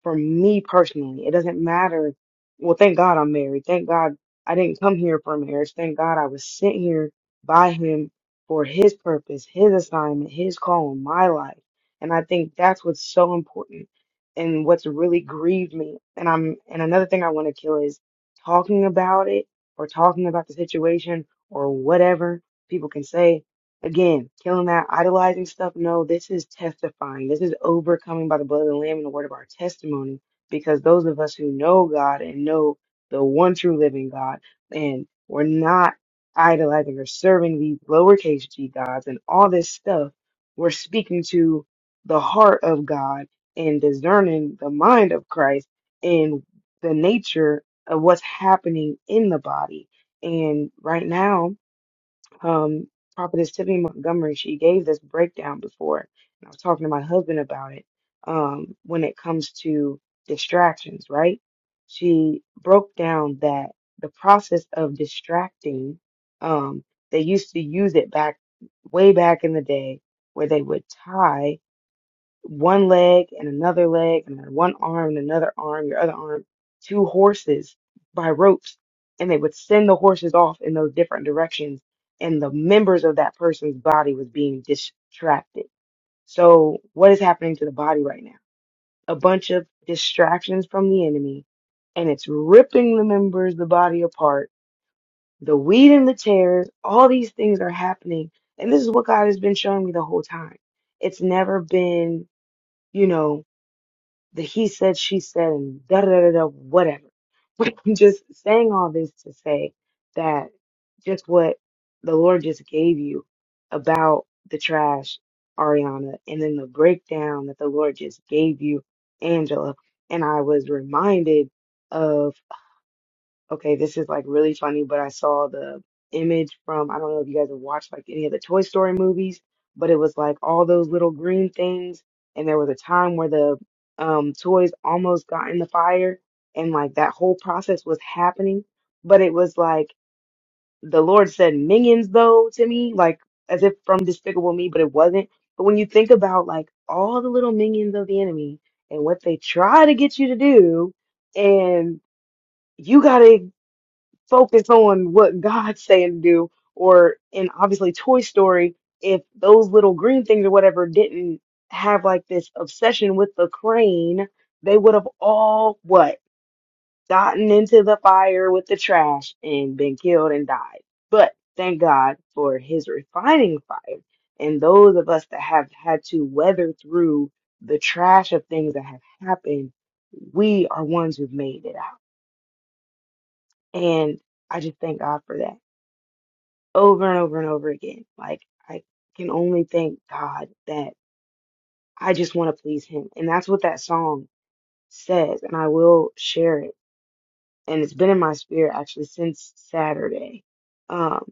Speaker 5: for me personally. It doesn't matter. Well, thank God I'm married. Thank God I didn't come here for marriage. Thank God I was sent here by Him for His purpose, His assignment, His call in my life. And I think that's what's so important and what's really grieved me. And I'm, and another thing I want to kill is talking about it or talking about the situation or whatever people can say Again, killing that idolizing stuff. No, this is testifying. This is overcoming by the blood of the Lamb and the word of our testimony. Because those of us who know God and know the one true living God, and we're not idolizing or serving these lowercase g gods and all this stuff, we're speaking to the heart of God and discerning the mind of Christ and the nature of what's happening in the body. And right now, um, Prophetess Tiffany Montgomery, she gave this breakdown before, and I was talking to my husband about it. Um, when it comes to distractions, right? She broke down that the process of distracting, um, they used to use it back way back in the day where they would tie one leg and another leg and then one arm and another arm, your other arm, two horses by ropes, and they would send the horses off in those different directions, and the members of that person's body was being distracted. So what is happening to the body right now? A bunch of distractions from the enemy, and it's ripping the members, the body apart, the weed and the tears, all these things are happening. And this is what God has been showing me the whole time. It's never been, you know, the he said, she said, and da da da da, da, whatever. But I'm just saying all this to say that just what the Lord just gave you about the trash, Ariana, and then the breakdown that the Lord just gave you, Angela, and I was reminded of Okay, this is like really funny, but I saw the image from, I don't know if you guys have watched like any of the Toy Story movies, but it was like all those little green things, and there was a time where the um toys almost got in the fire, and like that whole process was happening, but it was like the Lord said minions though to me, like as if from Despicable Me, but it wasn't. But when you think about like all the little minions of the enemy and what they try to get you to do, and you gotta focus on what God's saying to do. Or in obviously Toy Story, if those little green things or whatever didn't have like this obsession with the crane, they would have all what? Gotten into the fire with the trash and been killed and died. But thank God for his refining fire. And those of us that have had to weather through the trash of things that have happened, we are ones who've made it out. And I just thank God for that. over and over and over again. Like I can only thank God that I just want to please him. And that's what that song says. And I will share it. And it's been in my spirit actually since Saturday. Um,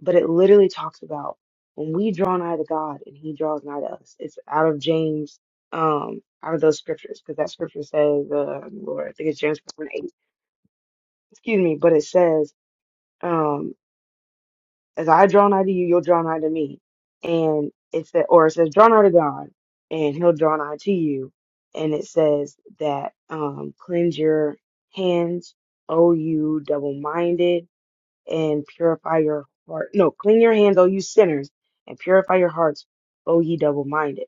Speaker 5: but it literally talks about when we draw nigh to God and he draws nigh to us. It's out of James, um, out of those scriptures, because that scripture says, uh, Lord, I think it's James 4 and 8. Excuse me, but it says, um, as I draw nigh to you, you'll draw nigh to me. And it said, or it says, draw nigh to God, and He'll draw nigh to you. And it says that um, cleanse your hands, O you double-minded, and purify your heart. No, clean your hands, O you sinners, and purify your hearts, O ye double-minded.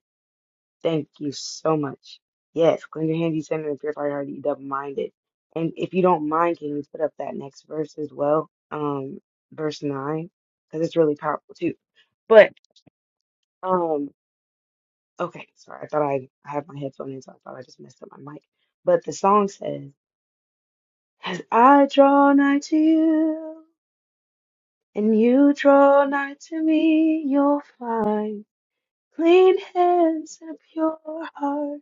Speaker 5: Thank you so much. Yes, clean your hands, you sinner, and purify your heart, you double-minded. And if you don't mind, can you put up that next verse as well, um, verse nine, because it's really powerful too. But um, okay, sorry, I thought I I had my headphone in, so I thought I just messed up my mic. But the song says, "As I draw nigh to you, and you draw nigh to me, you'll find clean hands and a pure heart,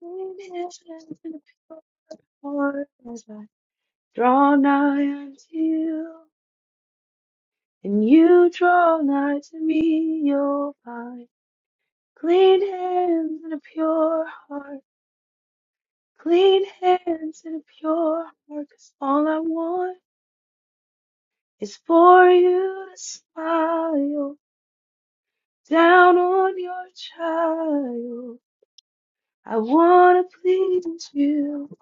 Speaker 5: clean hands and a pure Lord, as I draw nigh unto you, and you draw nigh to me, you'll find clean hands and a pure heart, clean hands and a pure heart, 'cause all I want is for you to smile down on your child. I wanna please you,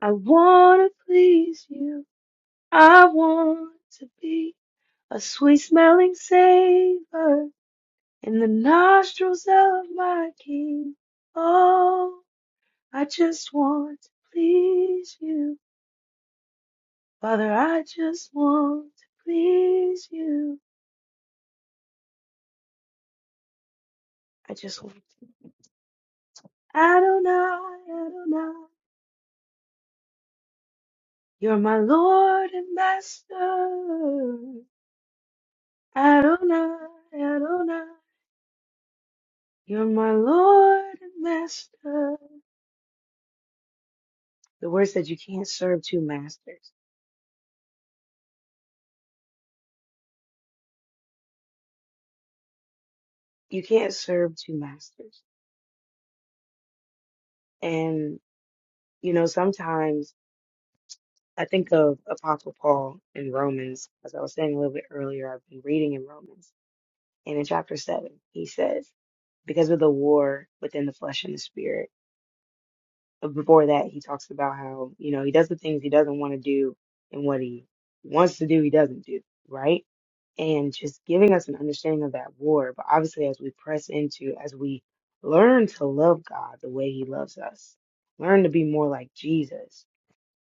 Speaker 5: I wanna please you, I want to be a sweet smelling savor in the nostrils of my King. Oh, I just want to please you. Father, I just want to please you. I just want to. Adonai, Adonai, you're my Lord and Master. Adonai, Adonai, you're my Lord and Master. The word said you can't serve two masters. You can't serve two masters. And, you know, sometimes I think of Apostle Paul in Romans, as I was saying a little bit earlier, I've been reading in Romans. And in chapter 7, he says, because of the war within the flesh and the spirit. But Before that, he talks about how, you know, he does the things he doesn't want to do and what he wants to do, he doesn't do, right? And just giving us an understanding of that war. But obviously, as we press into, as we learn to love God the way he loves us, learn to be more like Jesus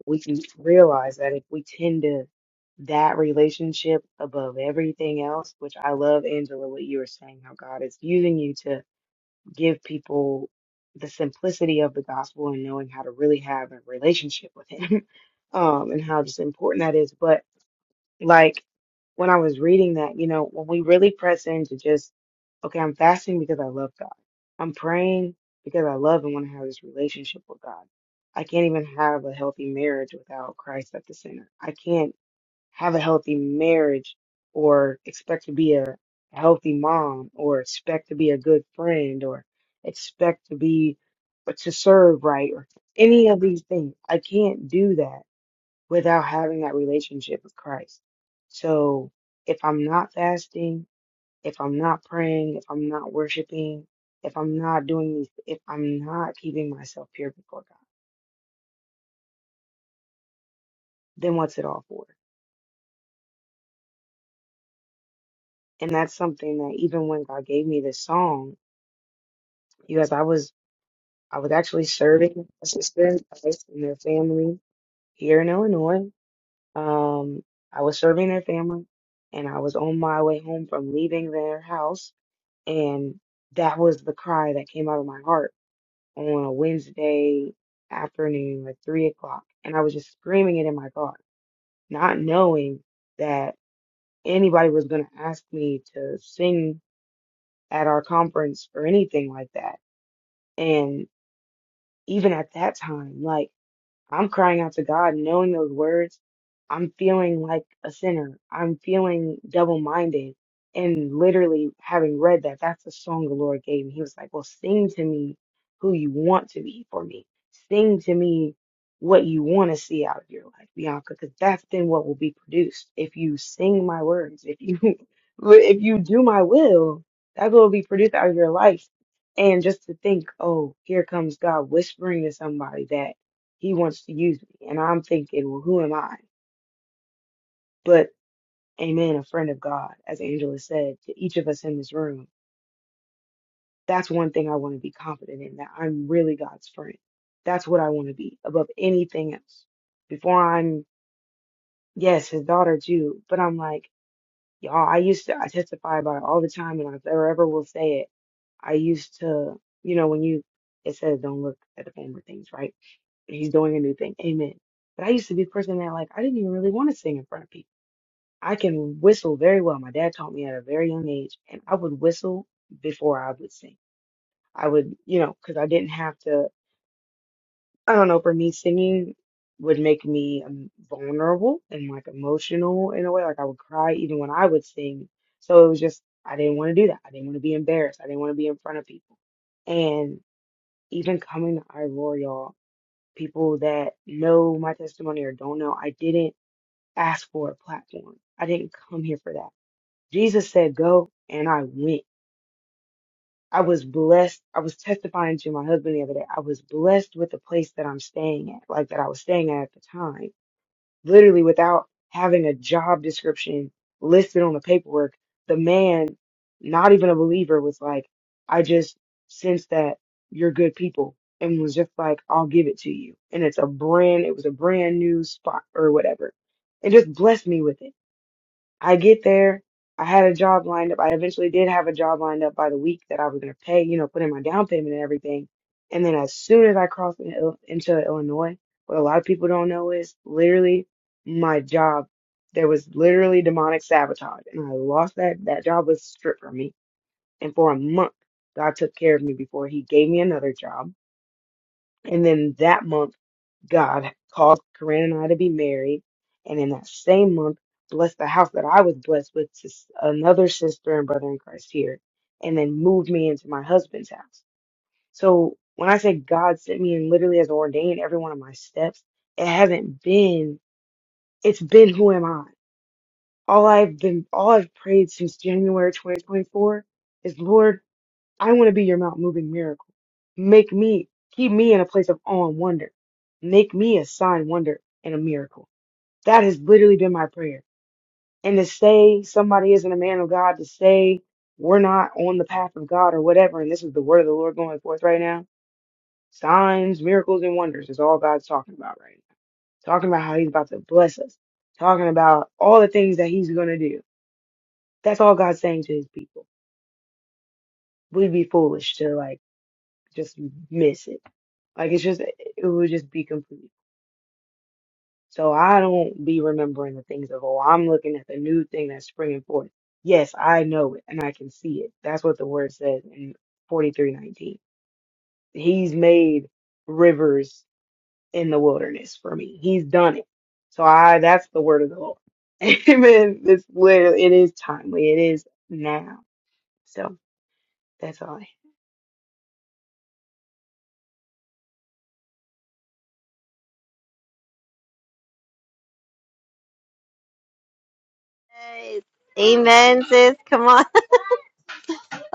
Speaker 5: we can realize that if we tend to that relationship above everything else, which I love, Angela, what you were saying, how God is using you to give people the simplicity of the gospel and knowing how to really have a relationship with Him, um, and how just important that is. but. Like when I was reading that, you know, when we really press into just, okay, I'm fasting because I love God. I'm praying because I love and want to have this relationship with God. I can't even have a healthy marriage without Christ at the center. I can't have a healthy marriage or expect to be a healthy mom or expect to be a good friend or expect to be or to serve right or any of these things. I can't do that without having that relationship with Christ. So if I'm not fasting, if I'm not praying, if I'm not worshiping, if I'm not doing these, if I'm not keeping myself pure before God, then what's it all for? And that's something that even when God gave me this song, because I was I was actually serving a sister in Christ and their family here in Illinois. Um, I was serving their family, and I was on my way home from leaving their house And that was the cry that came out of my heart on a Wednesday afternoon, like three o'clock. And I was just screaming it in my car, not knowing that anybody was going to ask me to sing at our conference or anything like that. And even at that time, like, I'm crying out to God, knowing those words. I'm feeling like a sinner. I'm feeling double minded. And literally having read that, that's the song the Lord gave me. He was like, Well, sing to me who you want to be for me. Sing to me what you want to see out of your life, Bianca, because that's then what will be produced. If you sing my words, if you if you do my will, that's what will be produced out of your life. And just to think, oh, here comes God whispering to somebody that he wants to use me. And I'm thinking, well, who am I? But amen, a friend of God, as Angela said, to each of us in this room. That's one thing I want to be confident in, that I'm really God's friend. That's what I want to be above anything else. Before I'm, yes, his daughter too, but I'm like, y'all, I used to, I testify about it all the time and I never ever will say it. I used to, you know, when you, it says don't look at the former things, right? He's doing a new thing. Amen. But I used to be a person that like, I didn't even really want to sing in front of people. I can whistle very well. My dad taught me at a very young age, and I would whistle before I would sing. I would, you know, because I didn't have to, I don't know, for me, singing would make me um, vulnerable and like emotional in a way. Like I would cry even when I would sing. So it was just, I didn't want to do that. I didn't want to be embarrassed. I didn't want to be in front of people. And even coming to iRoar, y'all, people that know my testimony or don't know, I didn't ask for a platform. I didn't come here for that. Jesus said, Go, and I went. I was blessed. I was testifying to my husband the other day. I was blessed with the place that I'm staying at, like that I was staying at at the time. Literally, without having a job description listed on the paperwork, the man, not even a believer, was like, I just sense that you're good people and was just like, I'll give it to you. And it's a brand, it was a brand new spot or whatever. It just blessed me with it I get there. I had a job lined up. I eventually did have a job lined up by the week that I was going to pay, you know, put in my down payment and everything. And then as soon as I crossed in, Ill- into Illinois, what a lot of people don't know is literally my job. There was literally demonic sabotage, and I lost that. That job was stripped from me. And for a month, God took care of me before He gave me another job. And then that month. God caused Corinne and I to be married. And in that same month, blessed the house that I was blessed with to s- another sister and brother in Christ here, and then moved me into my husband's house. So when I say God sent me and literally has ordained every one of my steps, it hasn't been, it's been who am I? All I've been, all I've prayed since January 2024 is Lord, I want to be your mount moving miracle. Make me, keep me in a place of awe and wonder. Make me a sign, wonder, and a miracle. That has literally been my prayer. And to say somebody isn't a man of God, to say we're not on the path of God or whatever, and this is the word of the Lord going forth right now, signs, miracles, and wonders is all God's talking about right now. Talking about how he's about to bless us, talking about all the things that he's going to do. That's all God's saying to his people. We'd be foolish to like just miss it Like it's just it would just be complete. So I don't be remembering the things of old. I'm looking at the new thing that's springing forth. Yes, I know it and I can see it. That's what the word says in 43:19. He's made rivers in the wilderness for me. He's done it. So I that's the word of the Lord. Amen. It's literally it is timely. It is now. So that's all. I-
Speaker 2: Yes. Amen, sis. Come on.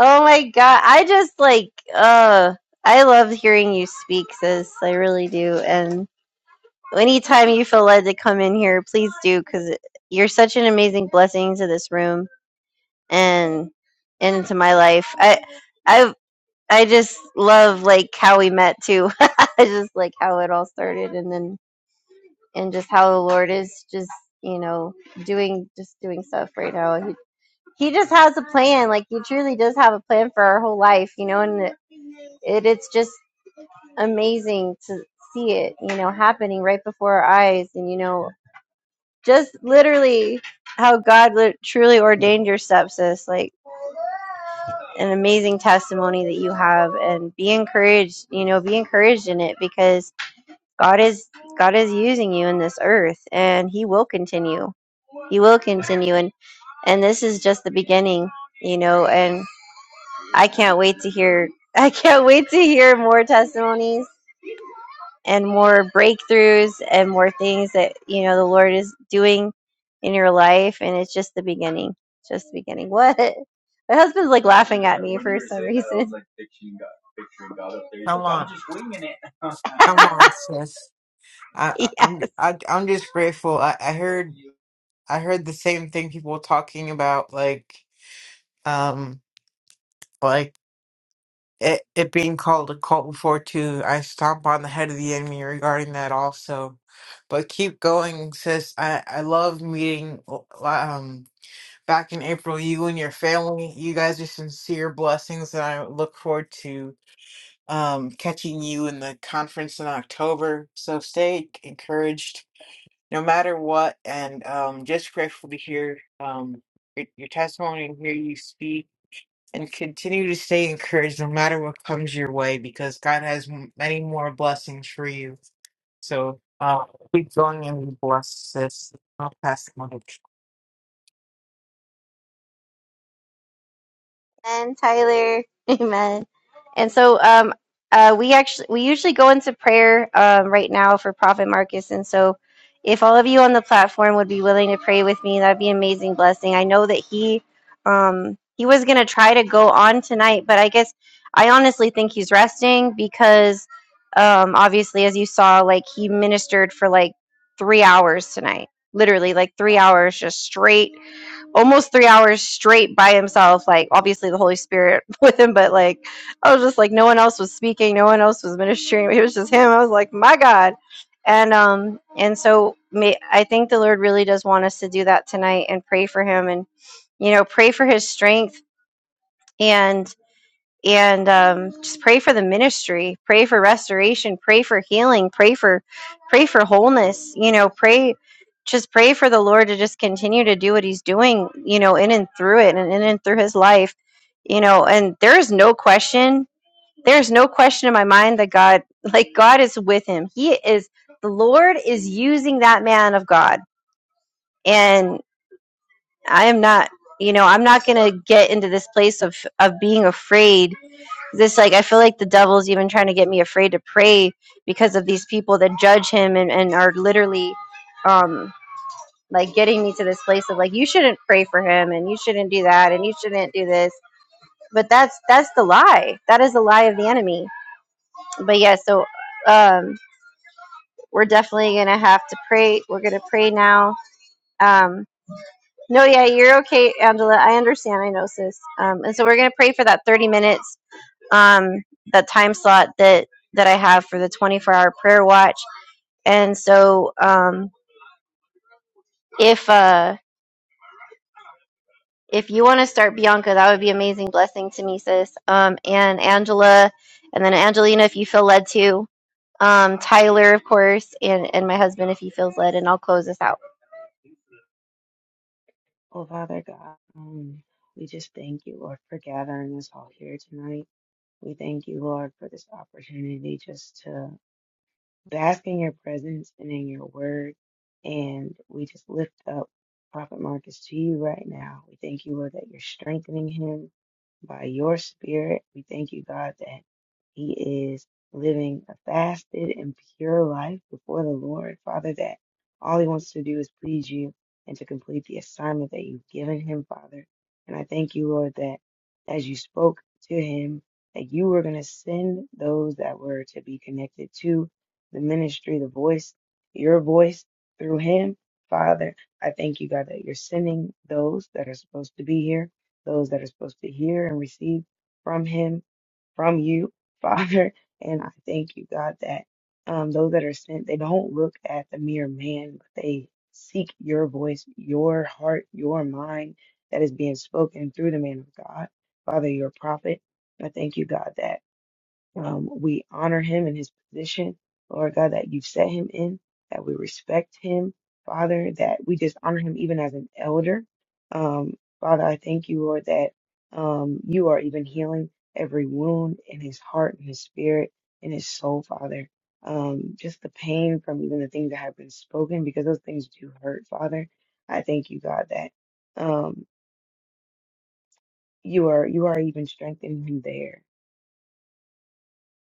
Speaker 2: Oh my God. I just like uh I love hearing you speak, sis. I really do. And anytime you feel led to come in here, please do because you're such an amazing blessing to this room and into my life. I I I just love like how we met too. I just like how it all started and then and just how the Lord is just, you know, doing just doing stuff right now. He he just has a plan. Like he truly does have a plan for our whole life, you know, and it it it's just amazing to see it, you know, happening right before our eyes and you know, just literally how God lit- truly ordained your steps, sis. Like an amazing testimony that you have and be encouraged you know be encouraged in it because god is god is using you in this earth and he will continue he will continue and and this is just the beginning you know and i can't wait to hear i can't wait to hear more testimonies and more breakthroughs and more things that you know the lord is doing in your life and it's just the beginning just the beginning what my husband's like laughing at me for some reason
Speaker 7: Come on. Come on, sis. I, I-
Speaker 2: Yeah.
Speaker 7: I'm I, I'm just grateful. I, I heard I heard the same thing people were talking about, like um, like it it being called a cult before too. I stomp on the head of the enemy regarding that also, but keep going, sis. I I love meeting um back in April. You and your family, you guys are sincere blessings, and I look forward to um catching you in the conference in October. So stay encouraged no matter what. And um, just grateful to hear um, your, your testimony and hear you speak. And continue to stay encouraged no matter what comes your way because God has m- many more blessings for you. So uh, keep going and be blessed, sis. I'll pass the mic.
Speaker 2: Amen, Tyler. Amen. And so um uh we actually we usually go into prayer um right now for Prophet Marcus and so if all of you on the platform would be willing to pray with me, that'd be an amazing blessing. I know that he um he was gonna try to go on tonight, but I guess I honestly think he's resting because um obviously as you saw, like he ministered for like three hours tonight. Literally like three hours just straight almost three hours straight by himself like obviously the holy spirit with him but like i was just like no one else was speaking no one else was ministering it was just him i was like my god and um and so may, i think the lord really does want us to do that tonight and pray for him and you know pray for his strength and and um, just pray for the ministry pray for restoration pray for healing pray for pray for wholeness you know pray just pray for the lord to just continue to do what he's doing you know in and through it and in and through his life you know and there is no question there's no question in my mind that god like god is with him he is the lord is using that man of god and i am not you know i'm not gonna get into this place of of being afraid this like i feel like the devil's even trying to get me afraid to pray because of these people that judge him and, and are literally um like getting me to this place of like you shouldn't pray for him and you shouldn't do that and you shouldn't do this but that's that's the lie that is the lie of the enemy but yeah so um we're definitely gonna have to pray we're gonna pray now um no yeah you're okay angela i understand i know sis um and so we're gonna pray for that 30 minutes um, the time slot that that I have for the 24 hour prayer watch. And so, um, if uh, if you want to start Bianca, that would be amazing blessing to me, sis. Um, and Angela, and then Angelina, if you feel led to, um, Tyler, of course, and and my husband, if he feels led, and I'll close this out.
Speaker 5: Oh, Father God, um, we just thank you, Lord, for gathering us all here tonight. We thank you, Lord, for this opportunity just to bask in your presence and in your word. And we just lift up Prophet Marcus to you right now. We thank you, Lord, that you're strengthening him by your spirit. We thank you, God, that he is living a fasted and pure life before the Lord. Father, that all he wants to do is please you and to complete the assignment that you've given him, Father. And I thank you, Lord, that as you spoke to him, that you were going to send those that were to be connected to the ministry, the voice, your voice through him. Father, I thank you, God, that you're sending those that are supposed to be here, those that are supposed to hear and receive from him, from you, Father. And I thank you, God, that um, those that are sent, they don't look at the mere man, but they seek your voice, your heart, your mind that is being spoken through the man of God, Father, your prophet. I thank you, God, that. Um, we honor him in his position, Lord God, that you've set him in, that we respect him, Father, that we just honor him even as an elder. Um, Father, I thank you, Lord, that um, you are even healing every wound in his heart, in his spirit, in his soul, Father. Um, just the pain from even the things that have been spoken, because those things do hurt, Father. I thank you, God, that um, you are you are even strengthening him there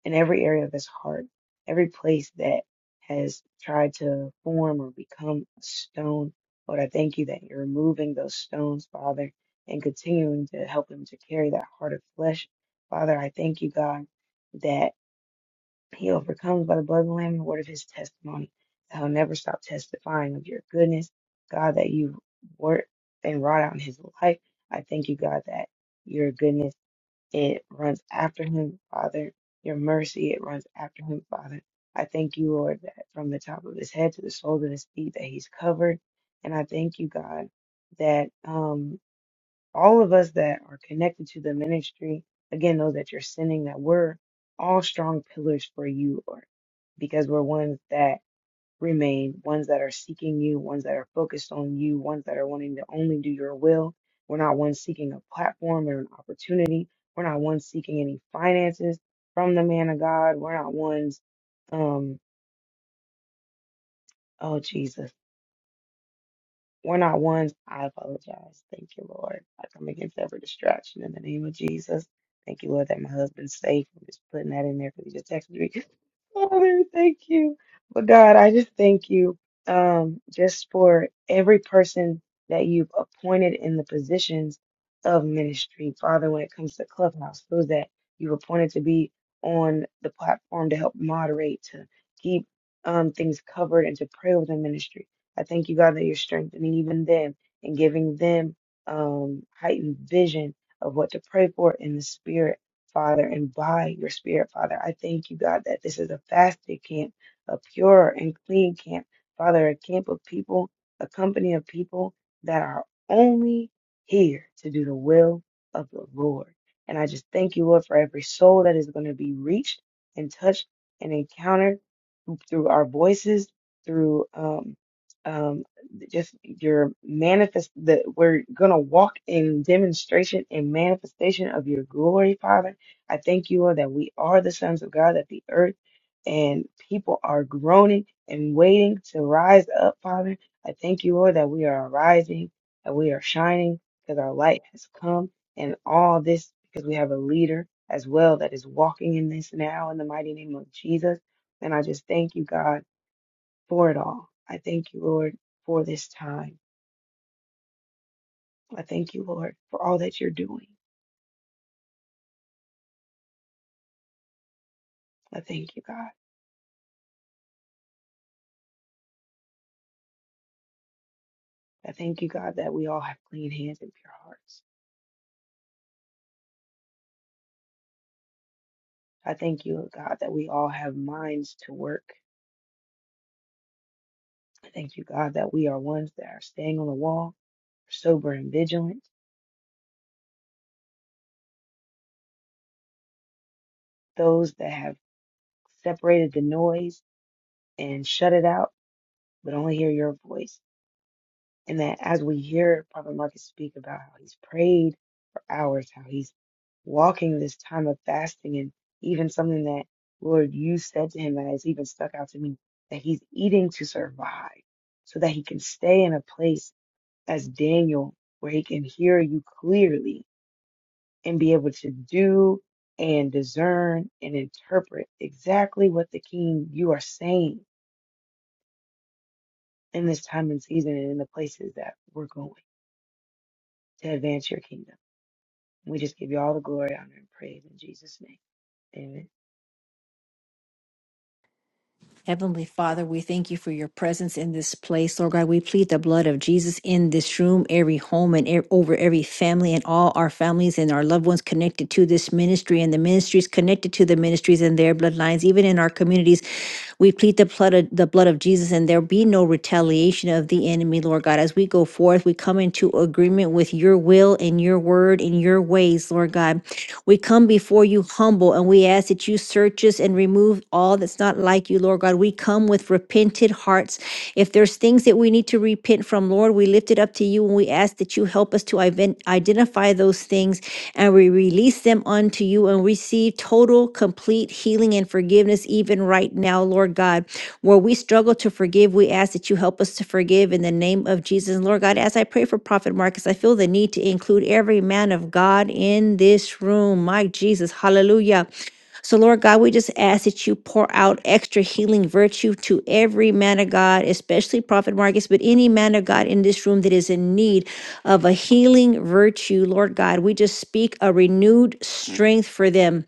Speaker 5: in every area of his heart, every place that has tried to form or become a stone. Lord, I thank you that you're removing those stones, Father, and continuing to help him to carry that heart of flesh. Father, I thank you, God, that he overcomes by the blood of the Lamb and the word of his testimony. That he'll never stop testifying of your goodness, God, that you work and wrought out in his life. I thank you, God, that your goodness. It runs after him, Father. Your mercy, it runs after him, Father. I thank you, Lord, that from the top of his head to the soles of his feet that he's covered. And I thank you, God, that um all of us that are connected to the ministry, again, those that you're sending, that we're all strong pillars for you, Lord, because we're ones that remain ones that are seeking you, ones that are focused on you, ones that are wanting to only do your will. We're not ones seeking a platform or an opportunity. We're not ones seeking any finances from the man of God. We're not ones, um, oh Jesus. We're not ones. I apologize. Thank you, Lord. I come against every distraction in the name of Jesus. Thank you, Lord, that my husband's safe. I'm just putting that in there because he just texted me. Father, thank you. But God, I just thank you um, just for every person that you've appointed in the positions of ministry. Father, when it comes to Clubhouse, those that you've appointed to be on the platform to help moderate, to keep um, things covered, and to pray over the ministry. I thank you, God, that you're strengthening even them and giving them um, heightened vision of what to pray for in the spirit, Father, and by your spirit, Father. I thank you, God, that this is a fasted camp, a pure and clean camp, Father, a camp of people, a company of people that are only here to do the will of the Lord. And I just thank you, Lord, for every soul that is going to be reached and touched and encountered through our voices, through um, um, just your manifest that we're gonna walk in demonstration and manifestation of your glory, Father. I thank you, Lord, that we are the sons of God, that the earth and people are groaning and waiting to rise up, Father. I thank you, Lord, that we are rising, that we are shining, because our light has come, and all this because we have a leader as well that is walking in this now in the mighty name of Jesus. And I just thank you, God for it all. I thank you, Lord, for this time. I thank you, Lord, for all that you're doing. I thank you, God. I thank you, God, that we all have clean hands and pure hearts. I thank you, God, that we all have minds to work. I thank you, God, that we are ones that are staying on the wall, sober and vigilant, those that have separated the noise and shut it out, but only hear your voice. And that as we hear Prophet Marcus speak about how he's prayed for hours, how he's walking this time of fasting, and even something that, Lord, you said to him that has even stuck out to me, that he's eating to survive so that he can stay in a place as Daniel where he can hear you clearly and be able to do and discern and interpret exactly what the king you are saying in this time and season and in the places that we're going to advance your kingdom. We just give you all the glory, honor, and praise in Jesus' name. Amen.
Speaker 3: Heavenly Father, we thank you for your presence in this place, Lord God. We plead the blood of Jesus in this room, every home, and e- over every family, and all our families and our loved ones connected to this ministry, and the ministries connected to the ministries and their bloodlines, even in our communities. We plead the blood of, the blood of Jesus, and there be no retaliation of the enemy, Lord God. As we go forth, we come into agreement with your will and your word and your ways, Lord God. We come before you humble, and we ask that you search us and remove remove all that's not like you, Lord God. We come with repented hearts. If there's things that we need to repent from, Lord, we lift it up to you and we ask that you help us to iven- identify those things and we release them unto you and receive total, complete healing and forgiveness, even right now, Lord God. Where we struggle to forgive, we ask that you help us to forgive in the name of Jesus. And Lord God, as I pray for Prophet Marcus, I feel the need to include every man of God in this room. My Jesus, hallelujah. So, Lord God, we just ask that you pour out extra healing virtue to every man of God, especially Prophet Marcus, but any man of God in this room that is in need of a healing virtue, Lord God. We just speak a renewed strength for them.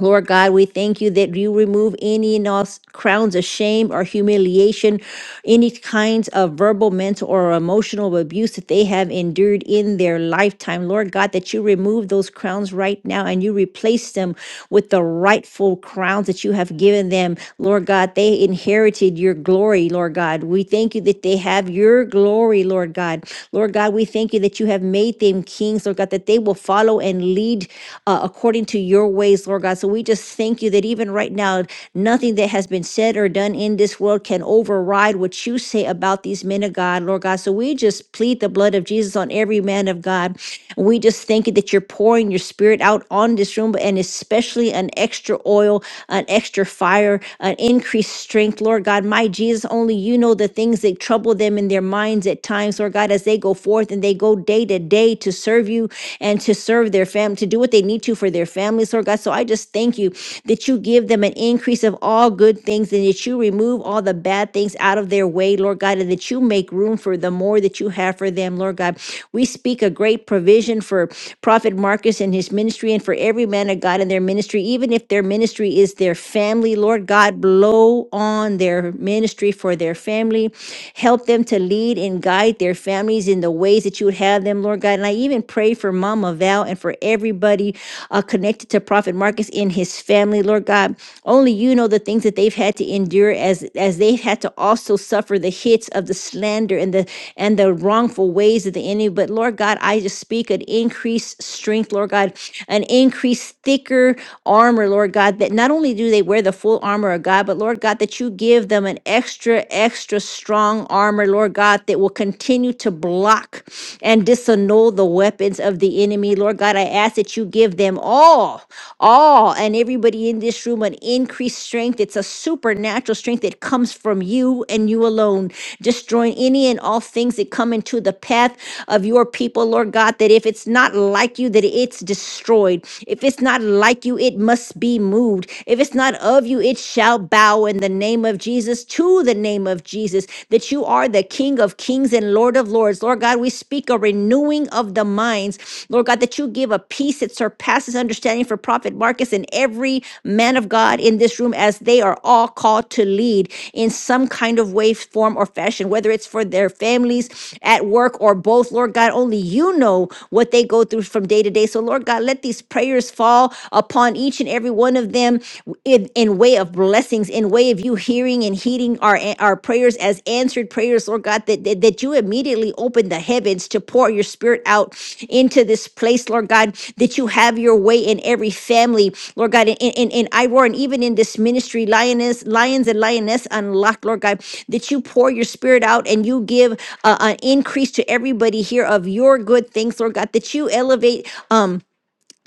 Speaker 3: Lord God, we thank you that you remove any and all s- crowns of shame or humiliation, any kinds of verbal, mental, or emotional abuse that they have endured in their lifetime. Lord God, that you remove those crowns right now and you replace them with the rightful crowns that you have given them. Lord God, they inherited your glory, Lord God. We thank you that they have your glory, Lord God. Lord God, we thank you that you have made them kings, Lord God, that they will follow and lead lead uh, according to your ways, Lord God. So we just thank you that even right now, nothing that has been said or done in this world can override what you say about these men of God, Lord God. So we just plead the blood of Jesus on every man of God. And we just thank you that you're pouring your spirit out on this room and especially an extra oil, an extra fire, an increased strength, Lord God. My Jesus, only you know the things that trouble them in their minds at times, Lord God, as they go forth and they go day to their day to serve you and to serve their family, to do what they need to for their families, Lord God. So I just thank you that you give them an increase of all good things and that you remove all the bad things out of their way, Lord God, and that you make room for the more that you have for them, Lord God. We speak a great provision for Prophet Marcus and his ministry and for every man of God in their ministry, even if their ministry is their family, Lord God, blow on their ministry for their family. Help them to lead in and guide their families in the ways that you would have them, Lord God. And I even pray for Mama Val and for everybody uh, connected to Prophet Marcus in his family, Lord God. Only you know the things that they've had to endure as as they've had to also suffer the hits of the slander and the and the wrongful ways of the enemy. But Lord God, I just speak an increased strength, Lord God, an increased thicker armor, Lord God, that not only do they wear the full armor of God, but Lord God, that you give them an extra extra, extra strong armor, Lord God, that will continue to block and disannul the weapons of the enemy. Lord God, I ask that you give them all, all, and everybody in this room an increased strength. It's a supernatural strength that comes from you and you alone, destroying any and all things that come into the path of your people, Lord God, that if it's not like you, that it's destroyed. If it's not like you, it must be moved. If it's not of you, it shall bow in the name of Jesus to the name of Jesus, that you are the King of kings and Lord of lords. Lord God, we speak a renewing of the minds. Lord God, that you give a peace that surpasses understanding for Prophet Marcus and every man of God in this room as they are all called to lead in some kind of way, form, or fashion, whether it's for their families, at work, or both. Lord God, only you know what they go through from day to day. So, Lord God, let these prayers fall upon each each and every one of them in, in way of blessings, in way of you hearing and heeding our our prayers as answered prayers, Lord God, that, that, that you immediately open the heavens to pour your spirit out into this place, Lord God, that you have your way in every family, Lord God, in, in, in Iroar and even in this ministry, lioness, lions and lioness unlocked, Lord God, that you pour your spirit out and you give uh, an increase to everybody here of your good things, Lord God, that you elevate um.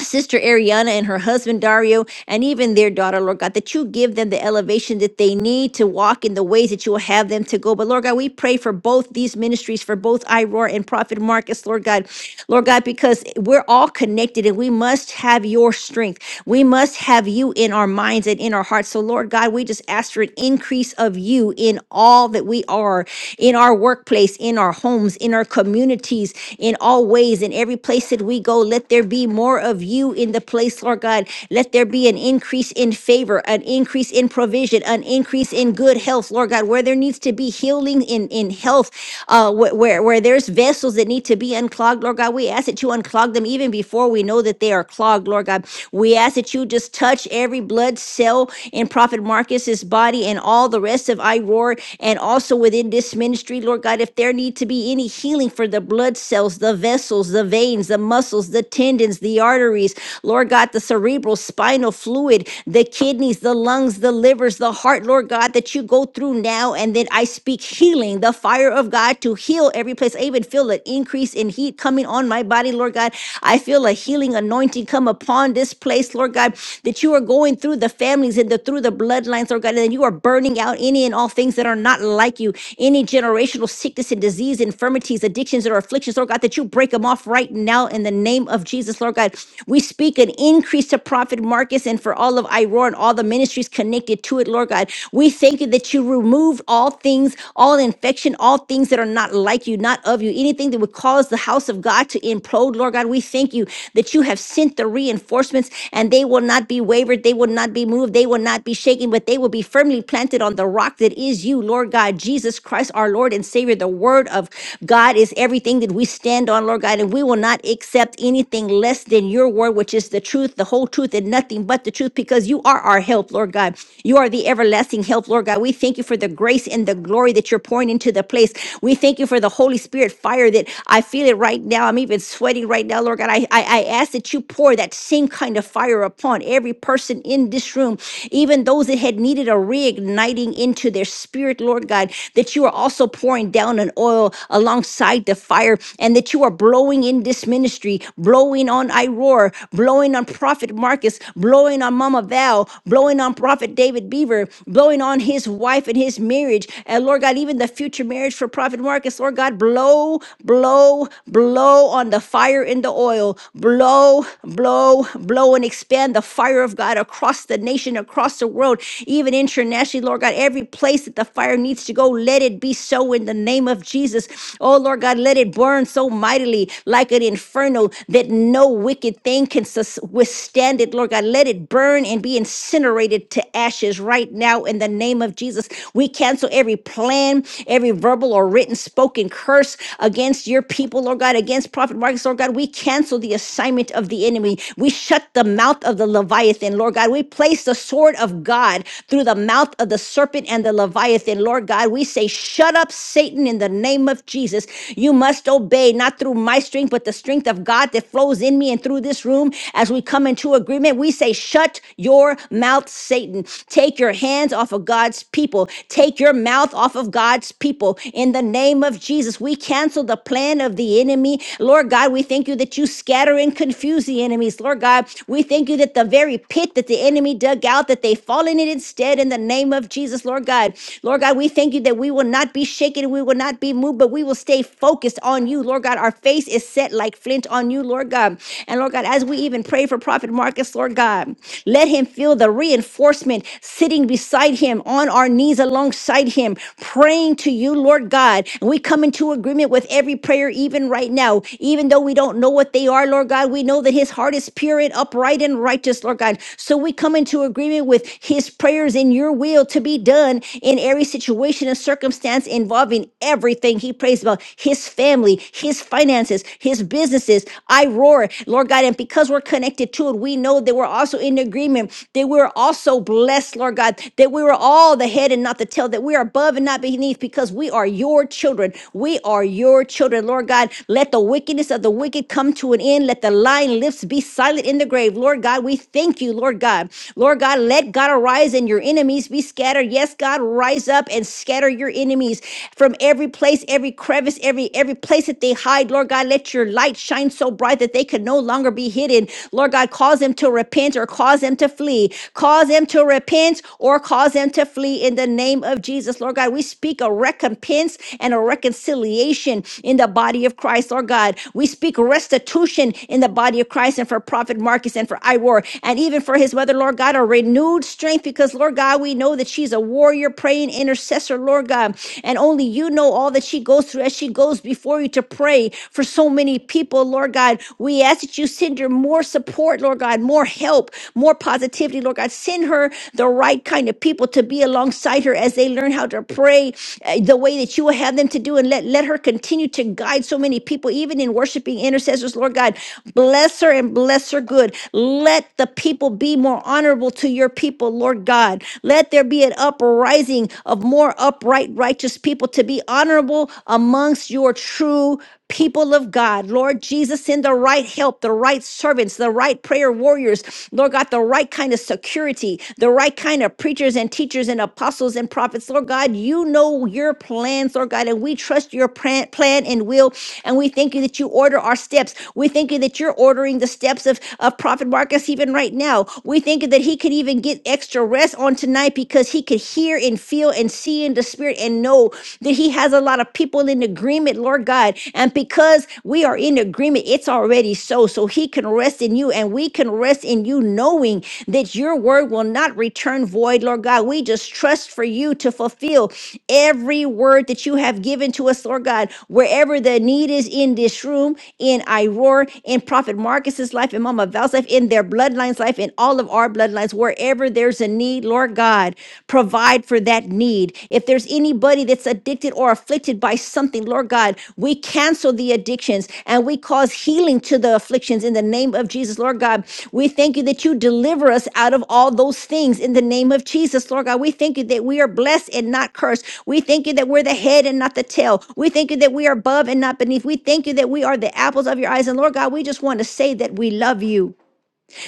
Speaker 3: Sister Ariana and her husband Dario, and even their daughter, Lord God, that you give them the elevation that they need to walk in the ways that you will have them to go. But Lord God, we pray for both these ministries, for both Iroar and Prophet Marcus, Lord God, Lord God, because we're all connected and we must have your strength. We must have you in our minds and in our hearts. So, Lord God, we just ask for an increase of you in all that we are, in our workplace, in our homes, in our communities, in all ways, in every place that we go. Let there let there be more of you in the place, Lord God. Let there be an increase in favor, an increase in provision, an increase in good health, Lord God, where there needs to be healing in, in health, uh, wh- where, where there's vessels that need to be unclogged, Lord God. We ask that you unclog them even before we know that they are clogged, Lord God. We ask that you just touch every blood cell in Prophet Marcus's body and all the rest of I Roar and also within this ministry, Lord God, if there need to be any healing for the blood cells, the vessels, the veins, the muscles, the tendons, the arteries, Lord God, the cerebral spinal fluid, the kidneys, the lungs, the livers, the heart, Lord God, that you go through now. And then I speak healing, the fire of God to heal every place. I even feel an increase in heat coming on my body, Lord God. I feel a healing anointing come upon this place, Lord God, that you are going through the families and the through the bloodlines, Lord God, and you are burning out any and all things that are not like you, any generational sickness and disease, infirmities, addictions, or afflictions, Lord God, that you break break them off right now in the name of Jesus, Lord God. We speak an increase to Prophet Marcus and for all of Iroar and all the ministries connected to it, Lord God. We thank you that you removed all things, all infection, all things that are not like you, not of you, anything that would cause the house of God to implode, Lord God. We thank you that you have sent the reinforcements and they will not be wavered, they will not be moved, they will not be shaken, but they will be firmly planted on the rock that is you, Lord God, Jesus Christ, our Lord and Savior. The word of God is everything that everything that we stand on, Lord God, and we will not accept anything less than your word, which is the truth, the whole truth, and nothing but the truth, because you are our help, Lord God. You are the everlasting help, Lord God. We thank you for the grace and the glory that you're pouring into the place. We thank you for the Holy Spirit fire that I feel it right now. I'm even sweating right now, Lord God. I, I, I ask that you pour that same kind of fire upon every person in this room, even those that had needed a reigniting into their spirit, Lord God, that you are also pouring down an oil along alongside the fire and that you are blowing in this ministry, blowing on Iroar, blowing on Prophet Marcus, blowing on Mama Val, blowing on Prophet David Beaver, blowing on his wife and his marriage. And Lord God, even the future marriage for Prophet Marcus, Lord God, blow, blow, blow on the fire and the oil, blow, blow, blow, and expand the fire of God across the nation, across the world, even internationally, Lord God, every place that the fire needs to go, let it be so in the name of of Jesus. Oh, Lord God, let it burn so mightily like an inferno that no wicked thing can sus- withstand it. Lord God, let it burn and be incinerated to ashes right now in the name of Jesus. We cancel every plan, every verbal or written, spoken curse against your people, Lord God, against Prophet Marcus, Lord God. We cancel the assignment of the enemy. We shut the mouth of the Leviathan, Lord God. We place the sword of God through the mouth of the serpent and the Leviathan, Lord God. We say, shut shut up, Satan, in the name of Jesus. You must obey, not through my strength, but the strength of God that flows in me and through this room. As we come into agreement, we say, Shut your mouth, Satan. Take your hands off of God's people. Take your mouth off of God's people. In the name of Jesus, we cancel the plan of the enemy. Lord God, we thank you that you scatter and confuse the enemies. Lord God, we thank you that the very pit that the enemy dug out, that they fall in it instead in the name of Jesus, Lord God. Lord God, we thank thank you that we will not be shaken, we will not be moved, but we will stay focused on you, Lord God. Our face is set like flint on you, Lord God. And Lord God, as we even pray for Prophet Marcus, Lord God, let him feel the reinforcement sitting beside him, on our knees alongside him, praying to you, Lord God. And we come into agreement with every prayer, even right now, even though we don't know what they are, Lord God. We know that his heart is pure and upright and righteous, Lord God. So we come into agreement with his prayers in your will to be done in every situation and circumstance involving everything he prays about his family, his finances, his businesses. I roar, Lord God. And because we're connected to it, we know that we're also in agreement, that we're also blessed, Lord God, that we were all the head and not the tail, that we are above and not beneath because we are your children. We are your children, Lord God. Let the wickedness of the wicked come to an end. Let the lying lips be silent in the grave. Lord God, we thank you, Lord God. Lord God, let God arise and your enemies be scattered scatter. Yes, God, rise up and scatter your enemies from every place, every crevice, every every place that they hide. Lord God, let your light shine so bright that they can no longer be hidden. Lord God, cause them to repent or cause them to flee. Cause them to repent or cause them to flee in the name of Jesus. Lord God, we speak a recompense and a reconciliation in the body of Christ. Lord God, we speak restitution in the body of Christ and for Prophet Marcus and for Iwar and even for his mother, Lord God, a renewed strength because because, Lord God, we know that she's a warrior, praying intercessor, Lord God. And only you know all that she goes through as she goes before you to pray for so many people, Lord God. We ask that you send her more support, Lord God, more help, more positivity, Lord God. Send her the right kind of people to be alongside her as they learn how to pray uh, the way that you will have them to do. And let, let her continue to guide so many people, even in worshiping intercessors, Lord God. Bless her and bless her good. Let the people be more honorable to your your people, Lord God. Let there be an uprising of more upright, righteous people to be honorable amongst your true people of God. Lord Jesus, send the right help, the right servants, the right prayer warriors, Lord God, the right kind of security, the right kind of preachers and teachers and apostles and prophets. Lord God, you know your plans, Lord God, and we trust your plan, plan and will. And we thank you that you order our steps. We thank you that you're ordering the steps of, of Prophet Marcus even right now. We we thinking that he could even get extra rest on tonight because he could hear and feel and see in the spirit and know that he has a lot of people in agreement, Lord God. And because we are in agreement, it's already so. So he can rest in you and we can rest in you knowing that your word will not return void, Lord God. We just trust for you to fulfill every word that you have given to us, Lord God, wherever the need is in this room, in Iroar, in Prophet Marcus's life, in Mama Val's life, in their bloodline bloodline's life, in all of our bloodlines, wherever there's a need, Lord God, provide for that need. If there's anybody that's addicted or afflicted by something, Lord God, we cancel the addictions and we cause healing to the afflictions in the name of Jesus, Lord God. We thank you that you deliver us out of all those things in the name of Jesus, Lord God. We thank you that we are blessed and not cursed. We thank you that we're the head and not the tail. We thank you that we are above and not beneath. We thank you that we are the apples of your eyes. And Lord God, we just want to say that we love you.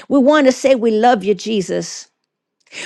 Speaker 3: We want to say we love you, Jesus.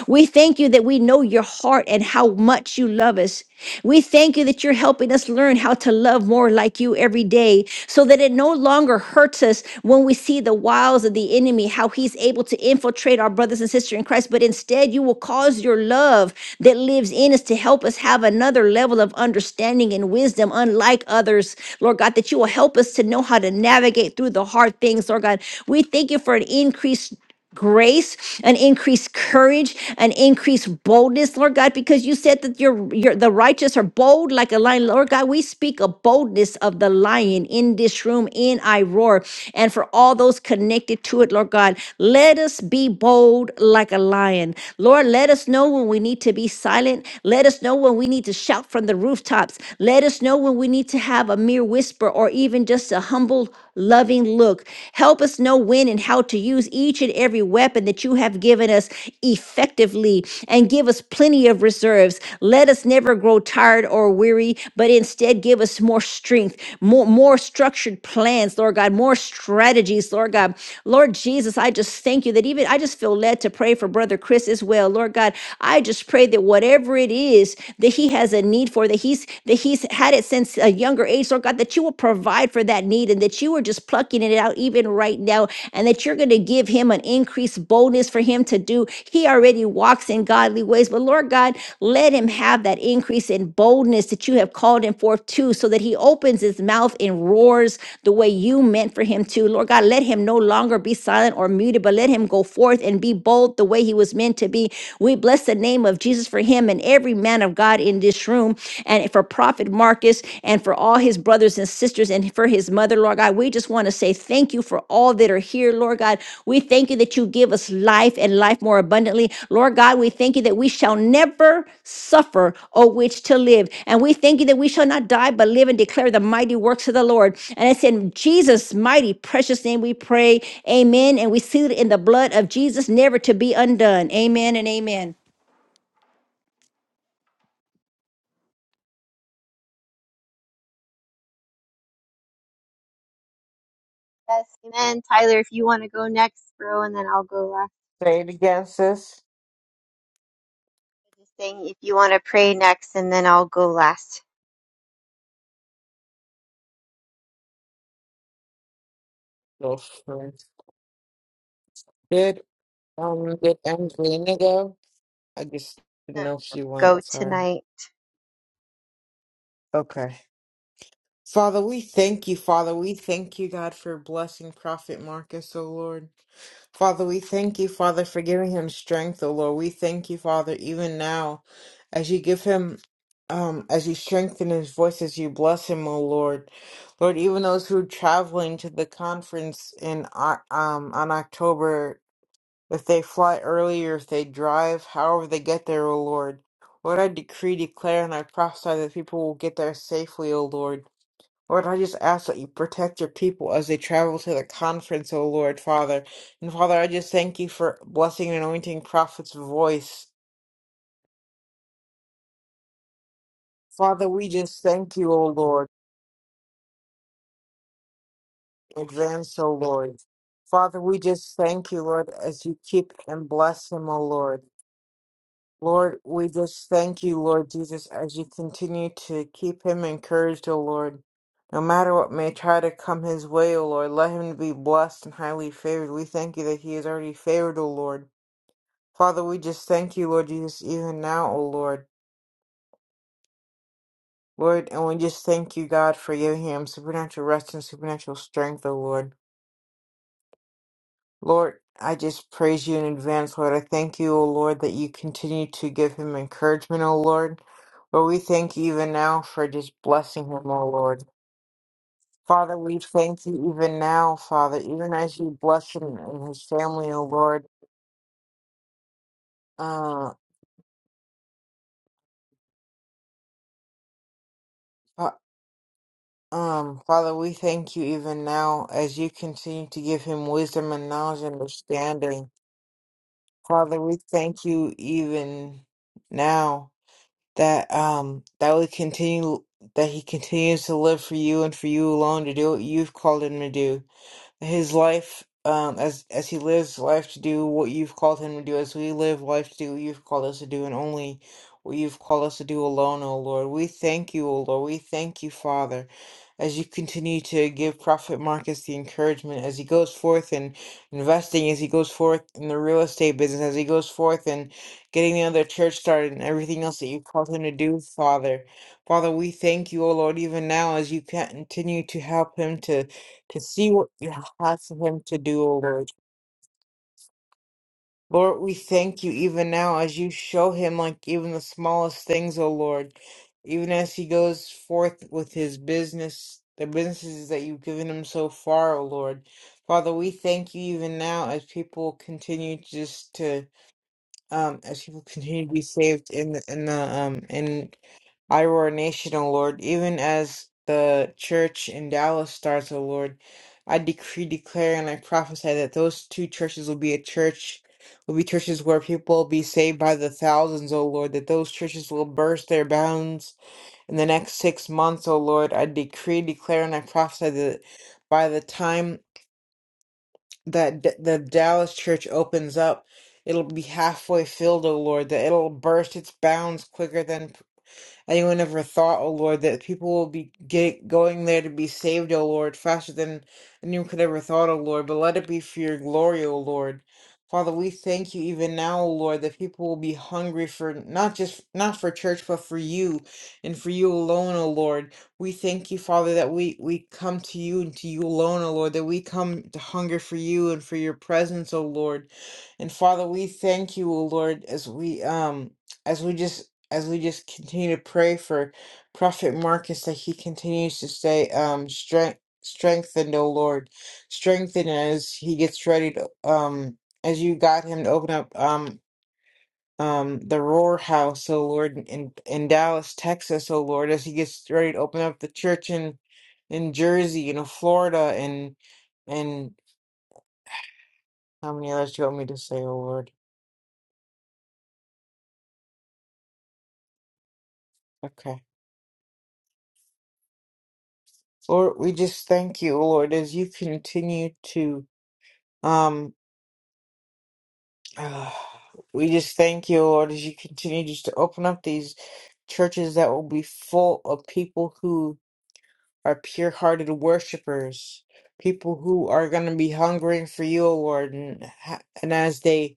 Speaker 3: We thank you that we know your heart and how much you love us. We thank you that you're helping us learn how to love more like you every day so that it no longer hurts us when we see the wiles of the enemy, how he's able to infiltrate our brothers and sisters in Christ. But instead, you will cause your love that lives in us to help us have another level of understanding and wisdom, unlike others, Lord God, that you will help us to know how to navigate through the hard things, Lord God. We thank you for an increase grace, an increased courage, an increased boldness, Lord God, because you said that your your the righteous are bold like a lion. Lord God, we speak a boldness of the lion in this room, in I roar, and for all those connected to it, Lord God, let us be bold like a lion. Lord, let us know when we need to be silent. Let us know when we need to shout from the rooftops. Let us know when we need to have a mere whisper or even just a humble, loving clean look. Help us know when and how to use each and every weapon that you have given us effectively and give us plenty of reserves. Let us never grow tired or weary, but instead give us more strength, more, more structured plans, Lord God, more strategies, Lord God. Lord Jesus, I just thank you that even I just feel led to pray for Brother Chris as well. Lord God, I just pray that whatever it is that he has a need for, that he's that he's had it since a younger age place, Lord God, that you will provide for that need and that you are just plucking it out even right now and that you're going to give him an increased boldness for him to do. He already walks in godly ways, but Lord God, let him have that increase in boldness that you have called him forth to so that he opens his mouth and roars the way you meant for him to. Lord God, let him no longer be silent or muted, but let him go forth and be bold the way he was meant to be. We bless the name of Jesus for him and every man of God in this this room and for Prophet Marcus and for all his brothers and sisters and for his mother, Lord God. We just want to say thank you for all that are here, Lord God. We thank you that you give us life and life more abundantly. Lord God, we thank you that we shall never suffer, O which to live. And we thank you that we shall not die but live and declare the mighty works of the Lord. And it's in Jesus' mighty precious name we pray. Amen. And we seal it in the blood of Jesus, never to be undone. Amen and amen.
Speaker 2: Yes, amen. Tyler, if you want to go next, bro, and then I'll go last.
Speaker 7: Say it again, sis.
Speaker 2: I'm Just saying, if you want to pray next, and then I'll go last.
Speaker 7: Yes, sir. Did um did Angelina go? I just didn't know if she
Speaker 2: Go
Speaker 7: went. Sorry.
Speaker 2: tonight.
Speaker 7: Okay. Father, we thank you, Father. We thank you, God, for blessing Prophet Marcus, O Lord. Father, we thank you, Father, for giving him strength, O Lord. We thank you, Father, even now, as you give him, um, as you strengthen his voice, as you bless him, O Lord. Lord, even those who are traveling to the conference in Oc- um on October, if they fly early or if they drive, however they get there, O Lord. Lord, I decree, declare, and I prophesy that people will get there safely, O Lord. Lord, I just ask that you protect your people as they travel to the conference, O Lord, Father. And Father, I just thank you for blessing and anointing prophet's voice. Father, we just thank you, O Lord, in advance, O Lord. Father, we just thank you, Lord, as you keep and bless him, O Lord. Lord, we just thank you, Lord Jesus, as you continue to keep him encouraged, O Lord. No matter what may try to come his way, O Lord, let him be blessed and highly favored. We thank you that he is already favored, O Lord. Father, we just thank you, Lord Jesus, even now, O Lord. Lord, and we just thank you, God, for your him, supernatural rest and supernatural strength, O Lord. Lord, I just praise you in advance, Lord. I thank you, O Lord, that you continue to give him encouragement, O Lord. Lord, we thank you even now for just blessing him, O Lord. Father, we thank you even now, Father, even as you bless him and his family, O Lord. Uh, Um, Father, we thank you even now as you continue to give him wisdom and knowledge and understanding. Father, we thank you even now that um that we continue that he continues to live for you and for you alone to do what you've called him to do his life um as as he lives life to do what you've called him to do as we live life to do what you've called us to do and only what you've called us to do alone o lord we thank you o lord we thank you father as you continue to give prophet marcus the encouragement as he goes forth in investing as he goes forth in the real estate business as he goes forth in getting another church started and everything else that you've called him to do father father we thank you o lord even now as you continue to help him to to see what you have for him to do, O Lord. Lord, we thank you even now as you show him like even the smallest things, O Lord. Even as he goes forth with his business, the businesses that you've given him so far, O Lord. Father, we thank you even now as people continue just to um as people continue to be saved in the in the um in I roar nation, O Lord, even as the church in Dallas starts, O Lord. I decree, declare, and I prophesy that those two churches will be a church, will be churches where people will be saved by the thousands, O Lord, that those churches will burst their bounds in the next six months, O Lord. I decree, declare, and I prophesy that by the time that D- the Dallas church opens up, it'll be halfway filled, O Lord, that it'll burst its bounds quicker than anyone ever thought, oh Lord, that people will be get, going there to be saved, oh Lord, faster than anyone could ever thought, oh Lord. But let it be for your glory, oh Lord. Father, we thank you even now, oh Lord, that people will be hungry for not just not for church, but for you and for you alone, oh Lord. We thank you, Father, that we we come to you and to you alone, O Lord, that we come to hunger for you and for your presence, O Lord. And Father, we thank you, O Lord, as we um as we just as we just continue to pray for Prophet Marcus that he continues to stay um strength strengthened, oh Lord. Strengthen as he gets ready to um as you got him to open up um um the Roar House, oh Lord, in in Dallas, Texas, oh Lord, as he gets ready to open up the church in in Jersey and in Florida and and how many others do you want me to say, oh Lord? Okay. Lord, we just thank you, oh Lord, as you continue to. um Uh, we just thank you, Lord, as you continue just to open up these churches that will be full of people who are pure hearted worshipers, people who are going to be hungering for you, Lord. And, ha- and as they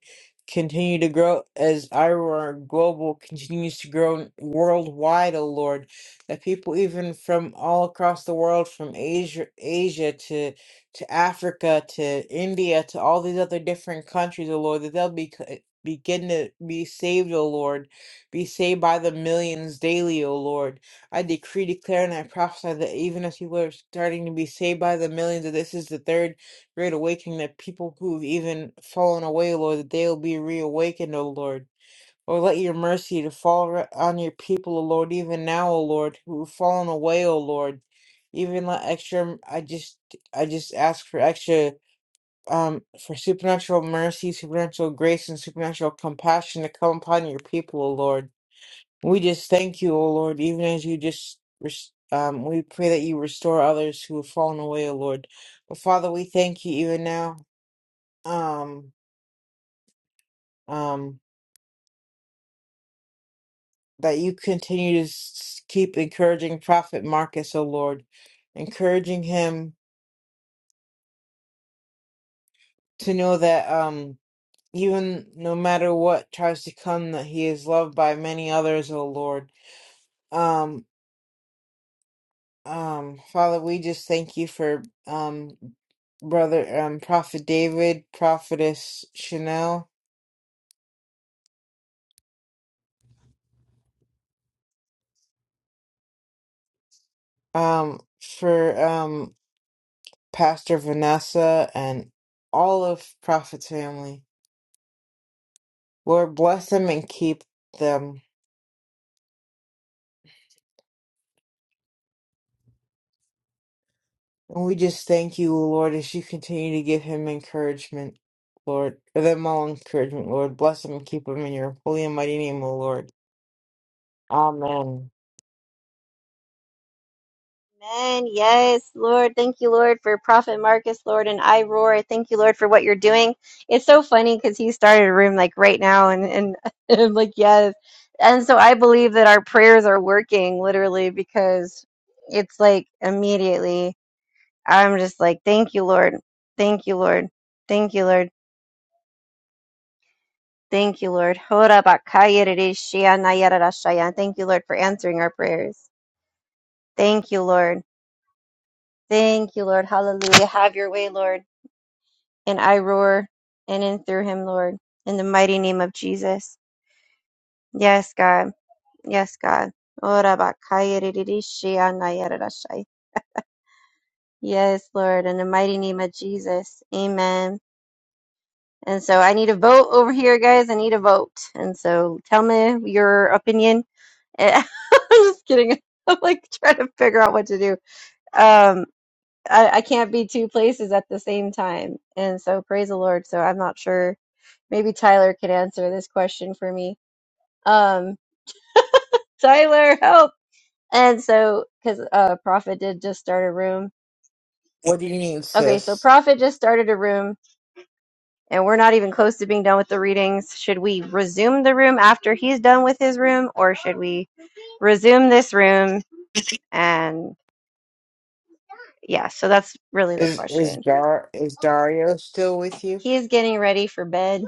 Speaker 7: continue to grow, as IROAR Global continues to grow worldwide, oh Lord, that people even from all across the world, from Asia, Asia to to Africa to India to all these other different countries, oh Lord, that they'll be. c- eh, Begin to be saved, O Lord. Be saved by the millions daily, O Lord I decree, declare, and I prophesy that even as people are starting to be saved by the millions, that this is the third great awakening, that people who've even fallen away, Lord, that they'll be reawakened, O Lord. Or let your mercy to fall re- on your people, O Lord, even now, O Lord, who've fallen away, O Lord. Even let extra, I just, I just ask for extra, um, for supernatural mercy, supernatural grace, and supernatural compassion to come upon your people, O Lord. We just thank you, O Lord, even as you just, res- um, we pray that you restore others who have fallen away, O Lord. But Father, we thank you even now, um, um, that you continue to s- keep encouraging Prophet Marcus, O Lord, encouraging him to know that, um, even no matter what tries to come, that he is loved by many others, O Lord. Um, Um, Father, we just thank you for um brother um Prophet David, Prophetess Chanel, um for um Pastor Vanessa and all of Prophet's family. Lord bless them and keep them. And we just thank you, Lord, as you continue to give him encouragement, Lord. for them all encouragement, Lord. Bless them and keep them in your holy and mighty name, O Lord. Amen.
Speaker 2: Amen. Yes, Lord. Thank you, Lord, for Prophet Marcus, Lord, and I roar. Thank you, Lord, for what you're doing. It's so funny because he started a room like right now, and, and and I'm like, yes. And so I believe that our prayers are working literally because it's like immediately I'm just like, thank you, Lord. Thank you, Lord. Thank you, Lord. Thank you, Lord. Hora bakaya rereshia nayara rashaya. Thank you, Lord, for answering our prayers. Thank you, Lord. Thank you, Lord. Hallelujah. Have your way, Lord. And I roar and in through him, Lord. In the mighty name of Jesus. Yes, God. Yes, God. Hora bakaya rereshia nayara rashaya. Yes, Lord. In the mighty name of Jesus. Amen. And so I need a vote over here, guys. I need a vote. And so tell me your opinion And I'm just kidding. I'm like trying to figure out what to do. Um, I, I can't be two places at the same time. And so praise the Lord. So I'm not sure. Maybe Tyler can answer this question for me. Um, Tyler, help. And so, cause, uh, Prophet did just start a room.
Speaker 7: What do you need,
Speaker 2: Okay. So
Speaker 7: sis?
Speaker 2: Prophet just started a room and we're not even close to being done with the readings. Should we resume the room after he's done with his room or should we resume this room? and? yeah, so that's really the
Speaker 7: Is is
Speaker 2: question.
Speaker 7: Dar is Dario still with you?
Speaker 2: He is getting ready for bed.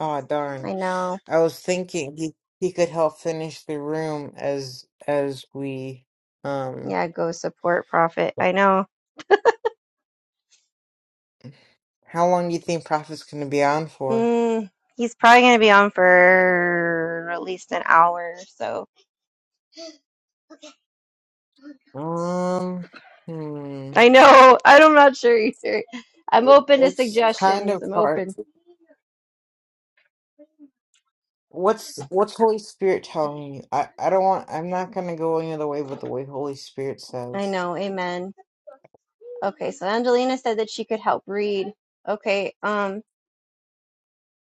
Speaker 7: Aw, darn.
Speaker 2: I know.
Speaker 7: I was thinking he he could help finish the room as as we um
Speaker 2: Yeah, go support Prophet. I know.
Speaker 7: how long do you think Prophet's gonna be on for?
Speaker 2: Mm, he's probably going to be on for at least an hour. or So
Speaker 7: Um hmm.
Speaker 2: I know. I'm not sure either. I'm
Speaker 7: It-
Speaker 2: open to
Speaker 7: It's kind
Speaker 2: suggestions.
Speaker 7: of
Speaker 2: I'm
Speaker 7: hard.
Speaker 2: open.
Speaker 7: What's what's Holy Spirit telling you? I I don't want I'm not gonna go any other way but the way Holy Spirit
Speaker 2: I
Speaker 7: says.
Speaker 2: know. Amen. Okay, so Angelina said that she could help read. Okay, um,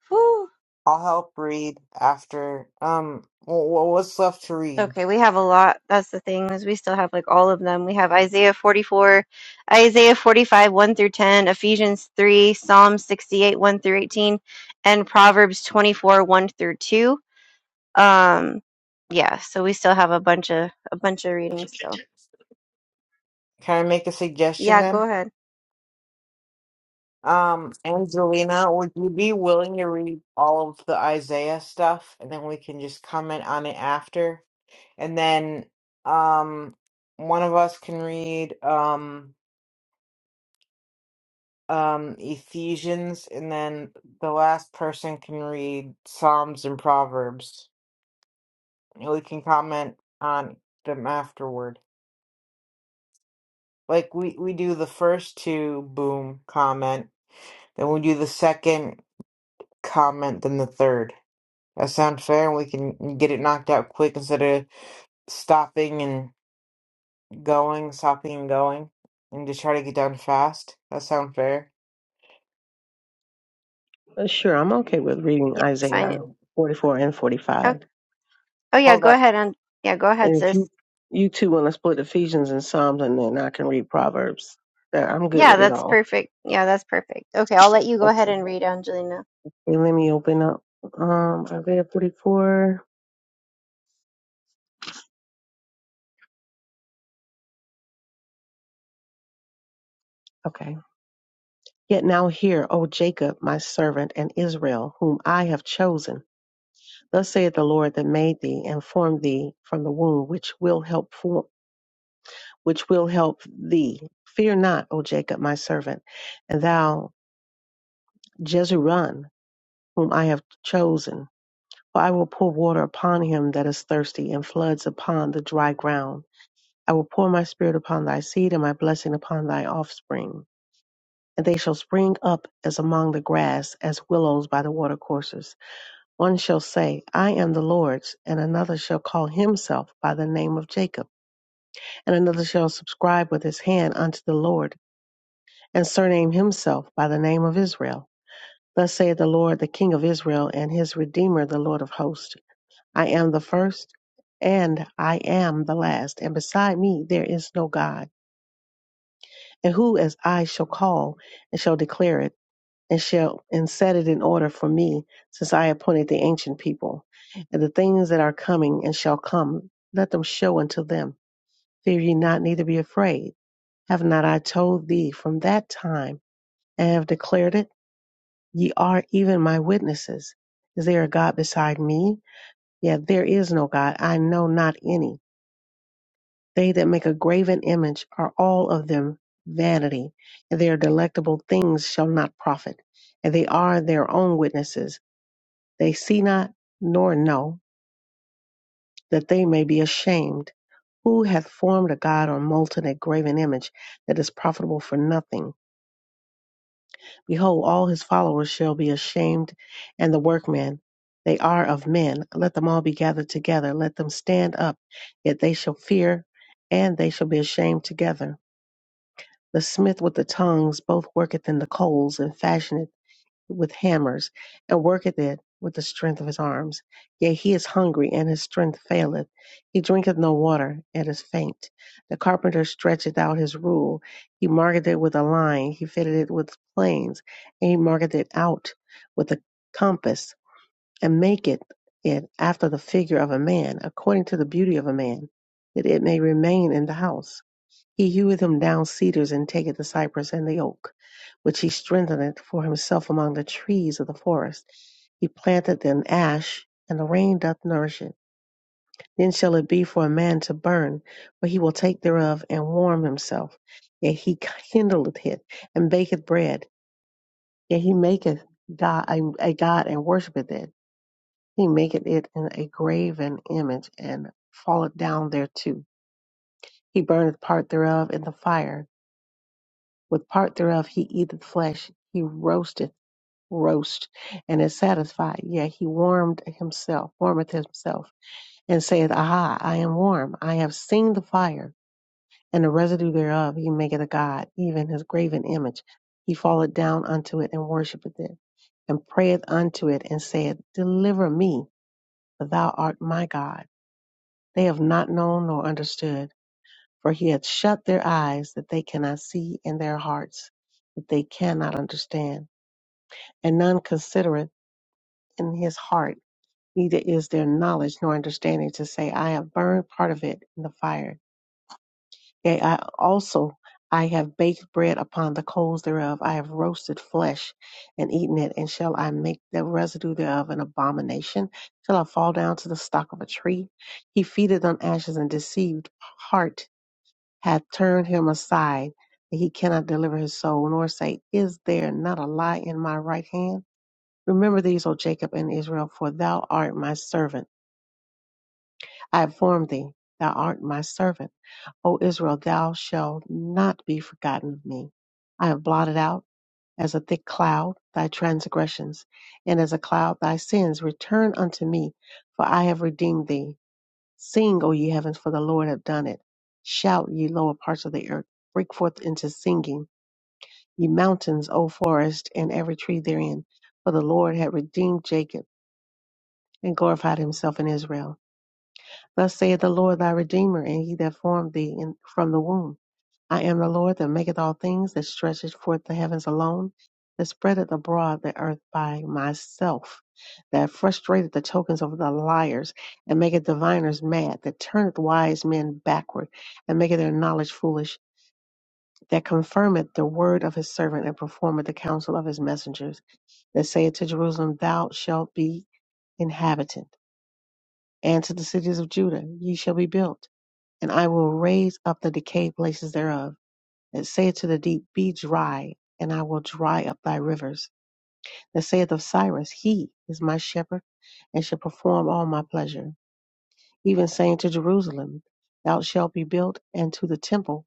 Speaker 2: whew.
Speaker 7: I'll help read after um wh- wh- what's left to read?
Speaker 2: Okay, we have a lot. That's the thing is we still have like all of them. We have Isaiah 44, Isaiah 45, 1 through 10, Ephesians 3, Psalm 68, 1 through 18, and Proverbs 24, 1 through 2. Um, yeah, so we still have a bunch of a bunch of readings still.
Speaker 7: Can I make a suggestion
Speaker 2: Yeah, go
Speaker 7: then?
Speaker 2: ahead.
Speaker 7: Um, Angelina, would you be willing to read all of the Isaiah stuff and then we can just comment on it after? And then um one of us can read um um Ephesians and then the last person can read Psalms and Proverbs. And we can comment on them afterward. Like we we do the first two boom comment, then we do the second comment, then the third. That sounds fair, we can get it knocked out quick instead of stopping and going, stopping and going, and just try to get done fast. That sounds fair.
Speaker 6: Uh, Sure, I'm okay with reading
Speaker 2: Yeah, it's
Speaker 6: Isaiah
Speaker 2: fine.
Speaker 6: 44 and
Speaker 2: Oh.
Speaker 6: 45.
Speaker 2: Oh yeah,
Speaker 7: Hold
Speaker 2: go
Speaker 7: up.
Speaker 2: ahead and yeah, go ahead,
Speaker 6: And if
Speaker 2: sis.
Speaker 6: you you two want to split Ephesians and Psalms, and then I can read Proverbs. Yeah, I'm good
Speaker 2: Yeah,
Speaker 6: with it
Speaker 2: that's
Speaker 6: all.
Speaker 2: perfect. Yeah, that's perfect. Okay, I'll let you go ahead
Speaker 6: Okay.
Speaker 2: and read, Angelina.
Speaker 6: And let me open up um, Isaiah 44. Okay. Yet now hear, O Jacob, my servant, and Israel, whom I have chosen. Thus saith the Lord that made thee and formed thee from the womb, which will help which will help thee. Fear not, O Jacob, my servant, and thou, Jezreel, whom I have chosen. For I will pour water upon him that is thirsty, and floods upon the dry ground. I will pour my spirit upon thy seed, and my blessing upon thy offspring. And they shall spring up as among the grass, as willows by the watercourses. One shall say, I am the Lord's, and another shall call himself by the name of Jacob, and another shall subscribe with his hand unto the Lord and surname himself by the name of Israel. Thus saith the Lord, the King of Israel, and his Redeemer, the Lord of hosts I am the first, and I am the last, and beside me there is no God. And who as I shall call, and shall declare it, and shall and set it in order for me, since I appointed the ancient people, and the things that are coming and shall come, let them show unto them. Fear ye not, neither be afraid. Have not I told thee from that time, and have declared it? Ye are even my witnesses. Is there a God beside me? Yet there is no God. I know not any. They that make a graven image are all of them vanity, and their delectable things shall not profit. And they are their own witnesses. They see not nor know that they may be ashamed. Who hath formed a God or molten a graven image that is profitable for nothing? Behold, all his followers shall be ashamed, and the workmen, they are of men. Let them all be gathered together. Let them stand up, yet they shall fear, and they shall be ashamed together. The smith with the tongs both worketh in the coals, and fashioneth with hammers, and worketh it with the strength of his arms. Yea, he is hungry, and his strength faileth. He drinketh no water, and is faint. The carpenter stretcheth out his rule. He marketh it with a line. He fitted it with planes, and he marketh it out with a compass, and maketh it after the figure of a man, according to the beauty of a man, that it may remain in the house. He heweth him down cedars, and taketh the cypress and the oak, which he strengtheneth for himself among the trees of the forest. He planteth an ash, and the rain doth nourish it. Then shall it be for a man to burn, for he will take thereof and warm himself. Yet he kindleth it, and baketh bread. Yet he maketh God a, a god and worshipeth it. He maketh it in a graven image, and falleth down thereto. He burneth part thereof in the fire With part thereof he eateth flesh, he roasteth roast, and is satisfied. Yea, he warmed himself, warmeth himself, and saith, Aha, I am warm, I have seen the fire, and the residue thereof he maketh a god, even his graven image. He falleth down unto it and worshippeth it, and prayeth unto it, and saith, Deliver me, for thou art my God. They have not known nor understood, for he hath shut their eyes that they cannot see, and their hearts that they cannot understand and none considereth in his heart, neither is there knowledge nor understanding to say, I have burned part of it in the fire. Yea, I also I have baked bread upon the coals thereof, I have roasted flesh and eaten it, and shall I make the residue thereof an abomination? Shall I fall down to the stock of a tree? He feedeth on ashes and deceived heart hath turned him aside, that he cannot deliver his soul, nor say, Is there not a lie in my right hand? Remember these, O Jacob and Israel, for thou art my servant. I have formed thee. Thou art my servant. O Israel, thou shalt not be forgotten of me. I have blotted out as a thick cloud thy transgressions, and as a cloud thy sins. Return unto me, for I have redeemed thee. Sing, O ye heavens, for the Lord hath done it. Shout, ye lower parts of the earth. Break forth into singing, ye mountains, O forest, and every tree therein. For the Lord hath redeemed Jacob and glorified himself in Israel. Thus saith the Lord thy Redeemer, and he that formed thee in, from the womb. I am the Lord that maketh all things, that stretcheth forth the heavens alone, that spreadeth abroad the earth by myself, that frustrateth the tokens of the liars, and maketh diviners mad, that turneth wise men backward, and maketh their knowledge foolish, that confirmeth the word of his servant, and performeth the counsel of his messengers, that saith to Jerusalem, Thou shalt be inhabited and to the cities of Judah ye shall be built, and I will raise up the decayed places thereof, and say to the deep, Be dry, and I will dry up thy rivers. That saith of Cyrus, He is my shepherd, and shall perform all my pleasure. Even saying to Jerusalem, Thou shalt be built, and to the temple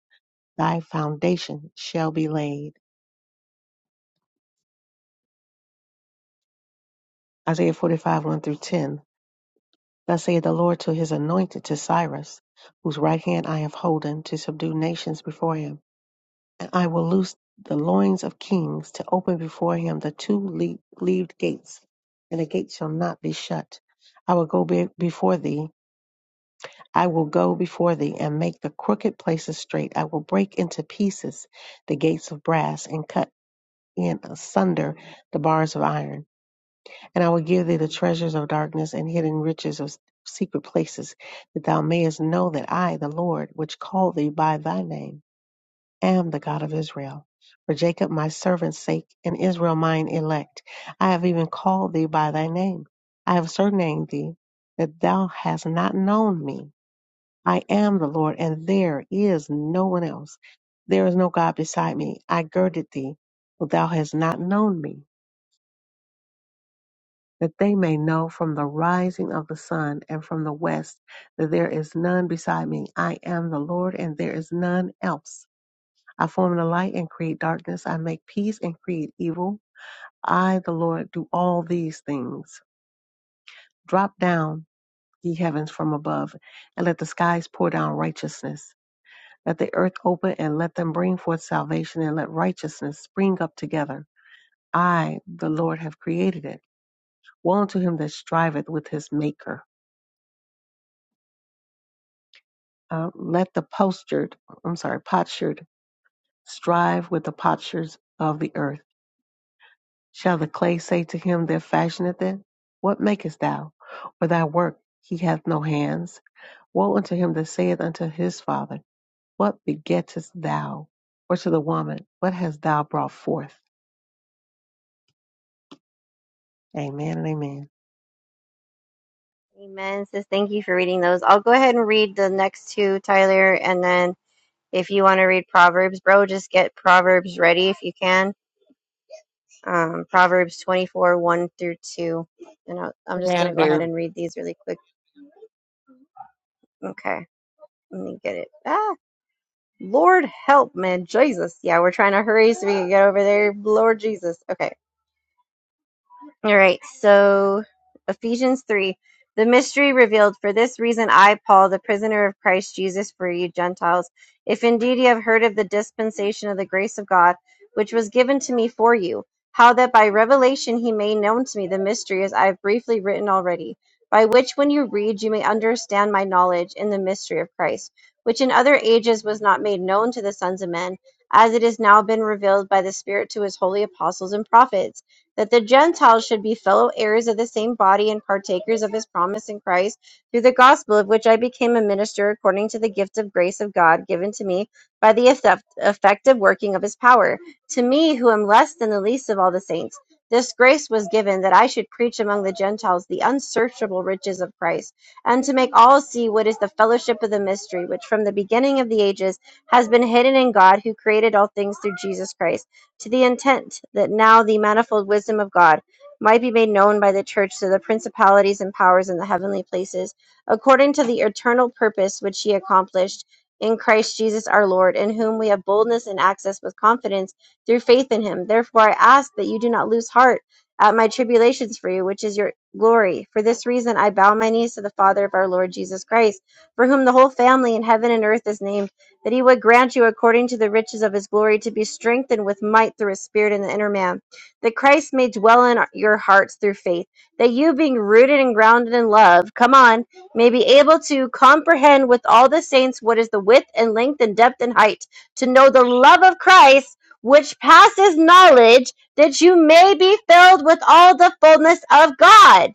Speaker 6: thy foundation shall be laid. Isaiah 45, 1 through 10. Thus saith the Lord to his anointed, to Cyrus, whose right hand I have holden, to subdue nations before him I will loose the loins of kings to open before him the two le- leaved gates, and the gate shall not be shut. I will go be- before thee. I will go before thee and make the crooked places straight. I will break into pieces the gates of brass and cut in asunder the bars of iron. And I will give thee the treasures of darkness and hidden riches of secret places, that thou mayest know that I, the Lord, which called thee by thy name, am the God of Israel. For Jacob my servant's sake, and Israel mine elect, I have even called thee by thy name. I have surnamed thee, that thou hast not known me. I am the Lord, and there is no one else. There is no God beside me. I girded thee, but thou hast not known me, that they may know from the rising of the sun and from the west that there is none beside me. I am the Lord, and there is none else. I form the light and create darkness. I make peace and create evil. I, the Lord, do all these things. Drop down, ye heavens from above, and let the skies pour down righteousness. Let the earth open and let them bring forth salvation, and let righteousness spring up together. I, the Lord, have created it. Woe unto him that striveth with his maker. Uh, let the postured, I'm sorry, potsherd strive with the potsherds of the earth Shall the clay say to him that fashioneth it, What makest thou? Or thy work, he hath no hands. Woe unto him that saith unto his father, What begettest thou? Or to the woman, What hast thou brought forth? Amen and amen.
Speaker 2: Amen, sis. Thank you for reading those. I'll go ahead and read the next two, Tyler, and then if you want to read Proverbs, bro, just get Proverbs ready if you can. Um, Proverbs 24, 1 through 2. And I'll, I'm just going
Speaker 7: Can
Speaker 2: to go ahead
Speaker 7: do.
Speaker 2: and read these really quick. Okay, let me get it. Ah, Lord help, man. Jesus. Yeah, we're trying to hurry so we can get over there. Lord Jesus. Okay. All right, so Ephesians 3. The mystery revealed. For this reason, I, Paul, the prisoner of Christ Jesus for you Gentiles, if indeed you have heard of the dispensation of the grace of God, which was given to me for you, how that by revelation he made known to me the mystery as I have briefly written already, by which when you read you may understand my knowledge in the mystery of Christ, which in other ages was not made known to the sons of men, as it has now been revealed by the Spirit to his holy apostles and prophets that the Gentiles should be fellow heirs of the same body and partakers of his promise in Christ through the gospel of which I became a minister according to the gift of grace of God given to me by the effect- effective working of his power. To me, who am less than the least of all the saints, this grace was given that I should preach among the Gentiles the unsearchable riches of Christ, and to make all see what is the fellowship of the mystery, which from the beginning of the ages has been hidden in God who created all things through Jesus Christ to the intent that now the manifold wisdom of God might be made known by the church to the principalities and powers in the heavenly places, according to the eternal purpose which he accomplished in Christ Jesus our Lord, in whom we have boldness and access with confidence through faith in him. Therefore, I ask that you do not lose heart at my tribulations for you, which is your glory. For this reason, I bow my knees to the Father of our Lord Jesus Christ, for whom the whole family in heaven and earth is named that he would grant you according to the riches of his glory to be strengthened with might through his spirit in the inner man, that Christ may dwell in your hearts through faith, that you being rooted and grounded in love, come on, may be able to comprehend with all the saints what is the width and length and depth and height, to know the love of Christ which passes knowledge, that you may be filled with all the fullness of God.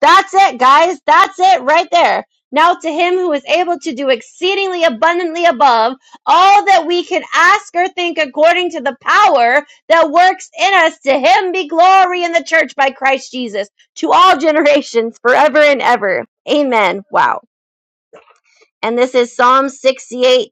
Speaker 2: That's it, guys. That's it right there now to him who is able to do exceedingly abundantly above all that we can ask or think according to the power that works in us, to him be glory in the church by Christ Jesus to all generations forever and ever. Amen. Wow. And this is Psalm 68.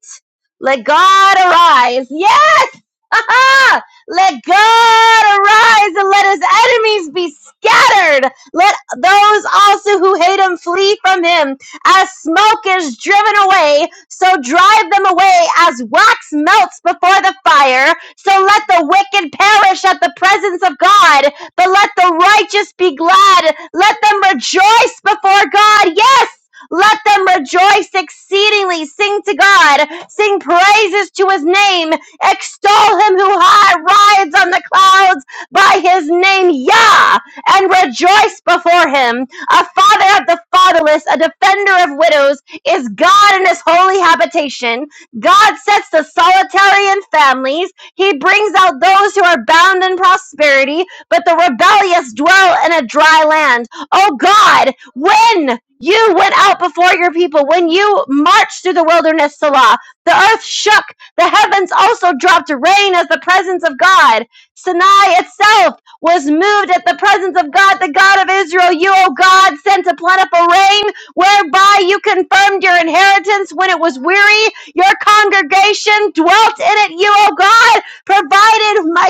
Speaker 2: Let God arise. Yes! Aha! let God arise and let his enemies be scattered. Let those also who hate him flee from him. As smoke is driven away, so drive them away. As wax melts before the fire, so let the wicked perish at the presence of God. But let the righteous be glad. Let them rejoice before God. Yes! Let them rejoice exceedingly. Sing to God. Sing praises to his name. Extol him who high rides on the clouds by his name, Yah, and rejoice before him. A father of the fatherless, a defender of widows, is God in his holy habitation. God sets the solitary in families. He brings out those who are bound in prosperity, but the rebellious dwell in a dry land. Oh God, when? You went out before your people. When you marched through the wilderness, Salah, the earth shook. The heavens also dropped rain as the presence of God. Sinai itself was moved at the presence of God, the God of Israel. You, O God, sent a plentiful rain, whereby you confirmed your inheritance when it was weary. Your congregation dwelt in it. You, O God, provided, my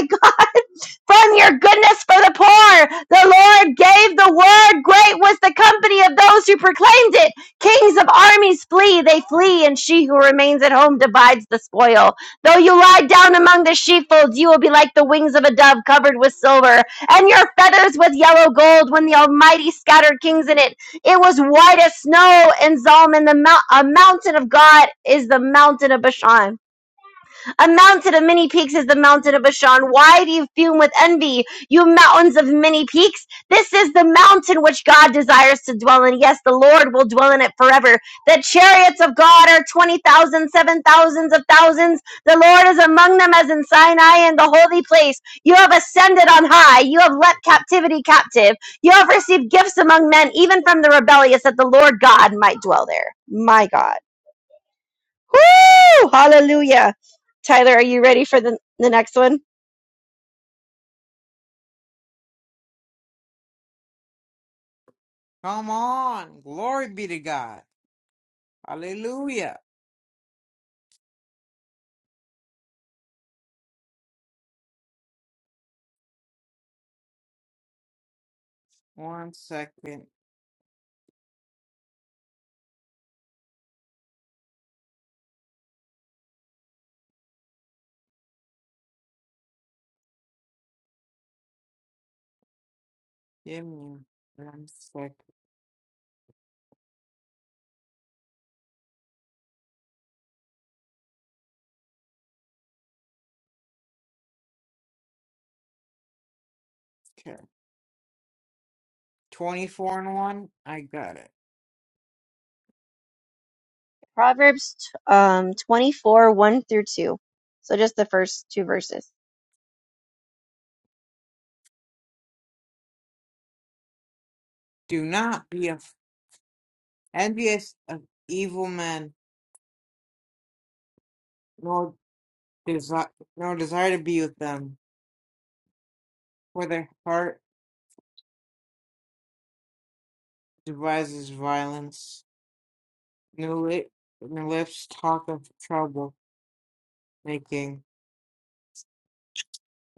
Speaker 2: from your goodness for the poor. The Lord gave the word. Great was the company of those who proclaimed it. Kings of armies flee. They flee, and she who remains at home divides the spoil. Though you lie down among the sheepfolds, you will be like the wings of a dove covered with silver, and your feathers with yellow gold when the Almighty scattered kings in it. It was white as snow And Zalman, the mount- a mountain of God is the mountain of Bashan. A mountain of many peaks is the mountain of Bashan. Why do you fume with envy, you mountains of many peaks? This is the mountain which God desires to dwell in. Yes, the Lord will dwell in it forever. The chariots of God are 20,000, seven thousands of thousands. The Lord is among them as in Sinai in the holy place. You have ascended on high. You have let captivity captive. You have received gifts among men, even from the rebellious, that the Lord God might dwell there. My God. Woo! Hallelujah. Tyler, are you ready for the, the next one?
Speaker 7: Come on. Glory be to God. Hallelujah. One second. Give me one second. Okay. 24 and 1. I got it.
Speaker 2: Proverbs um, 24, 1 through 2. So just the first two verses.
Speaker 7: Do not be af- envious of evil men, nor, desi- nor desire to be with them, for their heart devises violence, nel- neglects talk of trouble making.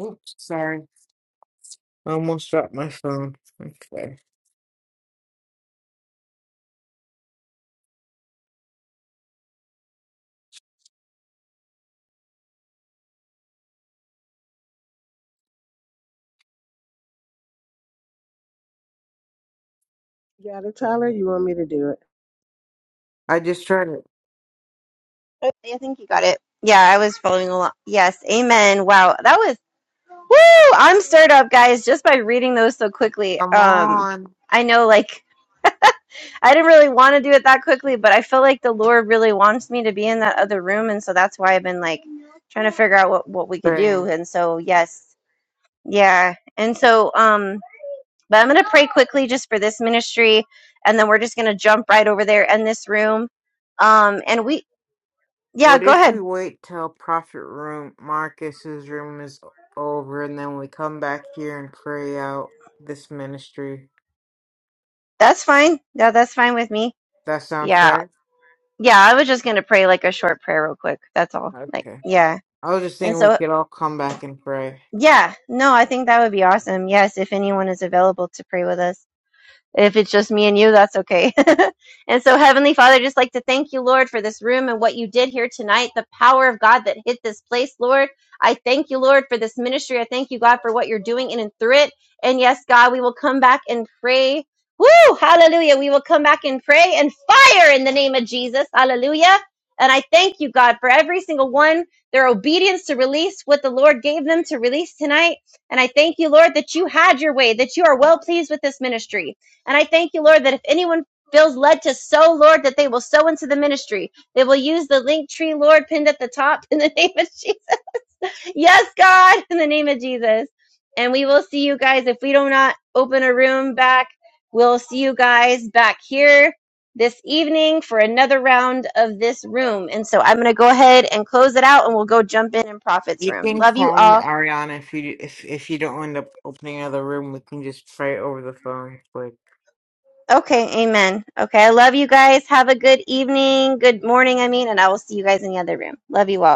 Speaker 7: Oops, sorry. I almost dropped my phone. Okay.
Speaker 6: You got it, Tyler? You want me to do it?
Speaker 7: I just tried it.
Speaker 2: I think you got it. Yeah, I was following along. Yes, amen. Wow, that was, woo! I'm stirred up, guys, just by reading those so quickly.
Speaker 7: Come
Speaker 2: Um,
Speaker 7: on,
Speaker 2: I know, like, I didn't really want to do it that quickly, but I feel like the Lord really wants me to be in that other room. And so that's why I've been, like, trying to figure out what, what we could do.
Speaker 7: Bam.
Speaker 2: And so, yes. Yeah. And so, um, but I'm going to pray quickly just for this ministry, and then we're just going to jump right over there in this room. Um, and we, yeah,
Speaker 7: What
Speaker 2: go
Speaker 7: if
Speaker 2: ahead.
Speaker 7: we wait till Prophet Room Marcus's room is over and then we come back here and pray out this ministry?
Speaker 2: That's fine. Yeah, that's fine with me.
Speaker 7: That sound
Speaker 2: Yeah.
Speaker 7: fair?
Speaker 2: Yeah. I was just going to pray like a short prayer real quick. That's all. Like,
Speaker 7: Okay.
Speaker 2: yeah.
Speaker 7: I was just
Speaker 2: And
Speaker 7: thinking we
Speaker 2: so,
Speaker 7: could all come back and pray.
Speaker 2: yeah, no, I think that would be awesome. Yes. If anyone is available to pray with us. If it's just me and you, that's okay. and so, Heavenly Father, just like to thank you, Lord, for this room and what you did here tonight, the power of God that hit this place, Lord. I thank you, Lord, for this ministry. I thank you, God, for what you're doing in and through it. And yes, God, we will come back and pray. Woo! Hallelujah. We will come back and pray and fire in the name of Jesus. Hallelujah. And I thank you, God, for every single one, their obedience to release what the Lord gave them to release tonight. And I thank you, Lord, that you had your way, that you are well pleased with this ministry. And I thank you, Lord, that if anyone feels led to sow, Lord, that they will sow into the ministry. They will use the link tree, Lord, pinned at the top in the name of Jesus. Yes, God, in the name of Jesus. And we will see you guys. If we do not open a room back, we'll see you guys back here this evening for another round of this room. And so I'm going to go ahead and close it out and we'll go jump in in Prophet's
Speaker 7: You
Speaker 2: room.
Speaker 7: can
Speaker 2: Love you
Speaker 7: call me
Speaker 2: all.
Speaker 7: Ariana if you if if you don't end up opening another room. We can just try it over the phone. like
Speaker 2: Okay, amen. Okay, I love you guys. Have a good evening, good morning, I mean, and I will see you guys in the other room. Love you all.